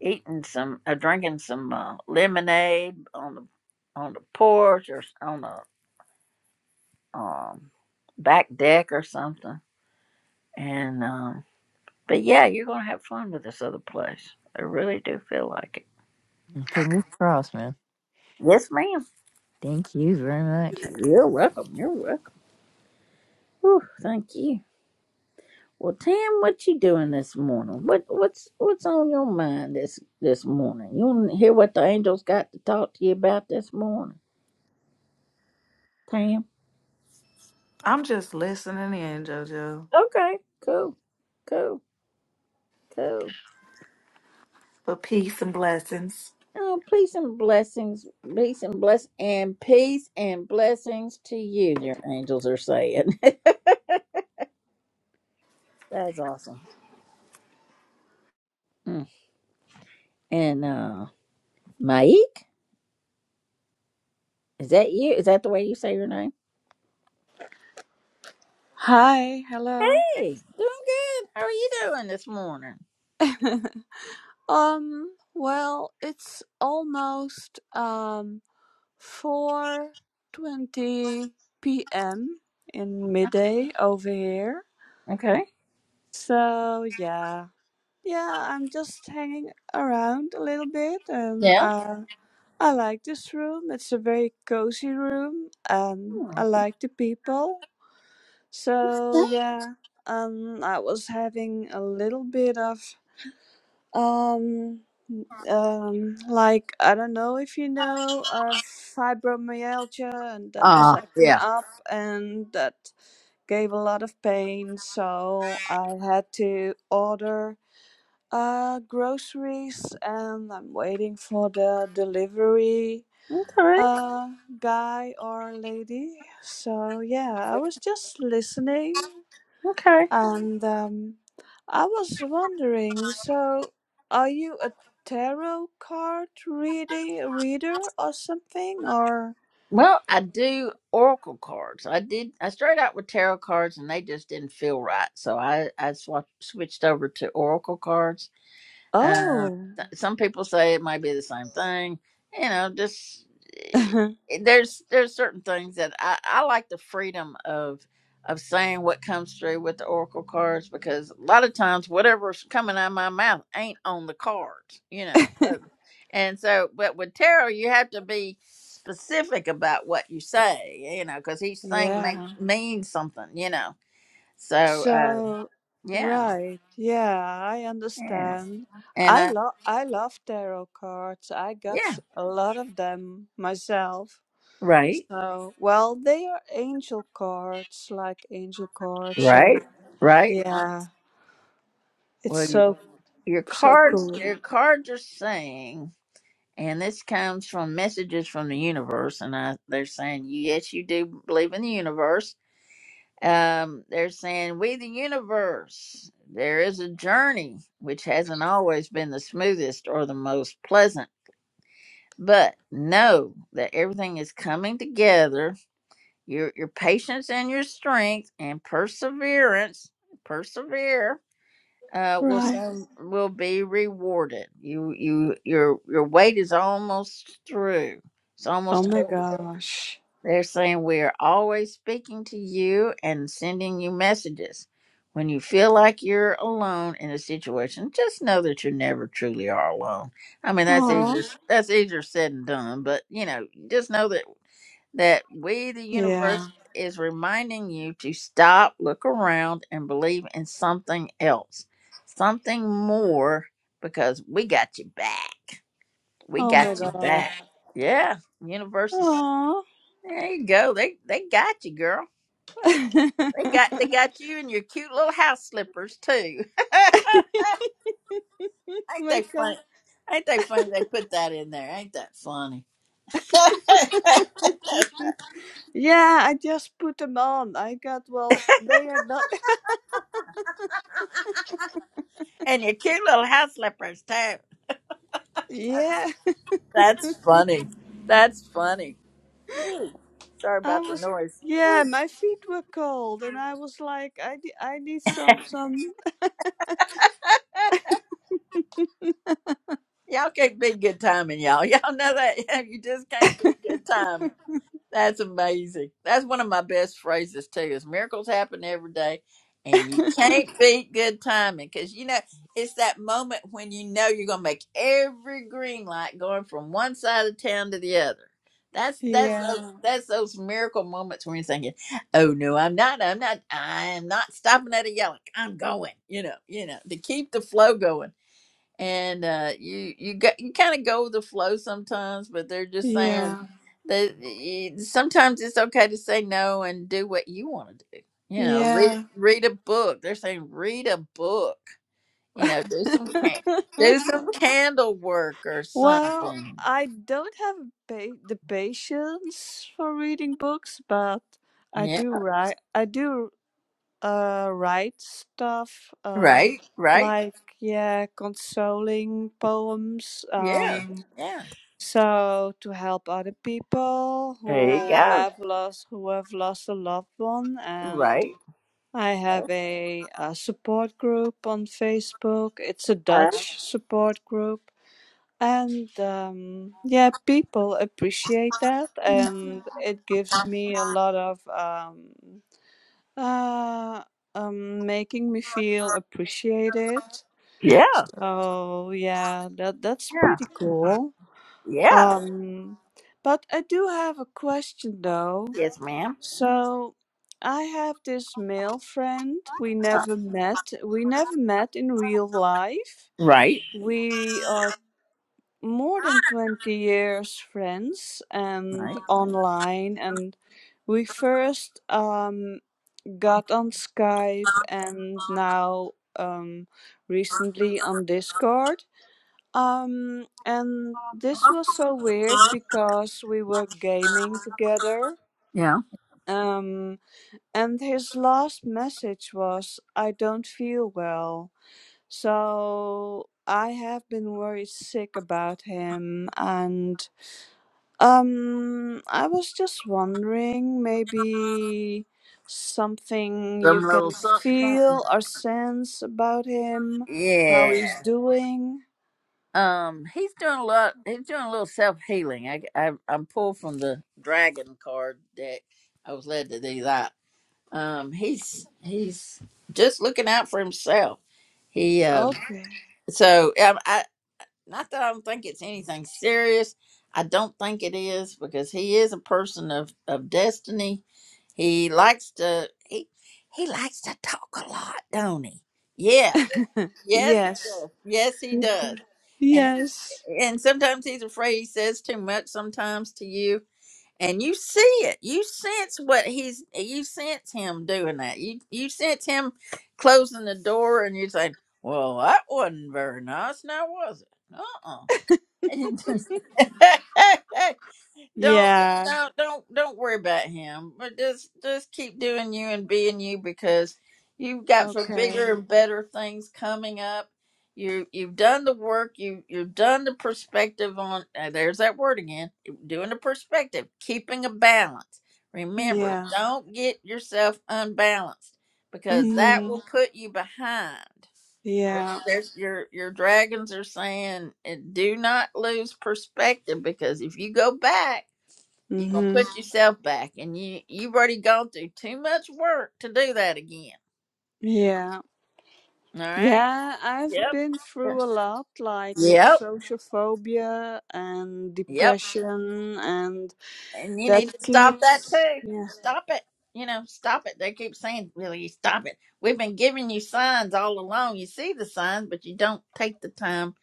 Speaker 1: eating some, uh, drinking some uh, lemonade on the on the porch or s- on the um, back deck or something. And um, but yeah, you're going to have fun with this other place. I really do feel like it.
Speaker 15: Fingers crossed, man.
Speaker 1: Yes, ma'am.
Speaker 15: Thank you very much.
Speaker 1: You're welcome. You're welcome. Whew, thank you. Well, Tam, what you doing this morning? What what's what's on your mind this this morning? You want to hear what the angels got to talk to you about this morning, Tam?
Speaker 16: I'm just listening in, JoJo.
Speaker 1: Okay, cool, cool, cool.
Speaker 16: For peace and blessings.
Speaker 1: Oh, peace and blessings, peace and bless, and peace and blessings to you, dear angels are saying. That's awesome. Mm. And uh, Maik, is that you? Is that the way you say your name?
Speaker 17: Hi, hello.
Speaker 1: Hey, doing good. How are you doing this morning?
Speaker 17: Um, well, it's almost um 4:20 p.m. in midday over here.
Speaker 1: Okay.
Speaker 17: So, yeah. Yeah, I'm just hanging around a little bit and
Speaker 1: Yeah.
Speaker 17: uh I like this room. It's a very cozy room and I
Speaker 1: Hmm.
Speaker 17: like the people. So, yeah. Um I was having a little bit of Um, um, like I don't know if you know uh, fibromyalgia, and that was
Speaker 1: Uh,
Speaker 17: acting
Speaker 1: yeah.
Speaker 17: up, and that gave a lot of pain. So I had to order uh groceries, and I'm waiting for the delivery
Speaker 1: Okay.
Speaker 17: uh guy or lady. So yeah, I was just listening.
Speaker 1: Okay.
Speaker 17: And um, I was wondering, so are you a tarot card reading reader or something or
Speaker 1: Well, I do oracle cards. I did. I started out with tarot cards, and they just didn't feel right, so I I swapped, switched over to oracle cards. Um,
Speaker 17: Oh.
Speaker 1: th- some people say it might be the same thing. You know, just eh, eh, there's there's certain things that I, I like the freedom of of saying what comes through with the oracle cards because a lot of times whatever's coming out of my mouth ain't on the cards. You know, Uh, and so but with tarot you have to be specific about what you say. You know, because each thing makes
Speaker 17: Yeah.
Speaker 1: means something. You know, so uh,
Speaker 17: So
Speaker 1: yeah,
Speaker 17: right. Yeah, I
Speaker 1: yeah,
Speaker 17: understand.
Speaker 1: and
Speaker 17: I
Speaker 1: I
Speaker 17: love I love tarot cards. I got
Speaker 1: yeah
Speaker 17: s- a lot of them myself.
Speaker 1: right.
Speaker 17: So, well, they are angel cards, like angel cards
Speaker 1: Right,
Speaker 17: and
Speaker 1: right.
Speaker 17: yeah, it's
Speaker 1: Well, your
Speaker 17: so
Speaker 1: your
Speaker 17: so
Speaker 1: cards,
Speaker 17: cool.
Speaker 1: your cards are saying, and this comes from messages from the universe, and I, they're saying, yes, you do believe in the universe. Um, they're saying, we the universe. There is a journey which hasn't always been the smoothest or the most pleasant, but know that everything is coming together. Your your patience and your strength and perseverance, persevere uh, will
Speaker 17: Right.
Speaker 1: some will be rewarded. You you your your wait is almost through. It's
Speaker 17: Oh
Speaker 1: almost
Speaker 17: my
Speaker 1: over.
Speaker 17: gosh.
Speaker 1: They're saying we are always speaking to you and sending you messages. When you feel like you're alone in a situation, just know that you never truly are alone. I mean, that's easier.
Speaker 17: Oh,
Speaker 1: Mhm. That's easier said than done, but you know, just know that that we, the universe,
Speaker 17: yeah.
Speaker 1: is reminding you to stop, look around, and believe in something else, something more, because we got you back. We
Speaker 17: Oh my
Speaker 1: got you
Speaker 17: god.
Speaker 1: back. Yeah, universe is.
Speaker 17: Oh.
Speaker 1: There you go. They they got you, girl. They got they got you in your cute little house slippers too. ain't
Speaker 17: my
Speaker 1: they
Speaker 17: god.
Speaker 1: funny? Ain't they funny? They put that in there. Ain't that funny?
Speaker 17: yeah, I just put them on. I got, well, they are not.
Speaker 1: and your cute little house slippers too.
Speaker 17: yeah,
Speaker 1: That's funny. That's funny. Sorry
Speaker 17: I
Speaker 1: about the
Speaker 17: was.
Speaker 1: noise.
Speaker 17: Yeah, my feet were cold, and I was like, I, ne- I need some, some.
Speaker 1: Y'all can't be good timing, y'all. Y'all know that. You just can't be good timing. That's amazing. That's one of my best phrases too. Is miracles happen every day, and you can't beat good timing because you know it's that moment when you know you're gonna make every green light going from one side of town to the other. That's that's those,
Speaker 17: Yeah.
Speaker 1: that's those miracle moments when you're thinking, "Oh no, I'm not. I'm not. I am not stopping at a yellow. I'm going." You know, you know, to keep the flow going and uh, you you got you kind of go with the flow sometimes, but they're just saying
Speaker 17: Yeah.
Speaker 1: that y- sometimes it's okay to say no and do what you want to do. You know, read
Speaker 17: Yeah.
Speaker 1: read a book. They're saying read a book. You know, do some can do some candle work or
Speaker 17: Well,
Speaker 1: something.
Speaker 17: I don't have pa the patience for reading books, but I
Speaker 1: Yeah,
Speaker 17: do write. I do uh write stuff uh
Speaker 1: right, right.
Speaker 17: like yeah, consoling poems
Speaker 1: Yeah,
Speaker 17: um
Speaker 1: yeah.
Speaker 17: so to help other people
Speaker 1: There you
Speaker 17: who
Speaker 1: go.
Speaker 17: have lost who have lost a loved one and
Speaker 1: Right.
Speaker 17: I have a, a support group on Facebook. It's a
Speaker 1: Uh,
Speaker 17: Dutch support group and um, yeah, people appreciate that, and it gives me a lot of um, uh, um, making me feel appreciated.
Speaker 1: yeah.
Speaker 17: So yeah, that that's
Speaker 1: Yeah.
Speaker 17: pretty cool.
Speaker 1: Yeah.
Speaker 17: Um, but I do have a question though.
Speaker 1: Yes, ma'am.
Speaker 17: So I have this male friend we
Speaker 1: Uh,
Speaker 17: never met. We never met in real life.
Speaker 1: Right.
Speaker 17: We are more than 20 years friends and
Speaker 1: Right.
Speaker 17: online and we first um, got on skype and now um, recently on discord um, and this was so weird because we were gaming together
Speaker 1: yeah.
Speaker 17: um, and his last message was i don't feel well so i have been worried sick about him and um, I was just wondering, maybe something you
Speaker 1: Some little
Speaker 17: can
Speaker 1: something, something.
Speaker 17: feel or sense about him, how he's
Speaker 1: Yeah.
Speaker 17: doing.
Speaker 1: Um, he's doing a lot. He's doing a little self healing. I, I, I'm pulled from the dragon card deck. I was led to do that. Um, he's he's just looking out for himself. He um,
Speaker 17: Okay.
Speaker 1: so um, I not that I don't think it's anything serious. I don't think it is because he is a person of of destiny. He likes to he he likes to talk a lot, don't he? Yeah Yes, he
Speaker 17: Yes.
Speaker 1: does. Yes, he
Speaker 17: He
Speaker 1: does.
Speaker 17: do-
Speaker 1: And
Speaker 17: Yes.
Speaker 1: and sometimes he's afraid he says too much. Sometimes to you, and you see it. You sense what he's. You sense him doing that. You you sense him closing the door, and you say, "Well, that wasn't very nice, now was it?" Uh uh Don't
Speaker 17: Yeah.
Speaker 1: don't don't don't worry about him. But just just keep doing you and being you because you've got for bigger
Speaker 17: Okay.
Speaker 1: and better things coming up. You you've done the work. You you've done the perspective on. uh, there's that word again. Doing the perspective, keeping a balance. Remember, Mhm.
Speaker 17: Yeah.
Speaker 1: don't get yourself unbalanced because that
Speaker 17: Mm-hmm.
Speaker 1: will Mhm. put you behind. There's
Speaker 17: Yeah.
Speaker 1: there's- your your dragons are saying, uh, do not lose perspective because if you go back you're gonna
Speaker 17: Mm-hmm.
Speaker 1: put yourself back, and you you've already gone through too much work to do that again.
Speaker 17: Yeah.
Speaker 1: All right.
Speaker 17: Yeah, I've
Speaker 1: Yep.
Speaker 17: been through a lot, like
Speaker 1: Yep.
Speaker 17: social phobia and
Speaker 1: Yep.
Speaker 17: depression and
Speaker 1: And you
Speaker 17: that
Speaker 1: need to stop that
Speaker 17: keeps
Speaker 1: too.
Speaker 17: yeah
Speaker 1: Stop it. You know, stop it. They keep saying, "Really, stop it." We've been giving you signs all along. You see the signs, but you don't take the time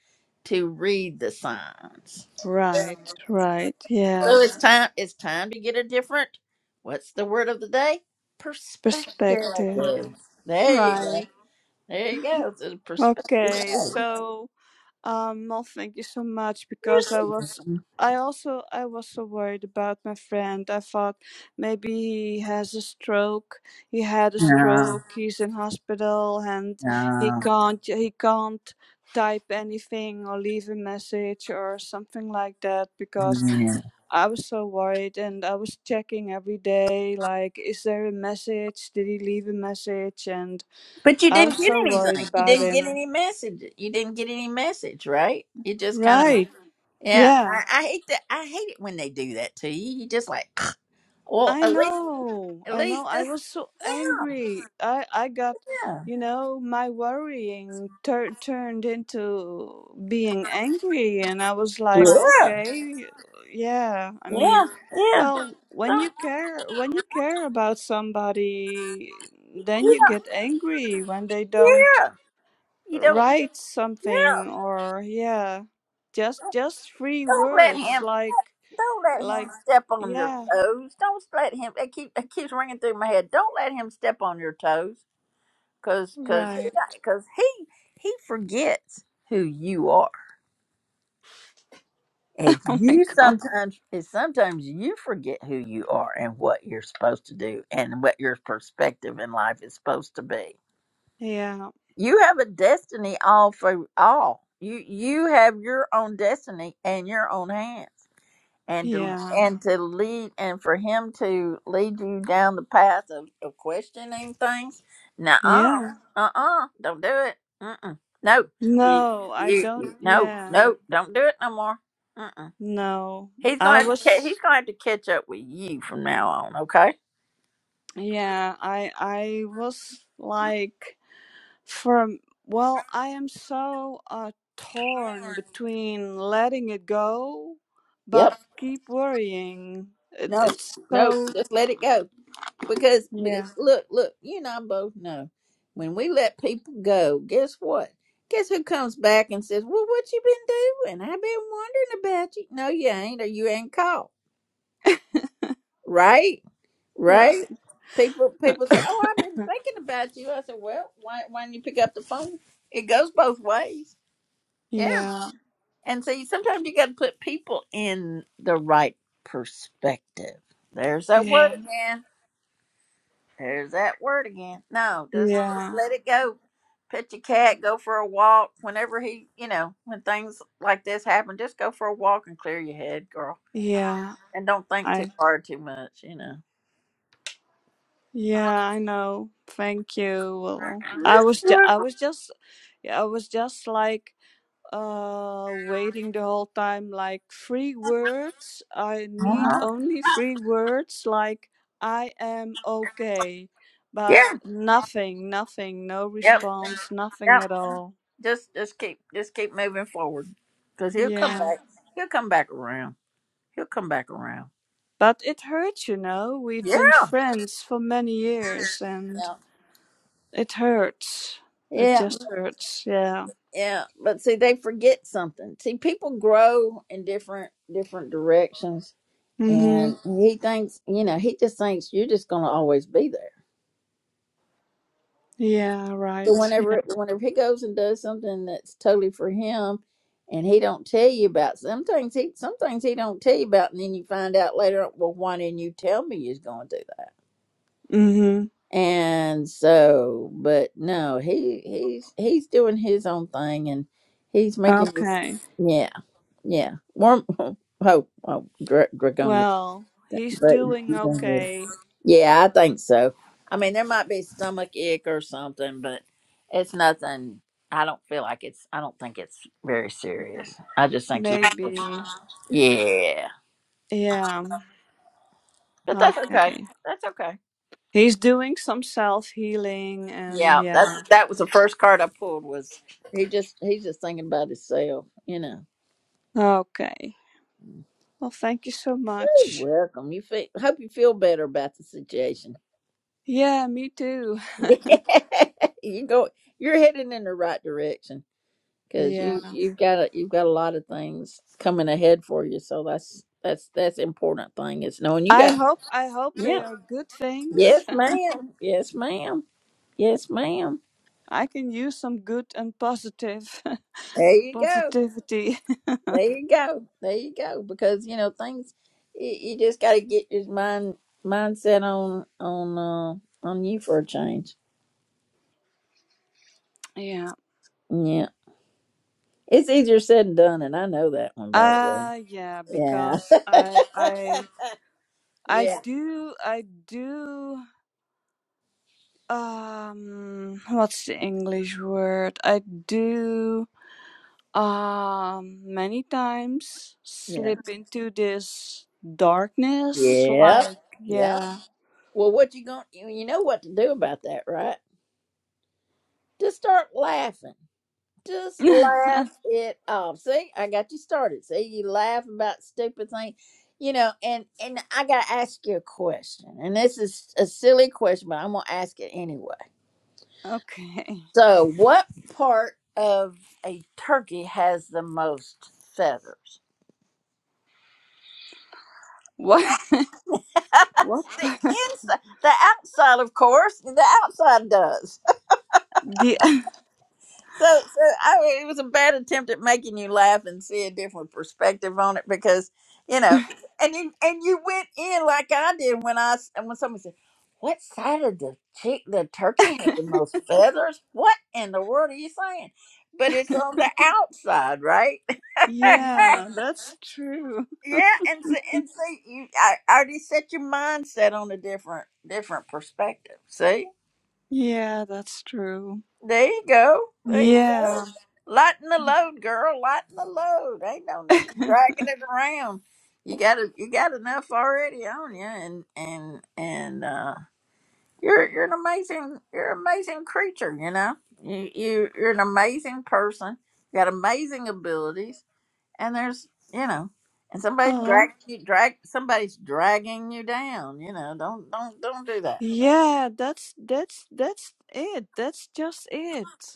Speaker 1: to read the signs.
Speaker 17: right right
Speaker 1: So
Speaker 17: yeah
Speaker 1: it's time. It's time to get a different. What's the word of the day? Perspective.
Speaker 17: perspective
Speaker 1: There you go.
Speaker 17: right
Speaker 1: There you go. It's a perspective.
Speaker 17: okay so um well thank you so much
Speaker 1: You're
Speaker 17: because
Speaker 1: so
Speaker 17: i was
Speaker 1: welcome.
Speaker 17: i also i was so worried about my friend i thought maybe he has a stroke he had a
Speaker 1: Yeah,
Speaker 17: stroke he's in hospital and he
Speaker 1: yeah,
Speaker 17: can't he can't type anything or leave a message or something like that because
Speaker 1: yeah.
Speaker 17: I was so worried and I was checking every day like, is there a message? Did he leave a message? And
Speaker 1: But you
Speaker 17: I
Speaker 1: didn't
Speaker 17: was
Speaker 1: get
Speaker 17: so worried
Speaker 1: anything. You
Speaker 17: about
Speaker 1: didn't get
Speaker 17: him.
Speaker 1: any message. You didn't get any message, right? You just kind of
Speaker 17: Right.
Speaker 1: yeah.
Speaker 17: Yeah.
Speaker 1: I, I hate that. I hate it when they do that to you. You just like, well,
Speaker 17: I
Speaker 1: at least,
Speaker 17: know,
Speaker 1: at
Speaker 17: I know.
Speaker 1: least
Speaker 17: I
Speaker 1: this,
Speaker 17: was so angry. I I got,
Speaker 1: yeah,
Speaker 17: you know, my worrying tur turned into being angry, and I was like,
Speaker 1: yeah,
Speaker 17: okay, yeah. I
Speaker 1: yeah,
Speaker 17: mean,
Speaker 1: yeah.
Speaker 17: well, when you
Speaker 1: Don't,
Speaker 17: care, when you care about somebody, then
Speaker 1: you
Speaker 17: you
Speaker 1: don't,
Speaker 17: get angry when they don't
Speaker 1: yeah, you don't,
Speaker 17: write
Speaker 1: yeah.
Speaker 17: something or yeah, just just three
Speaker 1: Don't let
Speaker 17: words
Speaker 1: him.
Speaker 17: like
Speaker 1: Don't let him
Speaker 17: like
Speaker 1: step on your
Speaker 17: yeah,
Speaker 1: toes. Don't let him. It, keep, it keeps ringing through my head. Don't let him step on your toes. cause cause
Speaker 17: right.
Speaker 1: he, cause he he forgets who you are, and
Speaker 17: Oh my
Speaker 1: you
Speaker 17: God.
Speaker 1: sometimes and sometimes you forget who you are and what you're supposed to do and what your perspective in life is supposed to be.
Speaker 17: Yeah.
Speaker 1: You have a destiny all for all. You you have your own destiny in your own hands. and to
Speaker 17: Yeah.
Speaker 1: and to lead and for him to lead you down the path of, of questioning things. Nah, uh,
Speaker 17: Yeah.
Speaker 1: uh, uh, don't do it. Mm-mm. No, you,
Speaker 17: No, I
Speaker 1: you,
Speaker 17: don't.
Speaker 1: you- no,
Speaker 17: Yeah.
Speaker 1: no, don't do it no more. Mm-mm.
Speaker 17: No.
Speaker 1: He's gonna
Speaker 17: I
Speaker 1: have to ca- he's
Speaker 17: was,
Speaker 1: gonna have to catch up with you from now on. Okay.
Speaker 17: yeah, I I was like from, well, I am so uh torn between letting it go but
Speaker 1: Yep.
Speaker 17: keep worrying. It,
Speaker 1: No,
Speaker 17: it's
Speaker 1: no,
Speaker 17: so,
Speaker 1: just let it go. because
Speaker 17: yeah.
Speaker 1: because look look you and i both know when we let people go guess what guess who comes back and says well what you been doing i've been wondering about you no you ain't or you ain't called right
Speaker 17: Right.
Speaker 1: right people people say oh i've been thinking about you i said well why, why didn't you pick up the phone it goes both ways yeah
Speaker 17: Yeah.
Speaker 1: and see, sometimes you got to put people in the right perspective there's that word
Speaker 17: Yeah.
Speaker 1: There's that word again. No, just just
Speaker 17: Yeah.
Speaker 1: let it go. Pet your cat, go for a walk. Whenever he, you know, when things like this happen, just go for a walk and clear your head, girl,
Speaker 17: Yeah.
Speaker 1: and don't think
Speaker 17: I
Speaker 1: too hard, too much. You know.
Speaker 17: Yeah, I know. Thank you. Well, I was ju- I was just yeah, I was just like uh waiting the whole time like three words. I need
Speaker 1: Uh-huh.
Speaker 17: only three words like I am okay. But
Speaker 1: Yeah.
Speaker 17: nothing, nothing, no
Speaker 1: Yep.
Speaker 17: response, nothing
Speaker 1: Yep.
Speaker 17: at all.
Speaker 1: Just just keep just keep moving forward, cause he'll come
Speaker 17: Yeah.
Speaker 1: back. He'll come back around. He'll come back around.
Speaker 17: But it hurts, you know. We've
Speaker 1: Yeah.
Speaker 17: been friends for many years and
Speaker 1: Yeah.
Speaker 17: it hurts. It
Speaker 1: Yeah.
Speaker 17: just hurts. Yeah.
Speaker 1: Yeah. But see, they forget something. See, people grow in different different directions
Speaker 17: Mhm.
Speaker 1: and he thinks you know he just thinks you're just gonna always be there
Speaker 17: Yeah,
Speaker 1: so
Speaker 17: right. Yeah.
Speaker 1: whenever whenever he goes and does something that's totally for him and he don't tell you about some things he some things he don't tell you about and then you find out later on well why didn't you tell me you was gonna do that
Speaker 17: Mm-hmm.
Speaker 1: and so but no he he's he's doing his own thing and he's making this
Speaker 17: Okay.
Speaker 1: yeah yeah Warm. oh, oh Dra- dragonian
Speaker 17: Well, he's
Speaker 1: but
Speaker 17: doing
Speaker 1: you can do it.
Speaker 17: okay.
Speaker 1: Yeah, I think so. I mean, there might be stomach ache or something, but it's nothing. I don't feel like it's. I don't think it's very serious. I just think he.
Speaker 17: Maybe.
Speaker 1: Yeah,
Speaker 17: Yeah.
Speaker 1: but that's okay.
Speaker 17: Okay.
Speaker 1: That's okay.
Speaker 17: He's doing some self-healing and
Speaker 1: Yeah, that's
Speaker 17: yeah.
Speaker 1: that was the first card I pulled. Was he just he's just thinking about himself, you know.
Speaker 17: Okay. Well, thank you so
Speaker 1: You're
Speaker 17: much.
Speaker 1: welcome. You feel, hope you feel better about the situation.
Speaker 17: Yeah, me too.
Speaker 1: you go. You're heading in the right direction. because
Speaker 17: Yeah.
Speaker 1: you you've got a, you've got a lot of things coming ahead for you. So that's that's that's important thing is knowing you
Speaker 17: I
Speaker 1: got.
Speaker 17: hope I hope
Speaker 1: Yeah.
Speaker 17: they are good things.
Speaker 1: Yes, ma'am. Yes, ma'am. Yes, ma'am.
Speaker 17: I can use some good and positive
Speaker 1: There you go.
Speaker 17: positivity.
Speaker 1: There you go. There you go. Because you know things, you, you just got to get your mind mindset on on uh, on you for a change.
Speaker 17: Yeah.
Speaker 1: Yeah, it's easier said than done, and I know that one by the way.
Speaker 17: Uh yeah,
Speaker 1: Yeah.
Speaker 17: because I I I
Speaker 1: Yeah.
Speaker 17: do, I do, um, what's the English word? I do, um, many times
Speaker 1: Yeah.
Speaker 17: slip into this darkness,
Speaker 1: Yeah.
Speaker 17: like,
Speaker 1: Yep.
Speaker 17: yeah.
Speaker 1: Well, what you going? to You know what to do about that, right? Just start laughing. Just laugh it off. See, I got you started. See, you laugh about stupid things, you know. And and I got to ask you a question, and this is a silly question, but I'm gonna ask it anyway.
Speaker 17: Okay.
Speaker 1: So, what part of a turkey has the most feathers?
Speaker 17: What, what
Speaker 1: the
Speaker 17: part?
Speaker 1: inside, the outside, of course, the outside does.
Speaker 17: The,
Speaker 1: So, so I, it was a bad attempt at making you laugh and see a different perspective on it because you know, and you and you went in like I did when I s- and when somebody said, "What side of the chick the turkey has the most feathers?" What in the world are you saying? But it's on the outside, right? Yeah,
Speaker 17: yeah, that's true.
Speaker 1: Yeah, and see, and see, you, I I already set your mindset on a different different perspective. See.
Speaker 17: Yeah, that's true.
Speaker 1: There you go. There you go.
Speaker 17: Yeah.
Speaker 1: Lighten the load, girl. Lighten the load. Ain't no need of dragging it around. You got a, you got enough already on you, and and and uh, you're you're an amazing you're an amazing creature. You know you, you you're an amazing person. You got amazing abilities, and there's you know, and somebody
Speaker 17: Oh,
Speaker 1: dragging you drag somebody's dragging you down. You know don't don't don't do that.
Speaker 17: yeah, that's that's that's it. That's just it.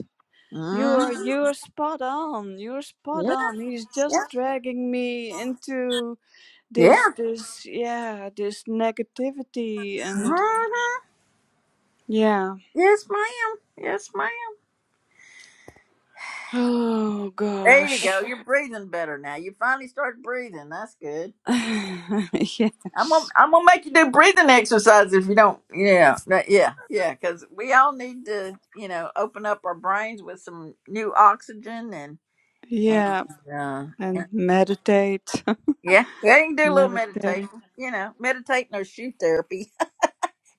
Speaker 1: hmm
Speaker 17: You're you're spot on. You're spot
Speaker 1: Yeah
Speaker 17: on. He's
Speaker 1: yeah
Speaker 17: just dragging me into this
Speaker 1: yeah.
Speaker 17: this yeah, this negativity and
Speaker 1: Mhm.
Speaker 17: yeah.
Speaker 1: Yes, ma'am. Yes, ma'am.
Speaker 17: Oh
Speaker 1: There you go.
Speaker 17: gosh.
Speaker 1: You're breathing better now. You finally start breathing. That's good. I'm gonna,
Speaker 17: yes.
Speaker 1: I'm gonna make you do breathing exercises if you don't. Yeah, that- yeah, yeah. Because we all need to, you know, open up our brains with some new oxygen and and
Speaker 17: Yeah,
Speaker 1: uh, and- yeah.
Speaker 17: and meditate.
Speaker 1: Yeah, you can do a little
Speaker 17: meditate.
Speaker 1: meditation. You know, meditating or shoe therapy.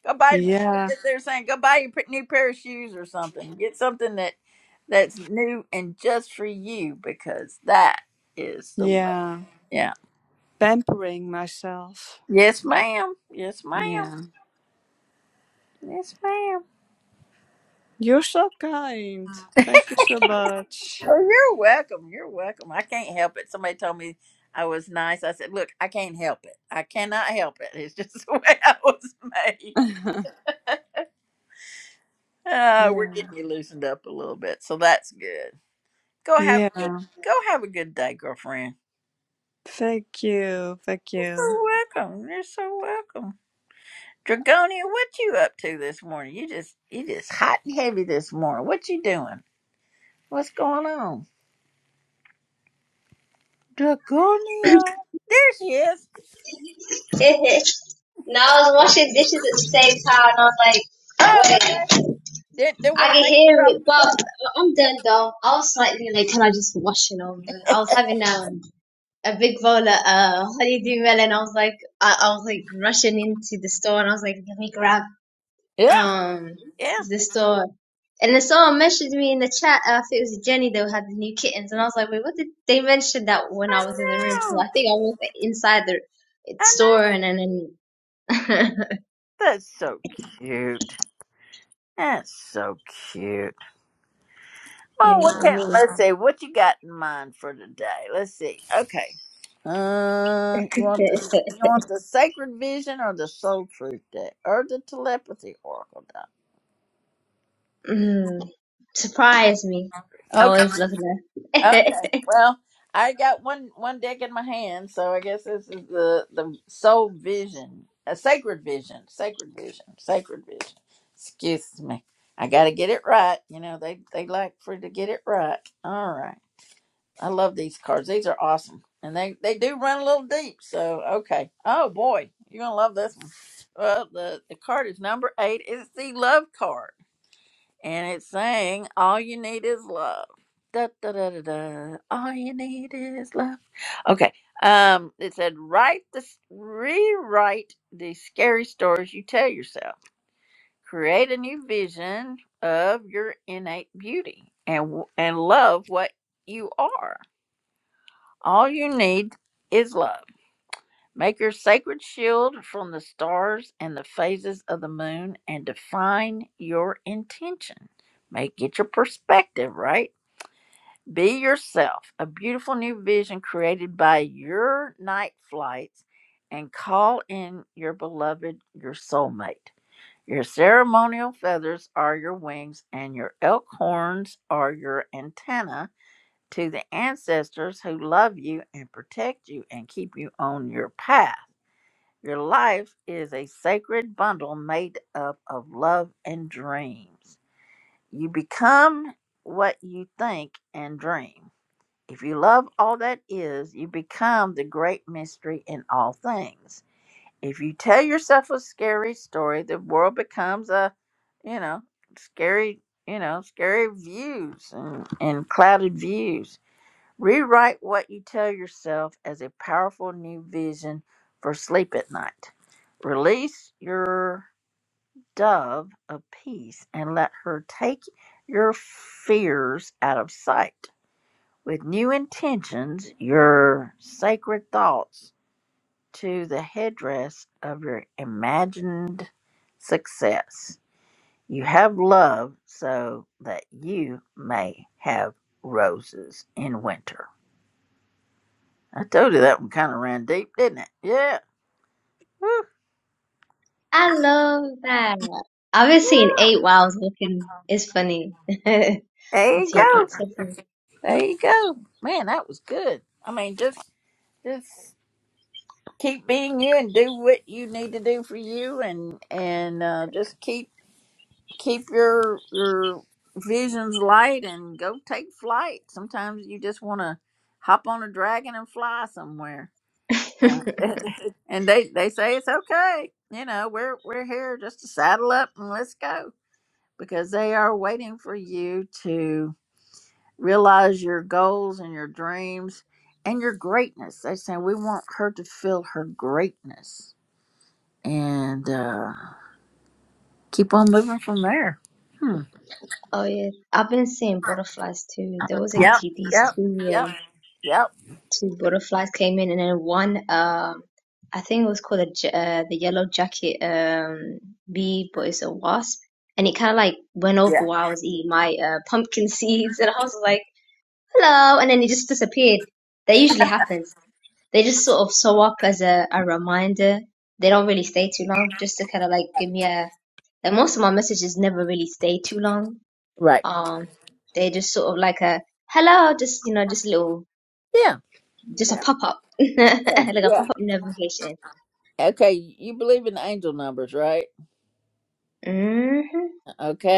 Speaker 1: Go buy.
Speaker 17: Yeah.
Speaker 1: They're saying go buy you a new pair of shoes or something. Get something that that's new and just for you because that is the way.
Speaker 17: Yeah.
Speaker 1: Yeah.
Speaker 17: Pampering myself.
Speaker 1: Yes, ma'am. Yes, ma'am.
Speaker 17: Yeah.
Speaker 1: Yes, ma'am.
Speaker 17: You're so kind. Thank you so much.
Speaker 1: Oh, you're welcome. You're welcome. I can't help it. Somebody told me I was nice. I said, look, I can't help it. I cannot help it. It's just the way I was made. Uh, we're
Speaker 17: yeah.
Speaker 1: getting you loosened up a little bit, so that's good. Go
Speaker 17: Yeah.
Speaker 1: have a good. Go have a good day, girlfriend.
Speaker 17: Thank you, thank you.
Speaker 1: so welcome. You're so welcome. Dragonia, what you up to this morning? You just you just hot and heavy this morning. What you doing? What's going on? Dragonia. There she is.
Speaker 18: no, I was washing dishes at the same time. and I was
Speaker 1: Oh,
Speaker 18: like, wait,
Speaker 1: okay. They, they
Speaker 18: I
Speaker 1: want to
Speaker 18: can
Speaker 1: make you
Speaker 18: hear
Speaker 1: drop
Speaker 18: it,
Speaker 1: a
Speaker 18: but
Speaker 1: plate.
Speaker 18: I'm done though. I was slightly late and I just washing over. I was having um, a big bowl of uh, honeydew melon. I was like, I, I was like rushing into the store and I was like, let me grab
Speaker 1: Yeah.
Speaker 18: um
Speaker 1: Yeah.
Speaker 18: the store. And then someone messaged me in the chat. Uh, I think it was Jenny that had the new kittens, and I was like, "Wait, what did they mention that when
Speaker 1: I
Speaker 18: I was in the room?" Because
Speaker 1: know.
Speaker 18: I think I was inside the
Speaker 1: I
Speaker 18: store,
Speaker 1: know.
Speaker 18: and then And
Speaker 1: That's so cute. That's so cute. Well,
Speaker 18: You
Speaker 1: what
Speaker 18: know
Speaker 1: can,
Speaker 18: me.
Speaker 1: let's see. What you got in mind for today? Let's see. Okay. Uh, you want the you want the sacred vision or the soul truth deck or the telepathy oracle deck?
Speaker 18: mm, surprise me. I
Speaker 1: Okay,
Speaker 18: was looking at.
Speaker 1: okay. Well, I got one one deck in my hand, so I guess this is the the soul vision, a sacred vision, sacred vision, sacred vision. Excuse me, I got to get it right. You know they they like for you to get it right. All right. I love these cards. These are awesome. And they, they do run a little deep. So, okay. Oh, boy. You're going to love this one. Well, the, the card is number eight. It's the love card. And it's saying, All you need is love. Da, da, da, da, da. All you need is love. Okay. Um, it said, write the s- rewrite the scary stories you tell yourself. Create a new vision of your innate beauty and w- and love what you are all you need is love. Make your sacred shield from the stars and the phases of the moon and define your intention. Make it your perspective, right? Be yourself, a beautiful new vision created by your night flights, and call in your beloved, your soulmate. Your ceremonial feathers are your wings, and your elk horns are your antenna to the ancestors who love you and protect you and keep you on your path. Your life is a sacred bundle made up of love and dreams. You become what you think and dream. If you love all that is, you become the great mystery in all things. If you tell yourself a scary story, the world becomes a, you know, scary, you know, scary views and, and clouded views Rewrite what you tell yourself as a powerful new vision for sleep at night. Release your dove of peace and let her take your fears out of sight. With new intentions, your sacred thoughts to the headdress of your imagined success. You have love so that you may have roses in winter. I told you that one kind of ran deep, didn't it? Yeah. Whew.
Speaker 18: I love that. I was seeing eight while I was looking. It's funny.
Speaker 1: There
Speaker 18: It's
Speaker 1: you
Speaker 18: seeing
Speaker 1: go.
Speaker 18: eight seven.
Speaker 1: There you go. Man, that was good. I mean, just just keep being you and do what you need to do for you, and and uh, just keep keep your your visions light and go take flight. Sometimes you just want to hop on a dragon and fly somewhere. Uh, and they they say it's okay. You know, we're we're here just to saddle up and let's go. because they are waiting for you to realize your goals and your dreams and your greatness. They say we want her to feel her greatness and uh, keep on moving from there. Hmm.
Speaker 18: Oh yeah, I've been seeing butterflies too. There was like
Speaker 1: Yep.
Speaker 18: t- these
Speaker 1: Yep.
Speaker 18: two
Speaker 1: Yep.
Speaker 18: um,
Speaker 1: Yep.
Speaker 18: two butterflies came in, and then one um I think it was called a j- uh, the yellow jacket um bee, but it's a wasp, and it kind of like went over
Speaker 1: Yeah.
Speaker 18: while I was eating my uh, pumpkin seeds, and I was like. hello, and then it just disappeared. That usually happens. They just sort of sew up as a, a reminder. They don't really stay too long, just to kind of like give me a. Like most of my messages never really stay too long.
Speaker 1: Right.
Speaker 18: Um, they just sort of like a hello, just you know, just little,
Speaker 1: Yeah.
Speaker 18: just a
Speaker 1: Yeah.
Speaker 18: pop up, like
Speaker 1: Yeah.
Speaker 18: a
Speaker 1: Yeah.
Speaker 18: pop up notification.
Speaker 1: Okay, you believe in angel numbers, right?
Speaker 18: hmm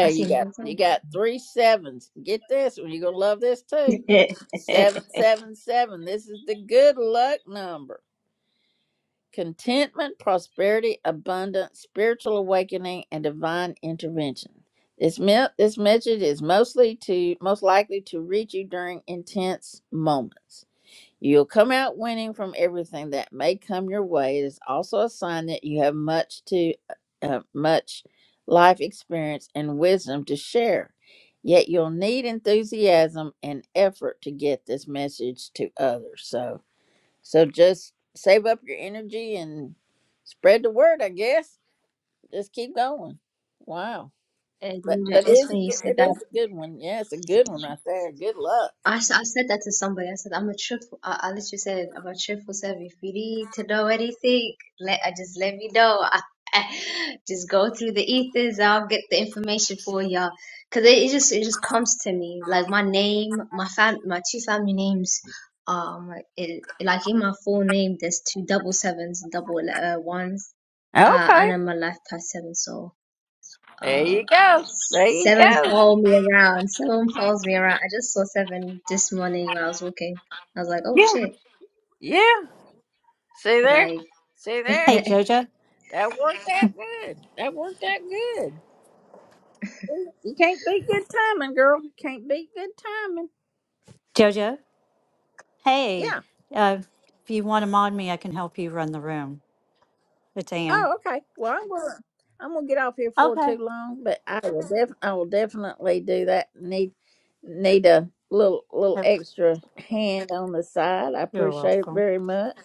Speaker 18: I
Speaker 1: you
Speaker 18: see
Speaker 1: got
Speaker 18: more
Speaker 1: you
Speaker 18: time.
Speaker 1: got three sevens. Get this, you're gonna love this too.
Speaker 18: and,
Speaker 1: Seven, seven, seven. This is the good luck number. contentment, prosperity, abundance, spiritual awakening, and divine intervention. This, me- this message is mostly to most likely to reach you during intense moments. You'll come out winning from everything that may come your way. It is also a sign that you have much to uh, uh, much life experience and wisdom to share. Yet you'll need enthusiasm and effort to get this message to others. So, so just save up your energy and spread the word, I guess. Just keep going. Wow. But
Speaker 18: you know,
Speaker 1: but it
Speaker 18: it's
Speaker 1: is a
Speaker 18: funny you
Speaker 1: good,
Speaker 18: said
Speaker 1: it is a good one. Yeah, it's a good
Speaker 18: that.
Speaker 1: one right there. Good luck.
Speaker 18: I, s- I said that to somebody. I said I'm a truthful. I, I literally said I'm a truthful self. If you need to know anything, let I just let me know. I, just go through the ethers. I'll get the information for y'all. Cause it, it just it just comes to me like my name, my fam, my two family names. Um, it, like in my full name, there's two double sevens and double uh, ones. Uh,
Speaker 1: Okay.
Speaker 18: and I'm a life past seven, so.
Speaker 1: There
Speaker 18: Uh,
Speaker 1: you go. There you
Speaker 18: seven
Speaker 1: go.
Speaker 18: follow me around. Seven follows me around. I just saw seven this morning when I was walking. I was like, oh shit.
Speaker 1: Yeah. See there?
Speaker 18: Like,
Speaker 1: See there?
Speaker 19: Hey,
Speaker 18: appreciate
Speaker 19: Jojo.
Speaker 1: That worked out good. That worked out good. You can't beat good timing, girl. You can't beat good timing.
Speaker 19: Jojo.
Speaker 1: Yeah.
Speaker 19: Hey, uh, if you want to mod me, I can help you run the room. It's Anne.
Speaker 1: Oh, okay. Well, I'm gonna I'm gonna get off here for
Speaker 19: Okay.
Speaker 1: too long, but I will def I will definitely do that. Need need a little little
Speaker 19: Yep.
Speaker 1: extra hand on the side. I
Speaker 19: You're
Speaker 1: appreciate it
Speaker 19: welcome.
Speaker 1: very much.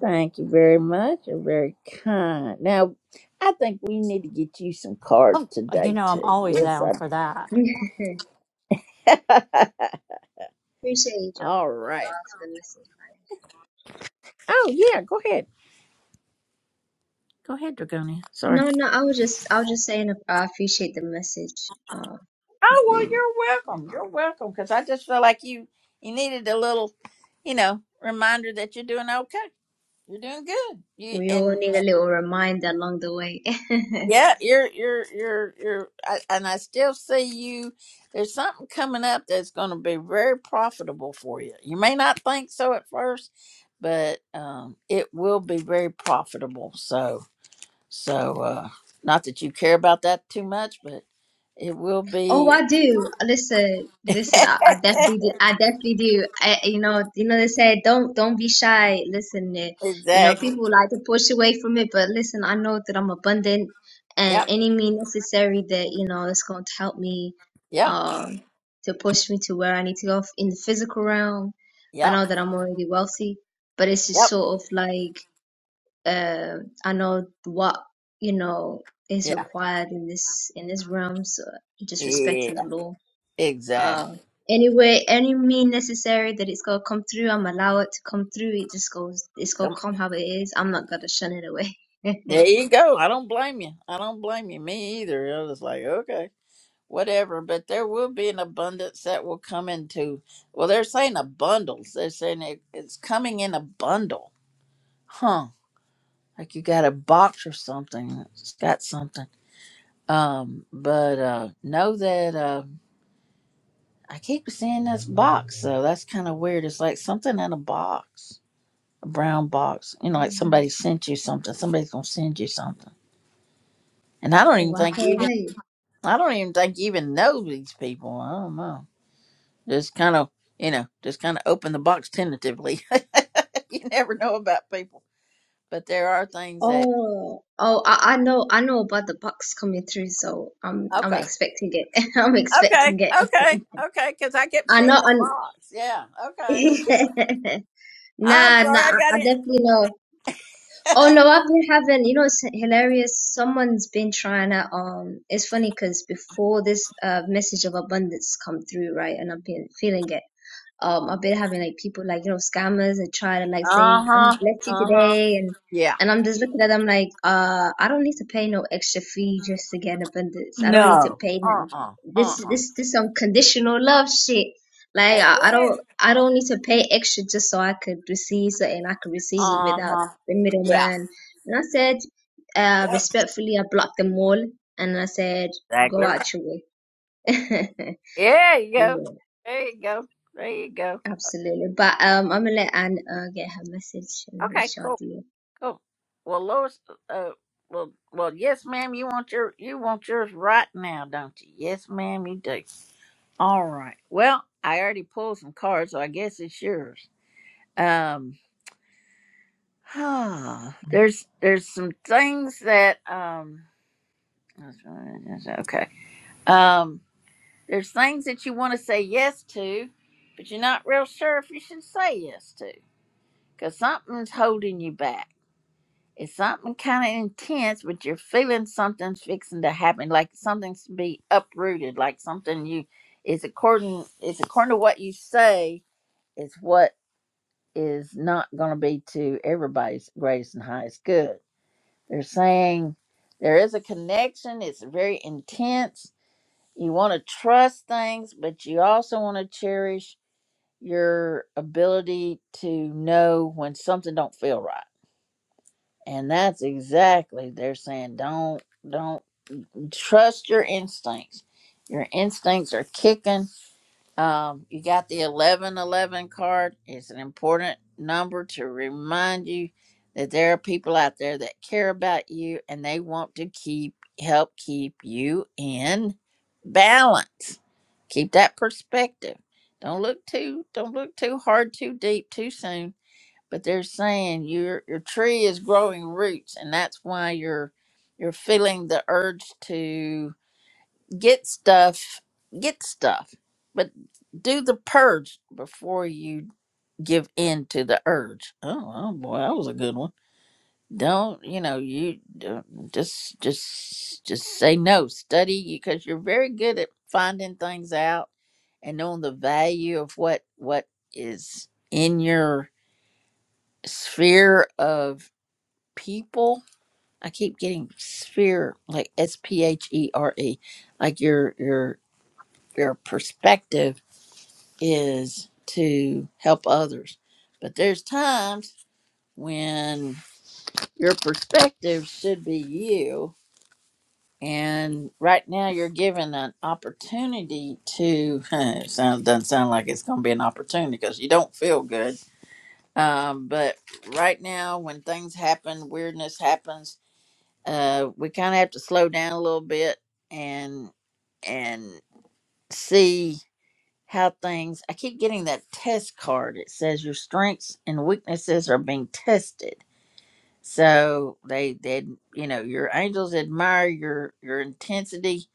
Speaker 1: Thank you very much. You're very kind. Now, I think we need to get you some cards
Speaker 19: Uh, You
Speaker 1: today
Speaker 19: know, I'm
Speaker 1: too.
Speaker 19: always
Speaker 1: Yes,
Speaker 19: down for
Speaker 1: I.
Speaker 19: that.
Speaker 18: you, Joe,
Speaker 1: All right.
Speaker 18: uh, for the message. like,
Speaker 1: Oh yeah. Go ahead. Go ahead, Dragonia. Sorry.
Speaker 18: No, no, I was just, I was just saying, uh, I appreciate the message. Uh,
Speaker 1: Oh well,
Speaker 18: we,
Speaker 1: you're welcome. You're welcome. Because I just feel like you you needed a little, you know, reminder that you're doing okay. You're doing good. You
Speaker 18: we all
Speaker 1: and
Speaker 18: need a little reminder along the way.
Speaker 1: yeah, you're you're you're you're. I, and I still see you. There's something coming up that's going to be very profitable for you. You may not think so at first, but um, it will be very profitable. So so uh, not that you care about that too much, but it will
Speaker 18: Oh,
Speaker 1: be
Speaker 18: I do. Listen, listen. I, I definitely, do, I definitely do. I, you know, you know. They say don't, don't be shy. Listen, eh, you know,
Speaker 1: exactly.
Speaker 18: people like to push away from it, but listen, I know that I'm abundant, and
Speaker 1: Yep.
Speaker 18: any means necessary that you know that's going to help me,
Speaker 1: Yeah.
Speaker 18: um, to push me to where I need to go in the physical realm. I know
Speaker 1: Yep.
Speaker 18: that I'm already wealthy, but it's just
Speaker 1: Yep.
Speaker 18: sort of like uh, I know what you know is
Speaker 1: Yeah.
Speaker 18: required in this in this realm, so just
Speaker 1: Yeah.
Speaker 18: respecting the law.
Speaker 1: Exactly.
Speaker 18: Um, anyway, any mean necessary that it's gonna come through, I'm allow it to come through. It just goes, it's gonna
Speaker 1: Come.
Speaker 18: come how it is. I'm not gonna shun it away.
Speaker 1: There you go. I don't blame you. I don't blame you. Me either. I was like, okay, whatever. But there will be an abundance that will come into. Well, they're saying a bundles. They're saying it, it's coming in a bundle. Huh. Like you got a box or something. It's got something. Um, but uh know that uh I keep seeing this box, so that's kind of weird. It's like something in a box. a brown box. You know, like somebody sent you something. Somebody's gonna send you something. And I don't even
Speaker 18: Walk
Speaker 1: think you even
Speaker 18: away.
Speaker 1: I don't even think you even know these people. I don't know. Just kind of you know, just kind of open the box tentatively. you never know about people, but there are things that
Speaker 18: Oh, oh, I, I know, I know about the box coming through, so I'm, I'm
Speaker 1: okay,
Speaker 18: expecting it. I'm
Speaker 1: okay,
Speaker 18: expecting it.
Speaker 1: okay, okay. Because I kept
Speaker 18: I
Speaker 1: seeing
Speaker 18: know,
Speaker 1: the
Speaker 18: i
Speaker 1: box. Yeah, okay. I'm
Speaker 18: nah, nah,
Speaker 1: sorry, I
Speaker 18: I
Speaker 1: got
Speaker 18: I definitely know. Oh
Speaker 1: in.
Speaker 18: no, I've been having, you know, it's hilarious. Someone's been trying to, um, it's funny because before this uh message of abundance come through, right? And I've been feeling it um I've been having like people like you know scammers that try to like
Speaker 1: uh
Speaker 18: say I'm
Speaker 1: huh.
Speaker 18: bless you
Speaker 1: Uh huh.
Speaker 18: today and
Speaker 1: Yeah.
Speaker 18: and I'm just looking at them like uh I don't need to pay no extra fee just to get abundance I don't need to
Speaker 1: No.
Speaker 18: pay
Speaker 1: Uh
Speaker 18: nothing
Speaker 1: uh. Uh
Speaker 18: this
Speaker 1: uh.
Speaker 18: this this unconditional love shit like
Speaker 1: That's
Speaker 18: I, I
Speaker 1: it.
Speaker 18: don't I don't need to pay extra just so I could receive something I could receive it
Speaker 1: Uh
Speaker 18: without
Speaker 1: huh.
Speaker 18: the
Speaker 1: Yeah.
Speaker 18: middleman and I said uh respectfully I blocked them all and I said go
Speaker 1: Exactly right.
Speaker 18: out your way
Speaker 1: Yeah, you go.
Speaker 18: Yeah.
Speaker 1: There you go. There you go.
Speaker 18: Absolutely. But um, I'm gonna let Anne uh, get her message and let
Speaker 1: Okay,
Speaker 18: y'all
Speaker 1: cool,
Speaker 18: do
Speaker 1: cool. Well, Lois, uh, well, well, yes, ma'am. You want your, you want yours right now, don't you? Yes, ma'am. You do. All right. Well, I already pulled some cards, so I guess it's yours. Um, there's, there's some things that, um, okay. Um, there's things that you want to say yes to, but you're not real sure if you should say yes to because something's holding you back. It's something kind of intense, but you're feeling something's fixing to happen, like something's to be uprooted, like something you is according is according to what you say is what is not going to be to everybody's greatest and highest good. They're saying there is a connection. It's very intense. You want to trust things, but you also want to cherish your ability to know when something don't feel right And that's exactly they're saying don't don't trust your instincts. Your instincts are kicking. Um, you got the eleven eleven card. It's an important number to remind you that there are people out there that care about you and they want to keep help keep you in balance. Keep that perspective. Don't look too don't look too hard, too deep, too soon but they're saying your your tree is growing roots and that's why you're you're feeling the urge to get stuff get stuff but do the purge before you give in to the urge oh, oh boy that was a good one don't you know you don't, just just just say no study because you're very good at finding things out and knowing the value of what what is in your sphere of people. I keep getting sphere like S P H E R E. Like your your your perspective is to help others. But there's times when your perspective should be you and right now you're given an opportunity to it sounds, doesn't sound like it's going to be an opportunity because you don't feel good um, but right now when things happen weirdness happens uh, we kind of have to slow down a little bit and and see how things. I keep getting that test card. It says your strengths and weaknesses are being tested. So they they you know your angels admire your your intensity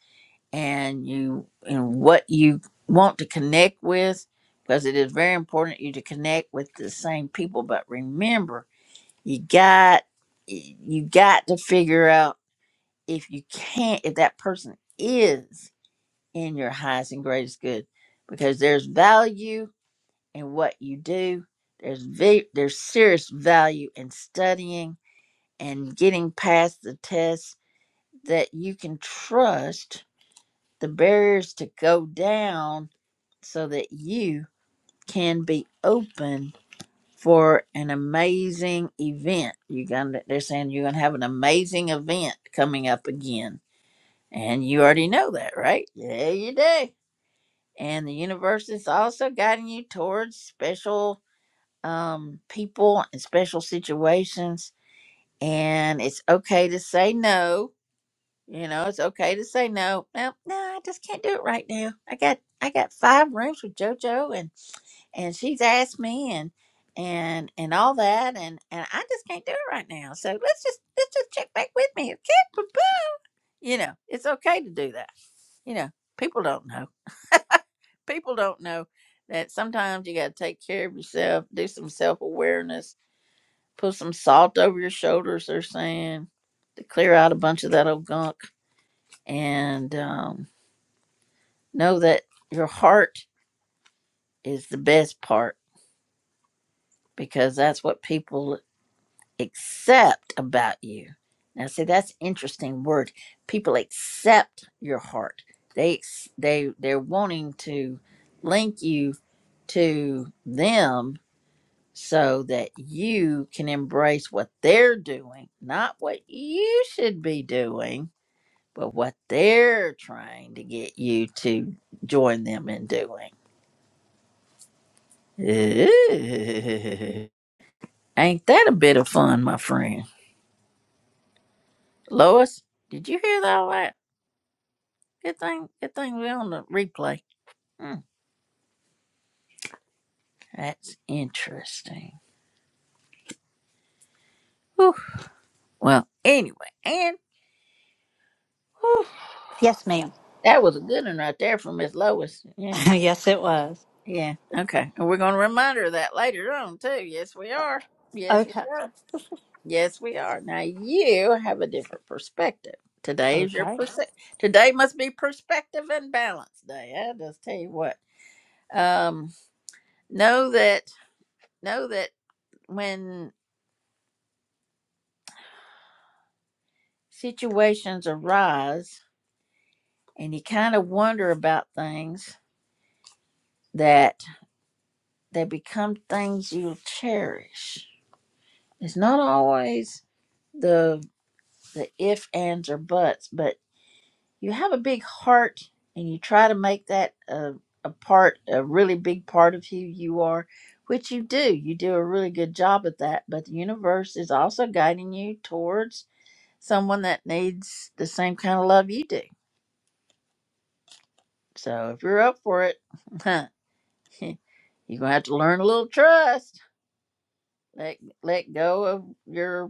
Speaker 1: and you and what you want to connect with because it is very important you to connect with the same people. But remember, you got you got to figure out if you can't if that person is in your highest and greatest good because there's value in what you do there's ve- there's serious value in studying and getting past the tests that you can trust the barriers to go down so that you can be open for an amazing event you're gonna they're saying you're gonna have an amazing event coming up again And you already know that, right? Yeah, you do. And the universe is also guiding you towards special um, people and special situations. And it's okay to say no. You know, it's okay to say no. No, no, I just can't do it right now. I got I got five rooms with JoJo, and and she's asked me, and and and all that, and and I just can't do it right now. So let's just let's just check back with me, okay? You know, it's okay to do that. You know, people don't know people don't know that sometimes you got to take care of yourself, do some self awareness, put some salt over your shoulders, they're saying, to clear out a bunch of that old gunk, and um, know that your heart is the best part because that's what people accept about you. Now, see, that's interesting word. People accept your heart. They ex- they they're wanting to link you to them so that you can embrace what they're doing, not what you should be doing, but what they're trying to get you to join them in doing. Ooh. Ain't that a bit of fun, my friend? Lois, did you hear all that? Good thing, good thing we're on the replay. Hmm, that's interesting. Whew. Well, anyway, and whew,
Speaker 19: Yes, ma'am.
Speaker 1: that was a good one right there from Miss Lois. Yeah.
Speaker 19: yes, it was.
Speaker 1: Yeah. Okay. And we're going to remind her of that later on, too. Yes, we are. Yes, we
Speaker 19: Okay.
Speaker 1: are. Yes, we are. Now you have a different perspective. Today is your
Speaker 19: Okay.
Speaker 1: perspective. Today must be perspective and balance day. I just tell you what. Um, know that know that when situations arise and you kind of wonder about things, that they become things you'll cherish. It's not always the if, ands, or buts, but you have a big heart and you try to make that a, a part, a really big part of who you are, which you do. You do a really good job at that, but the universe is also guiding you towards someone that needs the same kind of love you do. So if you're up for it, you're going to have to learn a little trust. Let, let go of your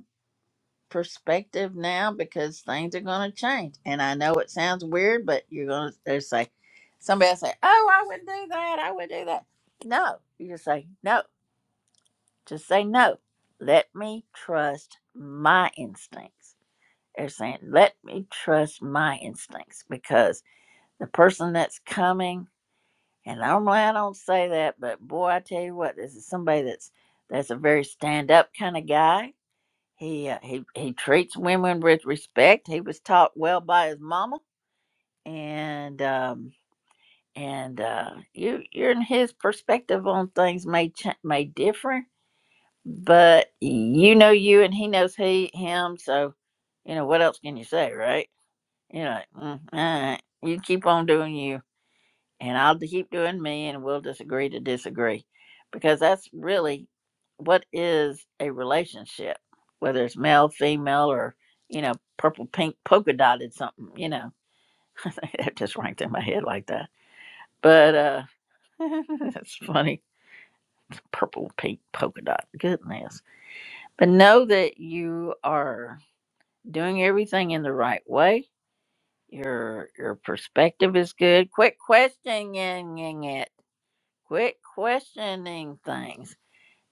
Speaker 1: perspective now because things are going to change. And I know it sounds weird, but you're going to say, somebody will say, oh, I would do that. I would do that. No, you just say, no, just say no. Let me trust my instincts. They're saying, let me trust my instincts because the person that's coming, and normally I don't say that, but boy, I tell you what, this is somebody that's that's a very stand up kind of guy he uh, he he treats women with respect. He was taught well by his mama, and um, and uh, you you're in his perspective on things may ch- may differ, but you know you, and he knows he him. So, you know what else can you say, right? You know, mm, all right, you keep on doing you and I'll keep doing me, and we'll disagree to disagree, because that's really what is a relationship, whether it's male, female, or you know, purple, pink, polka dotted something. You know, it just ranked in my head like that. But uh that's funny, purple, pink, polka dot. Goodness, but know that you are doing everything in the right way. Your your perspective is good. Quit questioning it. Quit questioning things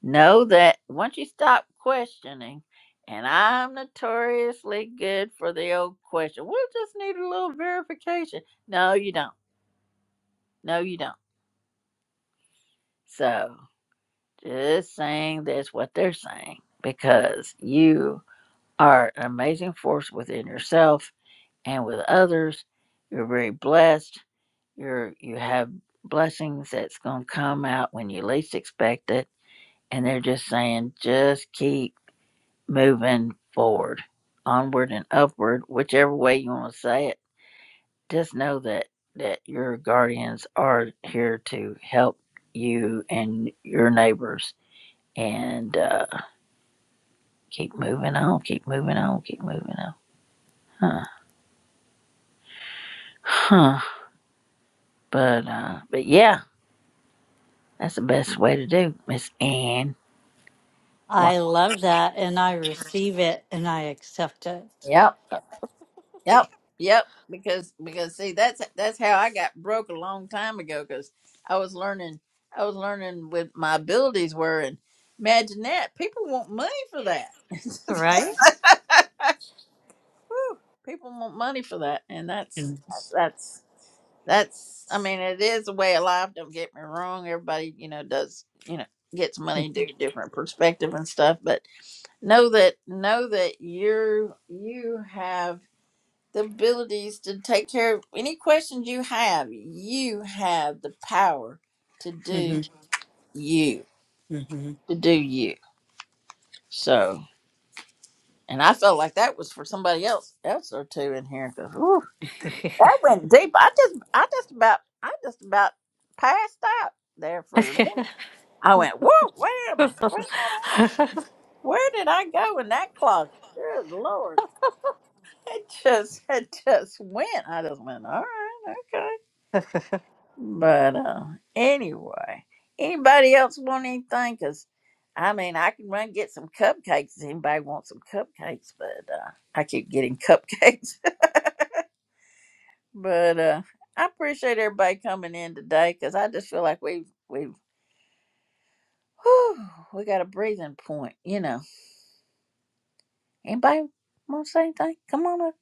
Speaker 1: Know that once you stop questioning, and I'm notoriously good for the old question, we'll just need a little verification. No, you don't. No, you don't. So just saying that's what they're saying because you are an amazing force within yourself and with others. You're very blessed. You're you have blessings that's gonna come out when you least expect it. And they're just saying, just keep moving forward, onward and upward, whichever way you want to say it. Just know that that your guardians are here to help you and your neighbors, and uh, keep moving on, keep moving on, keep moving on. Huh? Huh? But uh, but yeah, that's the best way to do, Miss Anne.
Speaker 19: I love that, and I receive it, and I accept it.
Speaker 1: Yep. Yep. Yep. Because because see that's that's how I got broke a long time ago because I was learning I was learning what my abilities were and imagine that people want money for that.
Speaker 19: Right?
Speaker 1: Whew, people want money for that and that's
Speaker 19: Mm-hmm.
Speaker 1: that's that's I mean it is a way of life. Don't get me wrong. Everybody you know does you know gets money do different perspective and stuff, but know that know that you you have the abilities to take care of any questions you have. You have the power to do you,
Speaker 19: Mm-hmm.
Speaker 1: to do you. So, and I felt like that was for somebody else, else or two in here. 'cause, ooh, that went deep. I just, I just about, I just about passed out there for. a minute. I went, whoa, where am I? Where am I at? Where did I go in that closet? Good Lord. It just, it just went. I just went, all right, okay. But uh, anyway, anybody else want anything? Cause I mean, I can run get some cupcakes if anybody wants some cupcakes. But uh, I keep getting cupcakes. but uh, I appreciate everybody coming in today because I just feel like we've we've whew, we got a breathing point. You know, anybody want to say anything? Come on up.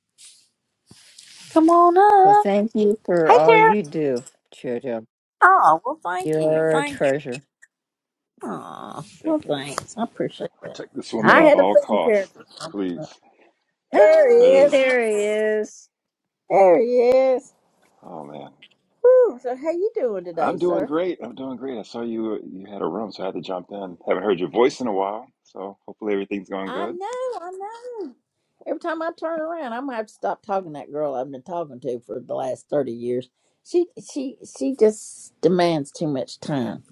Speaker 1: Come on
Speaker 15: Well,
Speaker 1: up.
Speaker 15: thank you for
Speaker 1: Hey
Speaker 15: all
Speaker 1: there.
Speaker 15: you do, Jojo.
Speaker 1: Oh well, thank you.
Speaker 15: You're a
Speaker 1: Thank you.
Speaker 15: treasure.
Speaker 1: Oh well,
Speaker 20: Definitely.
Speaker 1: thanks. I appreciate that.
Speaker 20: Protect this woman
Speaker 1: I
Speaker 20: at
Speaker 1: had a
Speaker 20: all
Speaker 1: feeling,
Speaker 20: costs,
Speaker 1: Karen.
Speaker 20: please.
Speaker 1: There he
Speaker 15: Oh,
Speaker 20: Hey.
Speaker 1: is.
Speaker 15: there he is.
Speaker 1: There he is.
Speaker 20: Oh man.
Speaker 1: Woo. So how you doing today,
Speaker 20: I'm doing
Speaker 1: sir?
Speaker 20: great. I'm doing great. I saw you you had a room, so I had to jump in. Haven't heard your voice in a while, so hopefully everything's going
Speaker 1: I
Speaker 20: good.
Speaker 1: know, I know. Every time I turn around, I'm gonna have to stop talking to that girl I've been talking to for the last thirty years. She she she just demands too much time.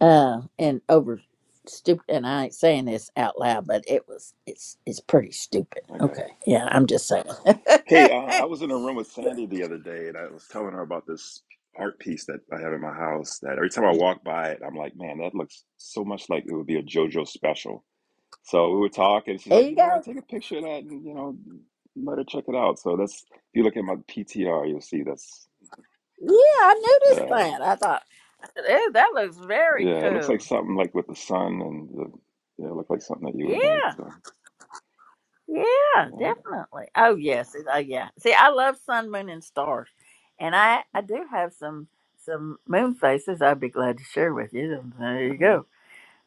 Speaker 1: Uh and over stupid and I ain't saying this out loud, but it was it's it's pretty stupid.
Speaker 20: I got
Speaker 1: Okay.
Speaker 20: you.
Speaker 1: Yeah, I'm just saying.
Speaker 20: Hey, uh, I was in a room with Sandy the other day and I was telling her about this art piece that I have in my house that every time I walk by it, I'm like, man, that looks so much like it would be a JoJo special. So we were talking, she's
Speaker 1: there
Speaker 20: like,
Speaker 1: you
Speaker 20: you know what,
Speaker 1: go.
Speaker 20: take a picture of that and you know, let her check it out. So that's if you look at my PTR, you'll see that's
Speaker 1: Yeah, I noticed
Speaker 20: Yeah,
Speaker 1: that. I thought, eh, that looks very
Speaker 20: yeah. It looks like
Speaker 1: cool.
Speaker 20: something like with the sun and the yeah, it looked like something that you
Speaker 1: Yeah,
Speaker 20: would make. So,
Speaker 1: yeah,
Speaker 20: all right,
Speaker 1: definitely. Oh yes, it- oh yeah. See, I love sun, moon, and stars, and I I do have some some moon faces. I'd be glad to share with you. There you
Speaker 20: all
Speaker 1: go.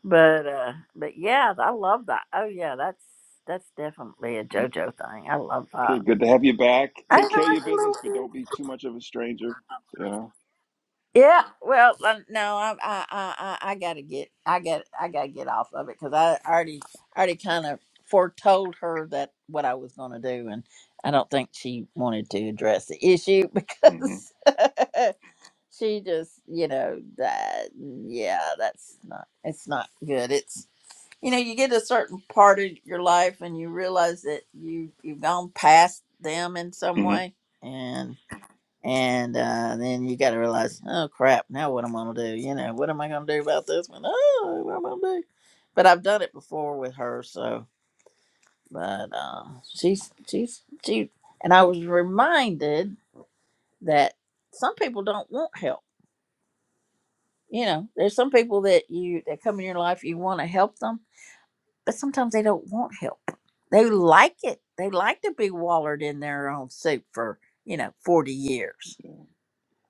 Speaker 1: But uh, but yeah, I love that. Oh yeah, that's that's definitely a
Speaker 20: right.
Speaker 1: JoJo thing. I love
Speaker 20: Okay, good to have you back. Take care of
Speaker 1: that.
Speaker 20: your business, but don't be too much of a stranger. Yeah.
Speaker 1: Yeah, well, uh, no, I, I, I, I I gotta get, I got, I gotta get off of it because I already, already kind of foretold her that what I was gonna do, and I don't think she wanted to address the issue
Speaker 20: hmm
Speaker 1: because she just, you know, that, yeah, that's not, it's not good. It's, you know, you get a certain part of your life and you realize that you, you've gone past them in some
Speaker 20: hmm
Speaker 1: way, and uh, then you got to realize, oh crap, now what am I gonna do? You know, what am I gonna do about this one? Oh, what am I gonna do? But I've done it before with her, so. But uh, she's she's she, and I was reminded that some people don't want help. You know, there's some people that you that come in your life, you want to help them, but sometimes they don't want help. They like it. They like to be wallered in their own soup for you know forty years.
Speaker 20: Yeah.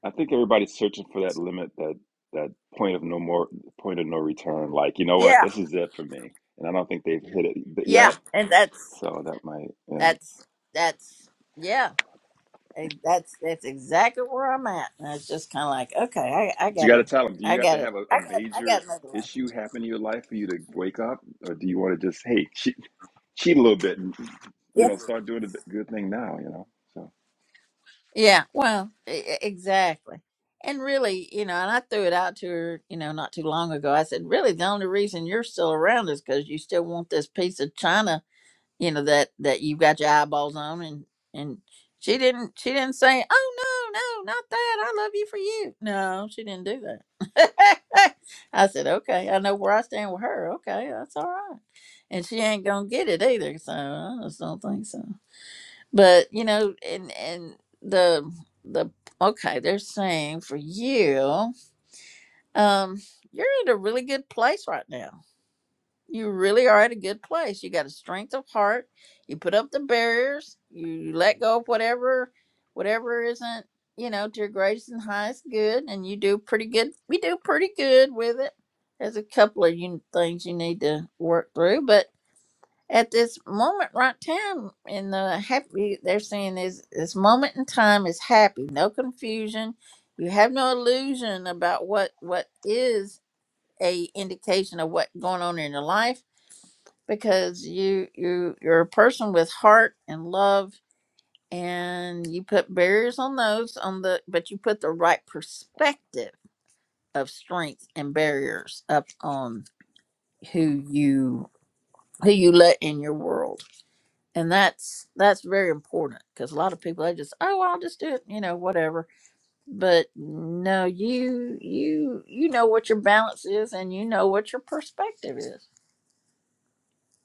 Speaker 20: I think everybody's searching for that limit, that that point of no more, point of no return. Like, you know what?
Speaker 1: Yeah,
Speaker 20: This is it for me, and I don't think they've hit it
Speaker 1: yeah,
Speaker 20: yet.
Speaker 1: and that's
Speaker 20: So that might, yeah.
Speaker 1: That's that's yeah. eh, That's that's exactly where I'm at. And it's just kind of like, okay, I I
Speaker 20: But you got to
Speaker 1: gotta,
Speaker 20: tell them. Do
Speaker 1: I
Speaker 20: you have to
Speaker 1: gotta,
Speaker 20: have a, a
Speaker 1: I got, I got
Speaker 20: major
Speaker 1: another life.
Speaker 20: issue happen in your life for you to wake up, or do you want to just, hey, cheat a little bit and you
Speaker 1: Yeah,
Speaker 20: know start doing the good thing now you know so
Speaker 1: yeah. Well, e- e- exactly. And really, you know, and I threw it out to her, you know, not too long ago. I said, really, the only reason you're still around is because you still want this piece of china you know that that you've got your eyeballs on and and she didn't she didn't say oh no no not that i love you for you no she didn't do that i said okay i know where i stand with her okay that's all right and she ain't gonna get it either so i just don't think so but you know and and the the okay they're saying for you um you're in a really good place right now you really are at a good place. You got a strength of heart. You put up the barriers. You let go of whatever, whatever isn't, you know, to your greatest and highest good. And you do pretty good. We do pretty good with it. There's a couple of you things you need to work through, but at this moment right time in the happy, they're saying is this moment in time is happy, no confusion. You have no illusion about what what is a indication of what's going on in your life because you you you're a person with heart and love and you put barriers on those on the but you put the right perspective of strength and barriers up on who you who you let in your world and that's that's very important because a lot of people they just oh i'll just do it you know whatever but no you you you know what your balance is and you know what your perspective is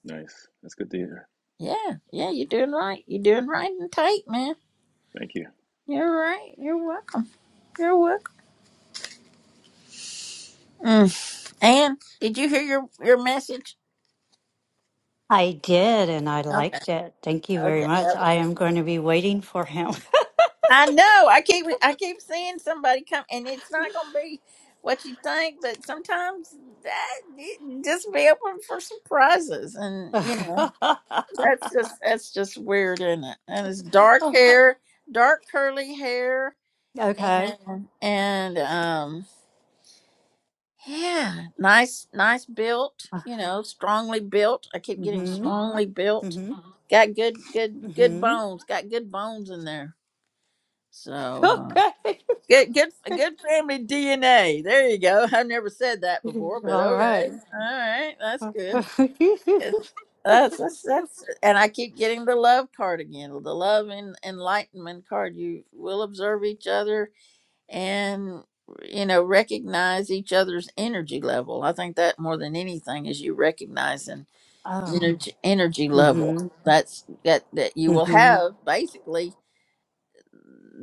Speaker 20: nice that's good to hear
Speaker 1: yeah yeah you're doing right you're doing right and tight man
Speaker 20: thank you
Speaker 1: You're right. You're welcome. You're welcome. Mm. And did you hear your your message?
Speaker 19: I did, and I
Speaker 1: Okay.
Speaker 19: liked it. Thank you
Speaker 1: Okay.
Speaker 19: very much.
Speaker 1: that
Speaker 19: I
Speaker 1: was-
Speaker 19: am going to be waiting for him.
Speaker 1: I know. I keep I keep seeing somebody come, and it's not going to be what you think. But sometimes that it- just be open for surprises, and you know that's just that's just weird, isn't it? And it's dark
Speaker 19: okay.
Speaker 1: hair, dark curly hair, and and um. Yeah, nice, nice built. You know, strongly built. I keep getting
Speaker 19: Mm-hmm.
Speaker 1: strongly built.
Speaker 19: Mm-hmm.
Speaker 1: Got good, good, good
Speaker 19: Mm-hmm.
Speaker 1: bones. Got good bones in there. So uh,
Speaker 19: Okay.
Speaker 1: good, good, good family DNA. There you go. I've never said that before, but
Speaker 19: All
Speaker 1: okay.
Speaker 19: right.
Speaker 1: All right, that's
Speaker 19: oh.
Speaker 1: good. Yes, That's that's that's. And I keep getting the love card again. The love and enlightenment card. You will observe each other and you know recognize each other's energy level i think that more than anything is you recognizing energy energy level
Speaker 19: Mm-hmm.
Speaker 1: that's that that you will
Speaker 19: Mm-hmm.
Speaker 1: have basically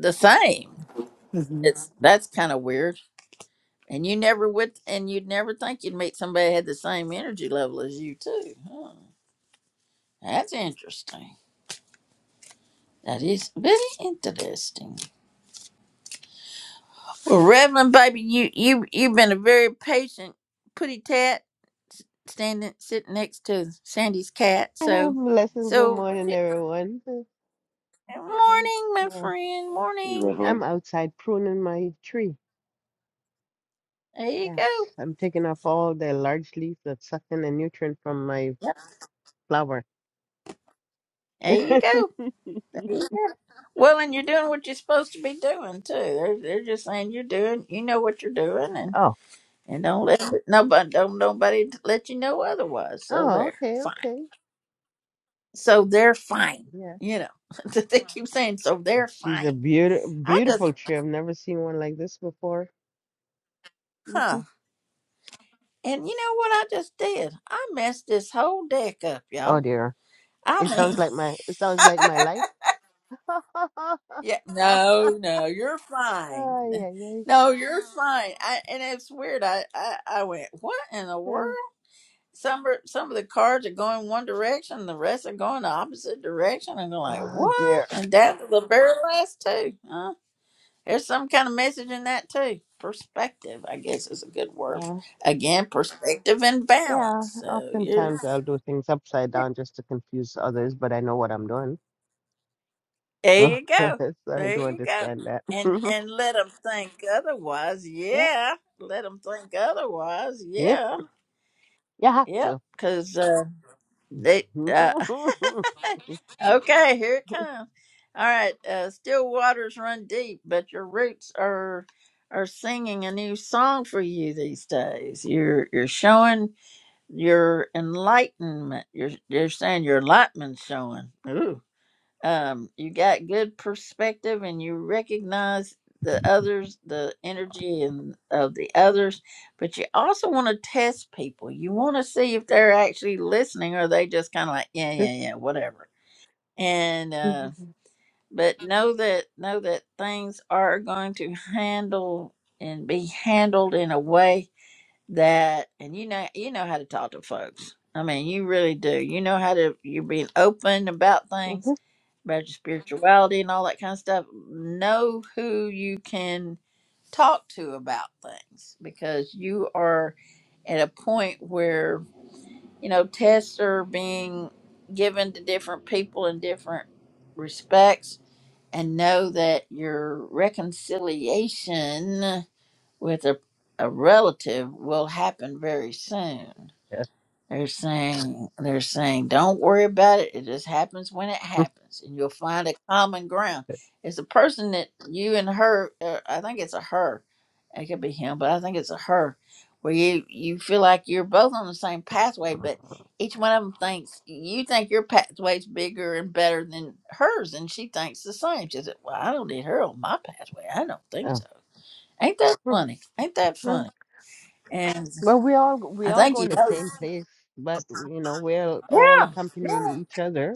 Speaker 1: the same
Speaker 19: Mm-hmm.
Speaker 1: it's that's kind of weird and you never would and you'd never think you'd meet somebody that had the same energy level as you too huh. that's interesting that is very interesting Well, Reverend baby, you you you've been a very patient pretty tat s- standing sitting next to Sandy's cat.
Speaker 21: I have
Speaker 1: So
Speaker 21: Blessings. Good
Speaker 1: so what's
Speaker 21: morning,
Speaker 1: it?
Speaker 21: everyone.
Speaker 1: morning, my
Speaker 21: Uh,
Speaker 1: friend.
Speaker 20: hey
Speaker 1: Morning.
Speaker 20: revelin
Speaker 21: I'm outside pruning my tree.
Speaker 1: There you go.
Speaker 21: Yes, I'm taking off all the large leaves that's sucking the nutrient from my
Speaker 1: Yep.
Speaker 21: flower.
Speaker 1: There you go. There you go. Well, and you're doing what you're supposed to be doing too. They're they're just saying you're doing you know what you're doing and
Speaker 21: Oh,
Speaker 1: and don't let nobody don't nobody let you know otherwise. So
Speaker 21: oh,
Speaker 1: they're
Speaker 21: okay,
Speaker 1: fine.
Speaker 21: okay.
Speaker 1: So they're fine.
Speaker 21: Yes.
Speaker 1: You know. they keep saying so they're
Speaker 21: She's a
Speaker 1: fine.
Speaker 21: beautiful,
Speaker 1: I just
Speaker 21: beautiful tree. I've never seen one like this before.
Speaker 1: Huh.
Speaker 21: hmm
Speaker 1: And you know what I just did? I messed this whole deck up,
Speaker 21: Oh
Speaker 1: y'all.
Speaker 21: dear.
Speaker 1: I
Speaker 21: It
Speaker 1: mean,
Speaker 21: sounds like my, it sounds like my life.
Speaker 1: yeah, no, no, you're
Speaker 21: Oh,
Speaker 1: fine.
Speaker 21: yeah,
Speaker 1: No, you're fine. I, and it's weird. I, I, I went, what in the world?
Speaker 21: yeah.
Speaker 1: Some are, some of the cards are going one direction, the rest are going the opposite direction, and they're like,
Speaker 21: Oh
Speaker 1: what?
Speaker 21: dear.
Speaker 1: And that's the very last two, huh? There's some kind of message in that too. Perspective, I guess, is a good word. Again, perspective and balance.
Speaker 21: Yeah,
Speaker 1: So you're.
Speaker 21: oftentimes I'll do things upside down just to confuse others, but I know what I'm doing.
Speaker 1: There
Speaker 21: so
Speaker 1: you go.
Speaker 21: I
Speaker 1: There
Speaker 21: do
Speaker 1: you go.
Speaker 21: understand that.
Speaker 1: And and let them think otherwise.
Speaker 21: Yep,
Speaker 1: Yeah. Let them think otherwise.
Speaker 21: yep,
Speaker 1: Yeah.
Speaker 21: you have
Speaker 1: Yep.
Speaker 21: to.
Speaker 1: Cause uh, they. Uh, okay. Here it comes. All right. Uh, still waters run deep, but your roots are are singing a new song for you these days. You're you're showing your enlightenment. You're you're saying your enlightenment's showing. Ooh. um, you got good perspective and you recognize the others the energy and of the others but you also want to test people you want to see if they're actually listening or they just kind of like yeah yeah yeah whatever and uh but know that know that things are going to handle and be handled in a way that and you know you know how to talk to folks i mean you really do you know how to you're being open about things about your spirituality and all that kind of stuff. Know who you can talk to about things because you are at a point where, you know, tests are being given to different people in different respects and know that your reconciliation with a, a relative will happen very soon.
Speaker 21: Yeah.
Speaker 1: They're saying they're saying don't worry about it. It just happens when it happens, and you'll find a common ground. It's a person that you and her. Uh, I think it's a her. It could be him, but I think it's a her, where you you feel like you're both on the same pathway, but each one of them thinks you think your pathway's bigger and better than hers, and she thinks the same. She said, "Well, I don't need her on my pathway. I don't think
Speaker 21: Oh.
Speaker 1: so." Ain't that funny? Ain't that
Speaker 21: Mm.
Speaker 1: funny? And
Speaker 21: Well, we all we
Speaker 1: I
Speaker 21: all
Speaker 1: think
Speaker 21: go
Speaker 1: you
Speaker 21: in the
Speaker 1: know.
Speaker 21: same place, but you know, we're all
Speaker 1: Yeah.
Speaker 21: accompanying
Speaker 1: Yeah.
Speaker 21: each other,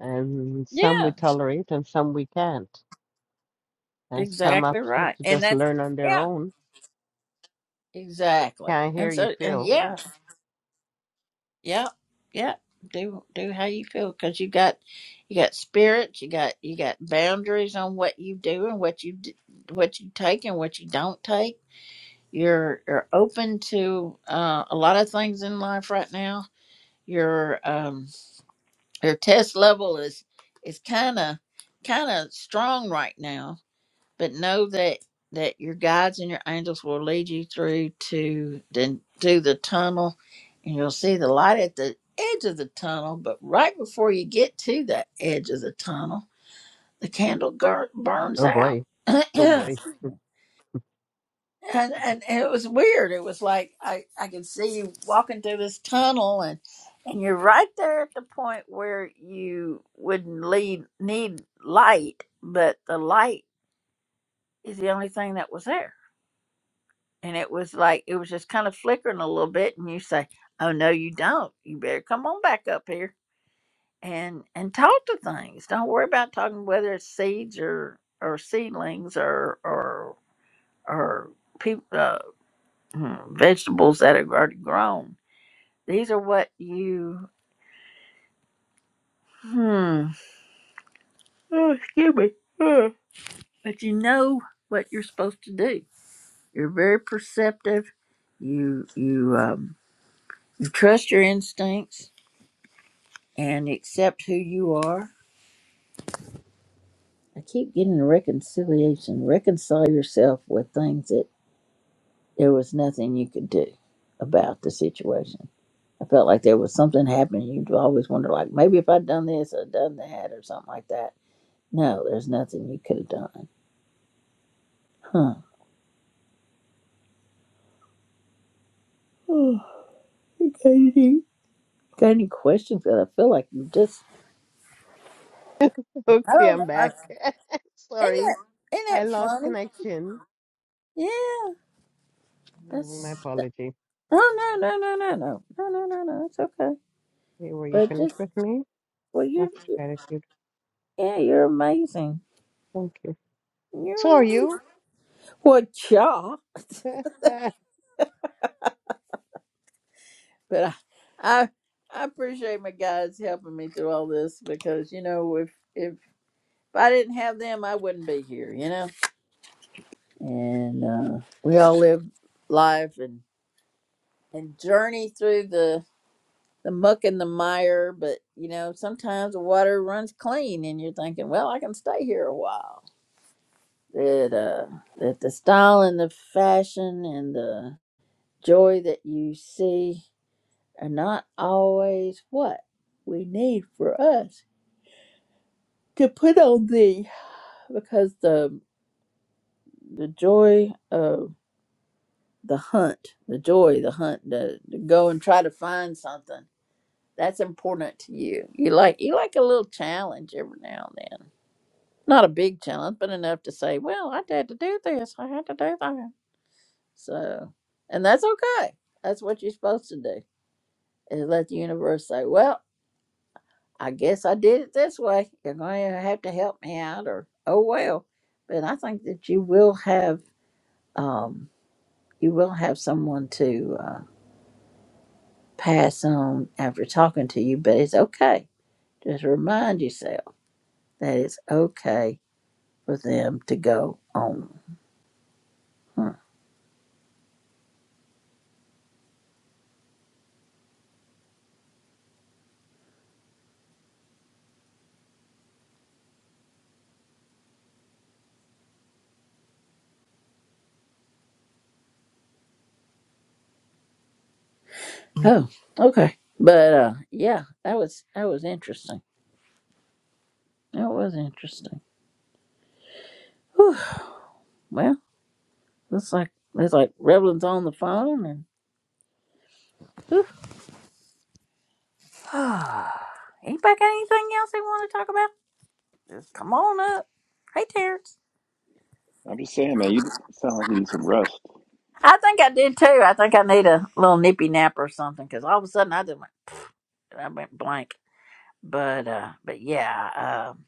Speaker 21: and
Speaker 1: Yeah.
Speaker 21: some we tolerate and some we can't, and some have
Speaker 1: Exactly
Speaker 21: to
Speaker 1: right.
Speaker 21: to
Speaker 1: And
Speaker 21: just
Speaker 1: that's
Speaker 21: learn on their
Speaker 1: yeah,
Speaker 21: own.
Speaker 1: exactly.
Speaker 21: Can't
Speaker 1: And
Speaker 21: hear you
Speaker 1: so and
Speaker 21: feel,
Speaker 1: yeah,
Speaker 21: Yeah.
Speaker 1: yeah, yeah. Do do how you feel because you got you got spirits, you got you got boundaries on what you do and what you d- what you take and what you don't take. You're you're open to uh, a lot of things in life right now. Your um your test level is is kind of kind of strong right now but know that that your guides and your angels will lead you through to the to the tunnel and you'll see the light at the edge of the tunnel but right before you get to the edge of the tunnel the candle gur- burns
Speaker 21: Oh
Speaker 1: out
Speaker 21: boy.
Speaker 1: and,
Speaker 21: Oh boy.
Speaker 1: and and it was weird it was like i i could see you walking through this tunnel and and you're right there at the point where you would lead, need light but the light is the only thing that was there and it was like it was just kind of flickering a little bit and you say oh no you don't you better come on back up here and and talk to things don't worry about talking whether it's seeds or or seedlings or or or people uh, hmm, vegetables that are already grown these are what you hmm oh, excuse me Huh. but you know what you're supposed to do you're very perceptive you you um you trust your instincts and accept who you are. I keep getting reconciliation. Reconcile yourself with things that there was nothing you could do about the situation. I felt like there was something happening. You'd always wonder, like, maybe if I'd done this or done that or something like that. No, there's nothing you could have done. Huh. Oh, Katie, Got any questions? 'Cause I feel like you just, I
Speaker 21: Okay,
Speaker 1: don't know.
Speaker 21: I'm
Speaker 1: I,
Speaker 21: back.
Speaker 1: isn't,
Speaker 21: Sorry,
Speaker 1: that, isn't
Speaker 21: I
Speaker 1: that
Speaker 21: lost
Speaker 1: funny?
Speaker 21: connection.
Speaker 1: Yeah.
Speaker 21: Mm, My
Speaker 1: That's,
Speaker 21: apology.
Speaker 1: oh, no, no, no, no, no. No, no, no, no. It's okay.
Speaker 21: Hey, Were you
Speaker 1: But just
Speaker 21: finished with me?
Speaker 1: well, you're
Speaker 21: Much gratitude.
Speaker 1: yeah, you're amazing.
Speaker 21: Thank you.
Speaker 1: You're
Speaker 21: So are
Speaker 1: amazing.
Speaker 21: you?
Speaker 1: Well, y'all. But I, I I appreciate my guys helping me through all this because you know if if if I didn't have them, I wouldn't be here. You know, and uh, we all live life and and journey through the the muck and the mire. But you know, sometimes the water runs clean, and you're thinking, well, I can stay here a while. That uh, that the style and the fashion and the joy that you see are not always what we need for us to put on thee because the the joy of the hunt the joy the hunt to, to go and try to find something that's important to you you like you like a little challenge every now and then not a big challenge but enough to say well i had to do this i had to do that so and that's okay that's what you're supposed to do is let the universe say well I guess I did it this way. You're going to have to help me out, or oh well. But I think that you will have um, you will have someone to uh, pass on after talking to you. But it's okay. Just remind yourself that it's okay for them to go on. Hmm. Oh, okay. But uh, yeah, that was that was interesting. That was interesting. Whew. Well, looks like looks like Revlin's on the phone, and. Anybody got anything else they want to talk about? Just come on up. Hey, Terrence.
Speaker 20: i'm just saying man you sound like you need some rest
Speaker 1: I think I did too. I think I need a little nippy nap or something because all of a sudden I didn't. I went blank. But uh, but yeah, um,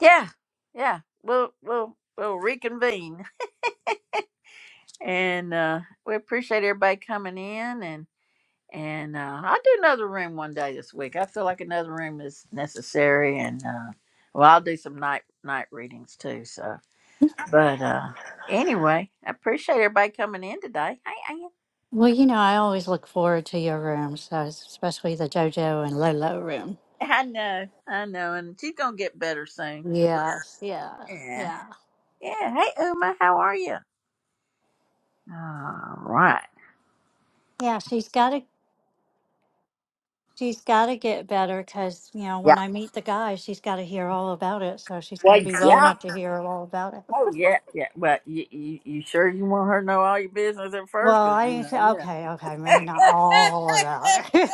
Speaker 1: yeah, yeah. We'll we'll we'll reconvene, and uh, we appreciate everybody coming in, and and uh, I'll do another room one day this week. I feel like another room is necessary, and uh, well, I'll do some night night readings too. So But uh anyway, I appreciate everybody coming in today. Hey, Ann.
Speaker 19: Well, you know, I always look forward to your rooms, so it's- especially the JoJo and Lolo room.
Speaker 1: I know, I know, and she's gonna get better soon.
Speaker 19: Yes, yeah,
Speaker 1: Yeah,
Speaker 19: yeah,
Speaker 1: yeah. Hey, Uma, how are you? All right.
Speaker 19: yeah. She's got to, she's got to get better because you know when
Speaker 1: Yeah.
Speaker 19: I meet the guy, she's got to hear all about it. So she's got
Speaker 1: Well,
Speaker 19: to be well
Speaker 1: yeah.
Speaker 19: enough to hear all about it.
Speaker 1: Oh, yeah, yeah. Well, you, you, you sure you want her to know all your business at first?
Speaker 19: Well,
Speaker 1: Cause
Speaker 19: I
Speaker 1: you
Speaker 19: didn't say,
Speaker 1: know,
Speaker 19: okay, okay, maybe not all about it.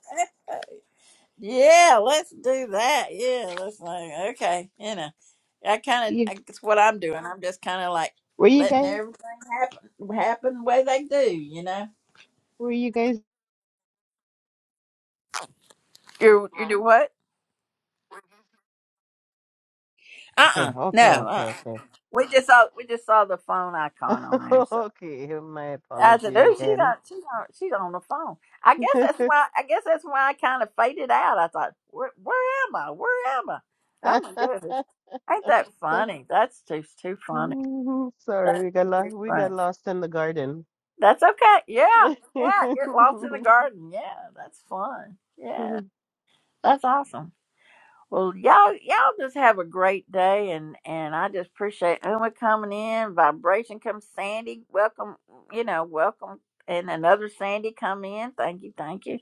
Speaker 1: yeah. Yeah, let's do that. Yeah, that's like okay, you know. I kind
Speaker 21: You-
Speaker 1: of that's what I'm doing. I'm just kind of like
Speaker 21: were you
Speaker 1: letting
Speaker 21: guys?
Speaker 1: everything happen happen the way they do. You know.
Speaker 21: Were you guys?
Speaker 1: You you do what? Uh
Speaker 21: Okay,
Speaker 1: uh no.
Speaker 21: okay, okay,
Speaker 1: Uh
Speaker 21: okay.
Speaker 1: uh We just saw we just saw the phone icon on there. So
Speaker 21: Okay, my
Speaker 1: I said,
Speaker 21: apology
Speaker 1: "Dude, she's
Speaker 21: again.
Speaker 1: on she's on she's on the phone." I guess that's why I guess that's why I kind of faded out. I thought, "Where where am I? Where am I?" Oh my goodness, ain't that
Speaker 21: So-
Speaker 1: funny? That's too too funny. That's
Speaker 21: Sorry, we got
Speaker 1: too
Speaker 21: lost. We
Speaker 1: funny.
Speaker 21: got lost in the garden.
Speaker 1: That's okay. Yeah. Yeah. Get lost in the garden. Yeah. That's fun. Yeah. That's awesome. Well, y'all, y'all just have a great day, and and I just appreciate Uma coming in. Vibration comes Sandy. Welcome, you know, welcome, and another Sandy come in. Thank you, thank you,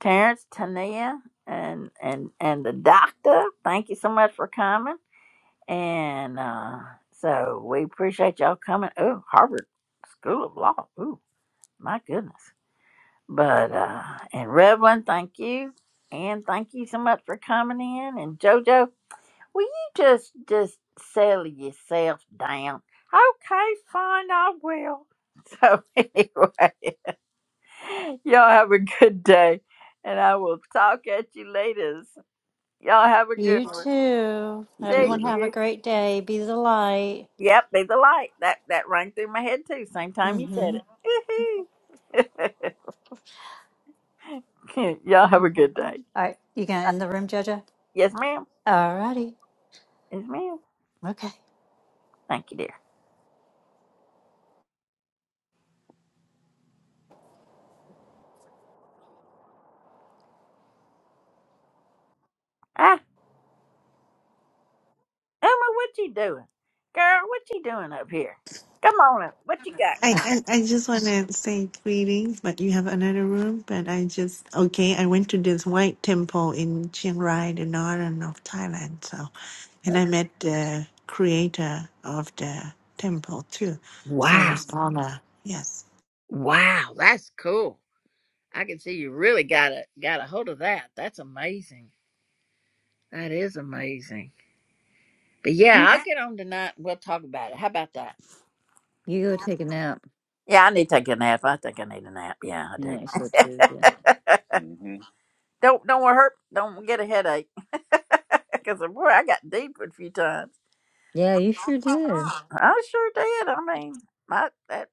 Speaker 1: Terrence, Tania, and and and the doctor. Thank you so much for coming, and uh so we appreciate y'all coming. Oh, Harvard School of Law. Ooh, my goodness. But uh and Revlon, thank you. And thank you so much for coming in. And Jojo, will you just just settle yourself down? Okay, fine, I will. So anyway, y'all have a good day. And I will talk at you later. Y'all have a good
Speaker 19: you
Speaker 1: one.
Speaker 19: too.
Speaker 20: you too
Speaker 1: Take
Speaker 19: Everyone
Speaker 20: jojo
Speaker 19: have a
Speaker 1: you.
Speaker 19: great day. Be the light.
Speaker 1: Yep, be the light. That that rang through my head too. Same time you said
Speaker 19: Mm-hmm.
Speaker 1: it. y'all have a good day.
Speaker 19: All right, you gonna
Speaker 1: Uh,
Speaker 19: end the room, Jojo?
Speaker 1: Yes, ma'am.
Speaker 19: All righty.
Speaker 1: Yes, ma'am.
Speaker 19: Okay.
Speaker 1: Thank you, dear. Ah. Emma, what you doing? Girl, what you doing up here? Come on up. What you got
Speaker 22: I,
Speaker 1: going?
Speaker 22: I, I just want to say greetings, but you have another room. But I just, okay, I went to this white temple in Chiang Rai, the northern of Thailand. So, and I
Speaker 1: Huh?
Speaker 22: met the creator of the temple too. So I
Speaker 1: Wow.
Speaker 22: was honored. Yes.
Speaker 1: Wow, that's cool. I can see you really got a got a hold of that. That's amazing. That is amazing. But yeah,
Speaker 15: You
Speaker 1: I'll Yeah. get on tonight and we'll talk about it. How about that?
Speaker 15: go take a nap.
Speaker 1: Yeah, I need to take a nap. I think I need a nap. Yeah, I do.
Speaker 15: I so too. Yeah.
Speaker 20: hmm
Speaker 1: Don't don't wanna hurt. Don't get a headache. Because boy, I got deep a few times.
Speaker 15: Yeah, you sure did.
Speaker 1: I sure did. I mean, my that.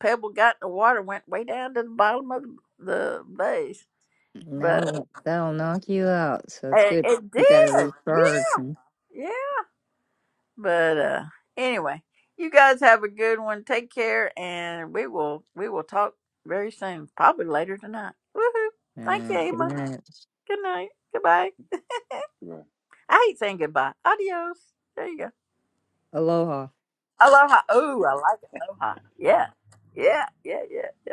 Speaker 1: pebble got in the water went way down to the bottom of the base. But
Speaker 15: No, that'll knock you out. So it's
Speaker 1: it,
Speaker 15: good.
Speaker 1: it
Speaker 15: You gotta
Speaker 1: did.
Speaker 15: recharge.
Speaker 1: Yeah.
Speaker 15: and-
Speaker 1: Yeah. But uh anyway, you guys have a good one. Take care and we will we will talk very soon. Probably later tonight. Woohoo. Thank you,
Speaker 15: Uh, good
Speaker 1: Emma.
Speaker 15: night.
Speaker 1: Good night. Goodbye. I hate saying goodbye. Adios. There you go.
Speaker 15: Aloha.
Speaker 1: Aloha. Oh, I like it. aloha. Yeah. Yeah. Yeah. Yeah. Yeah.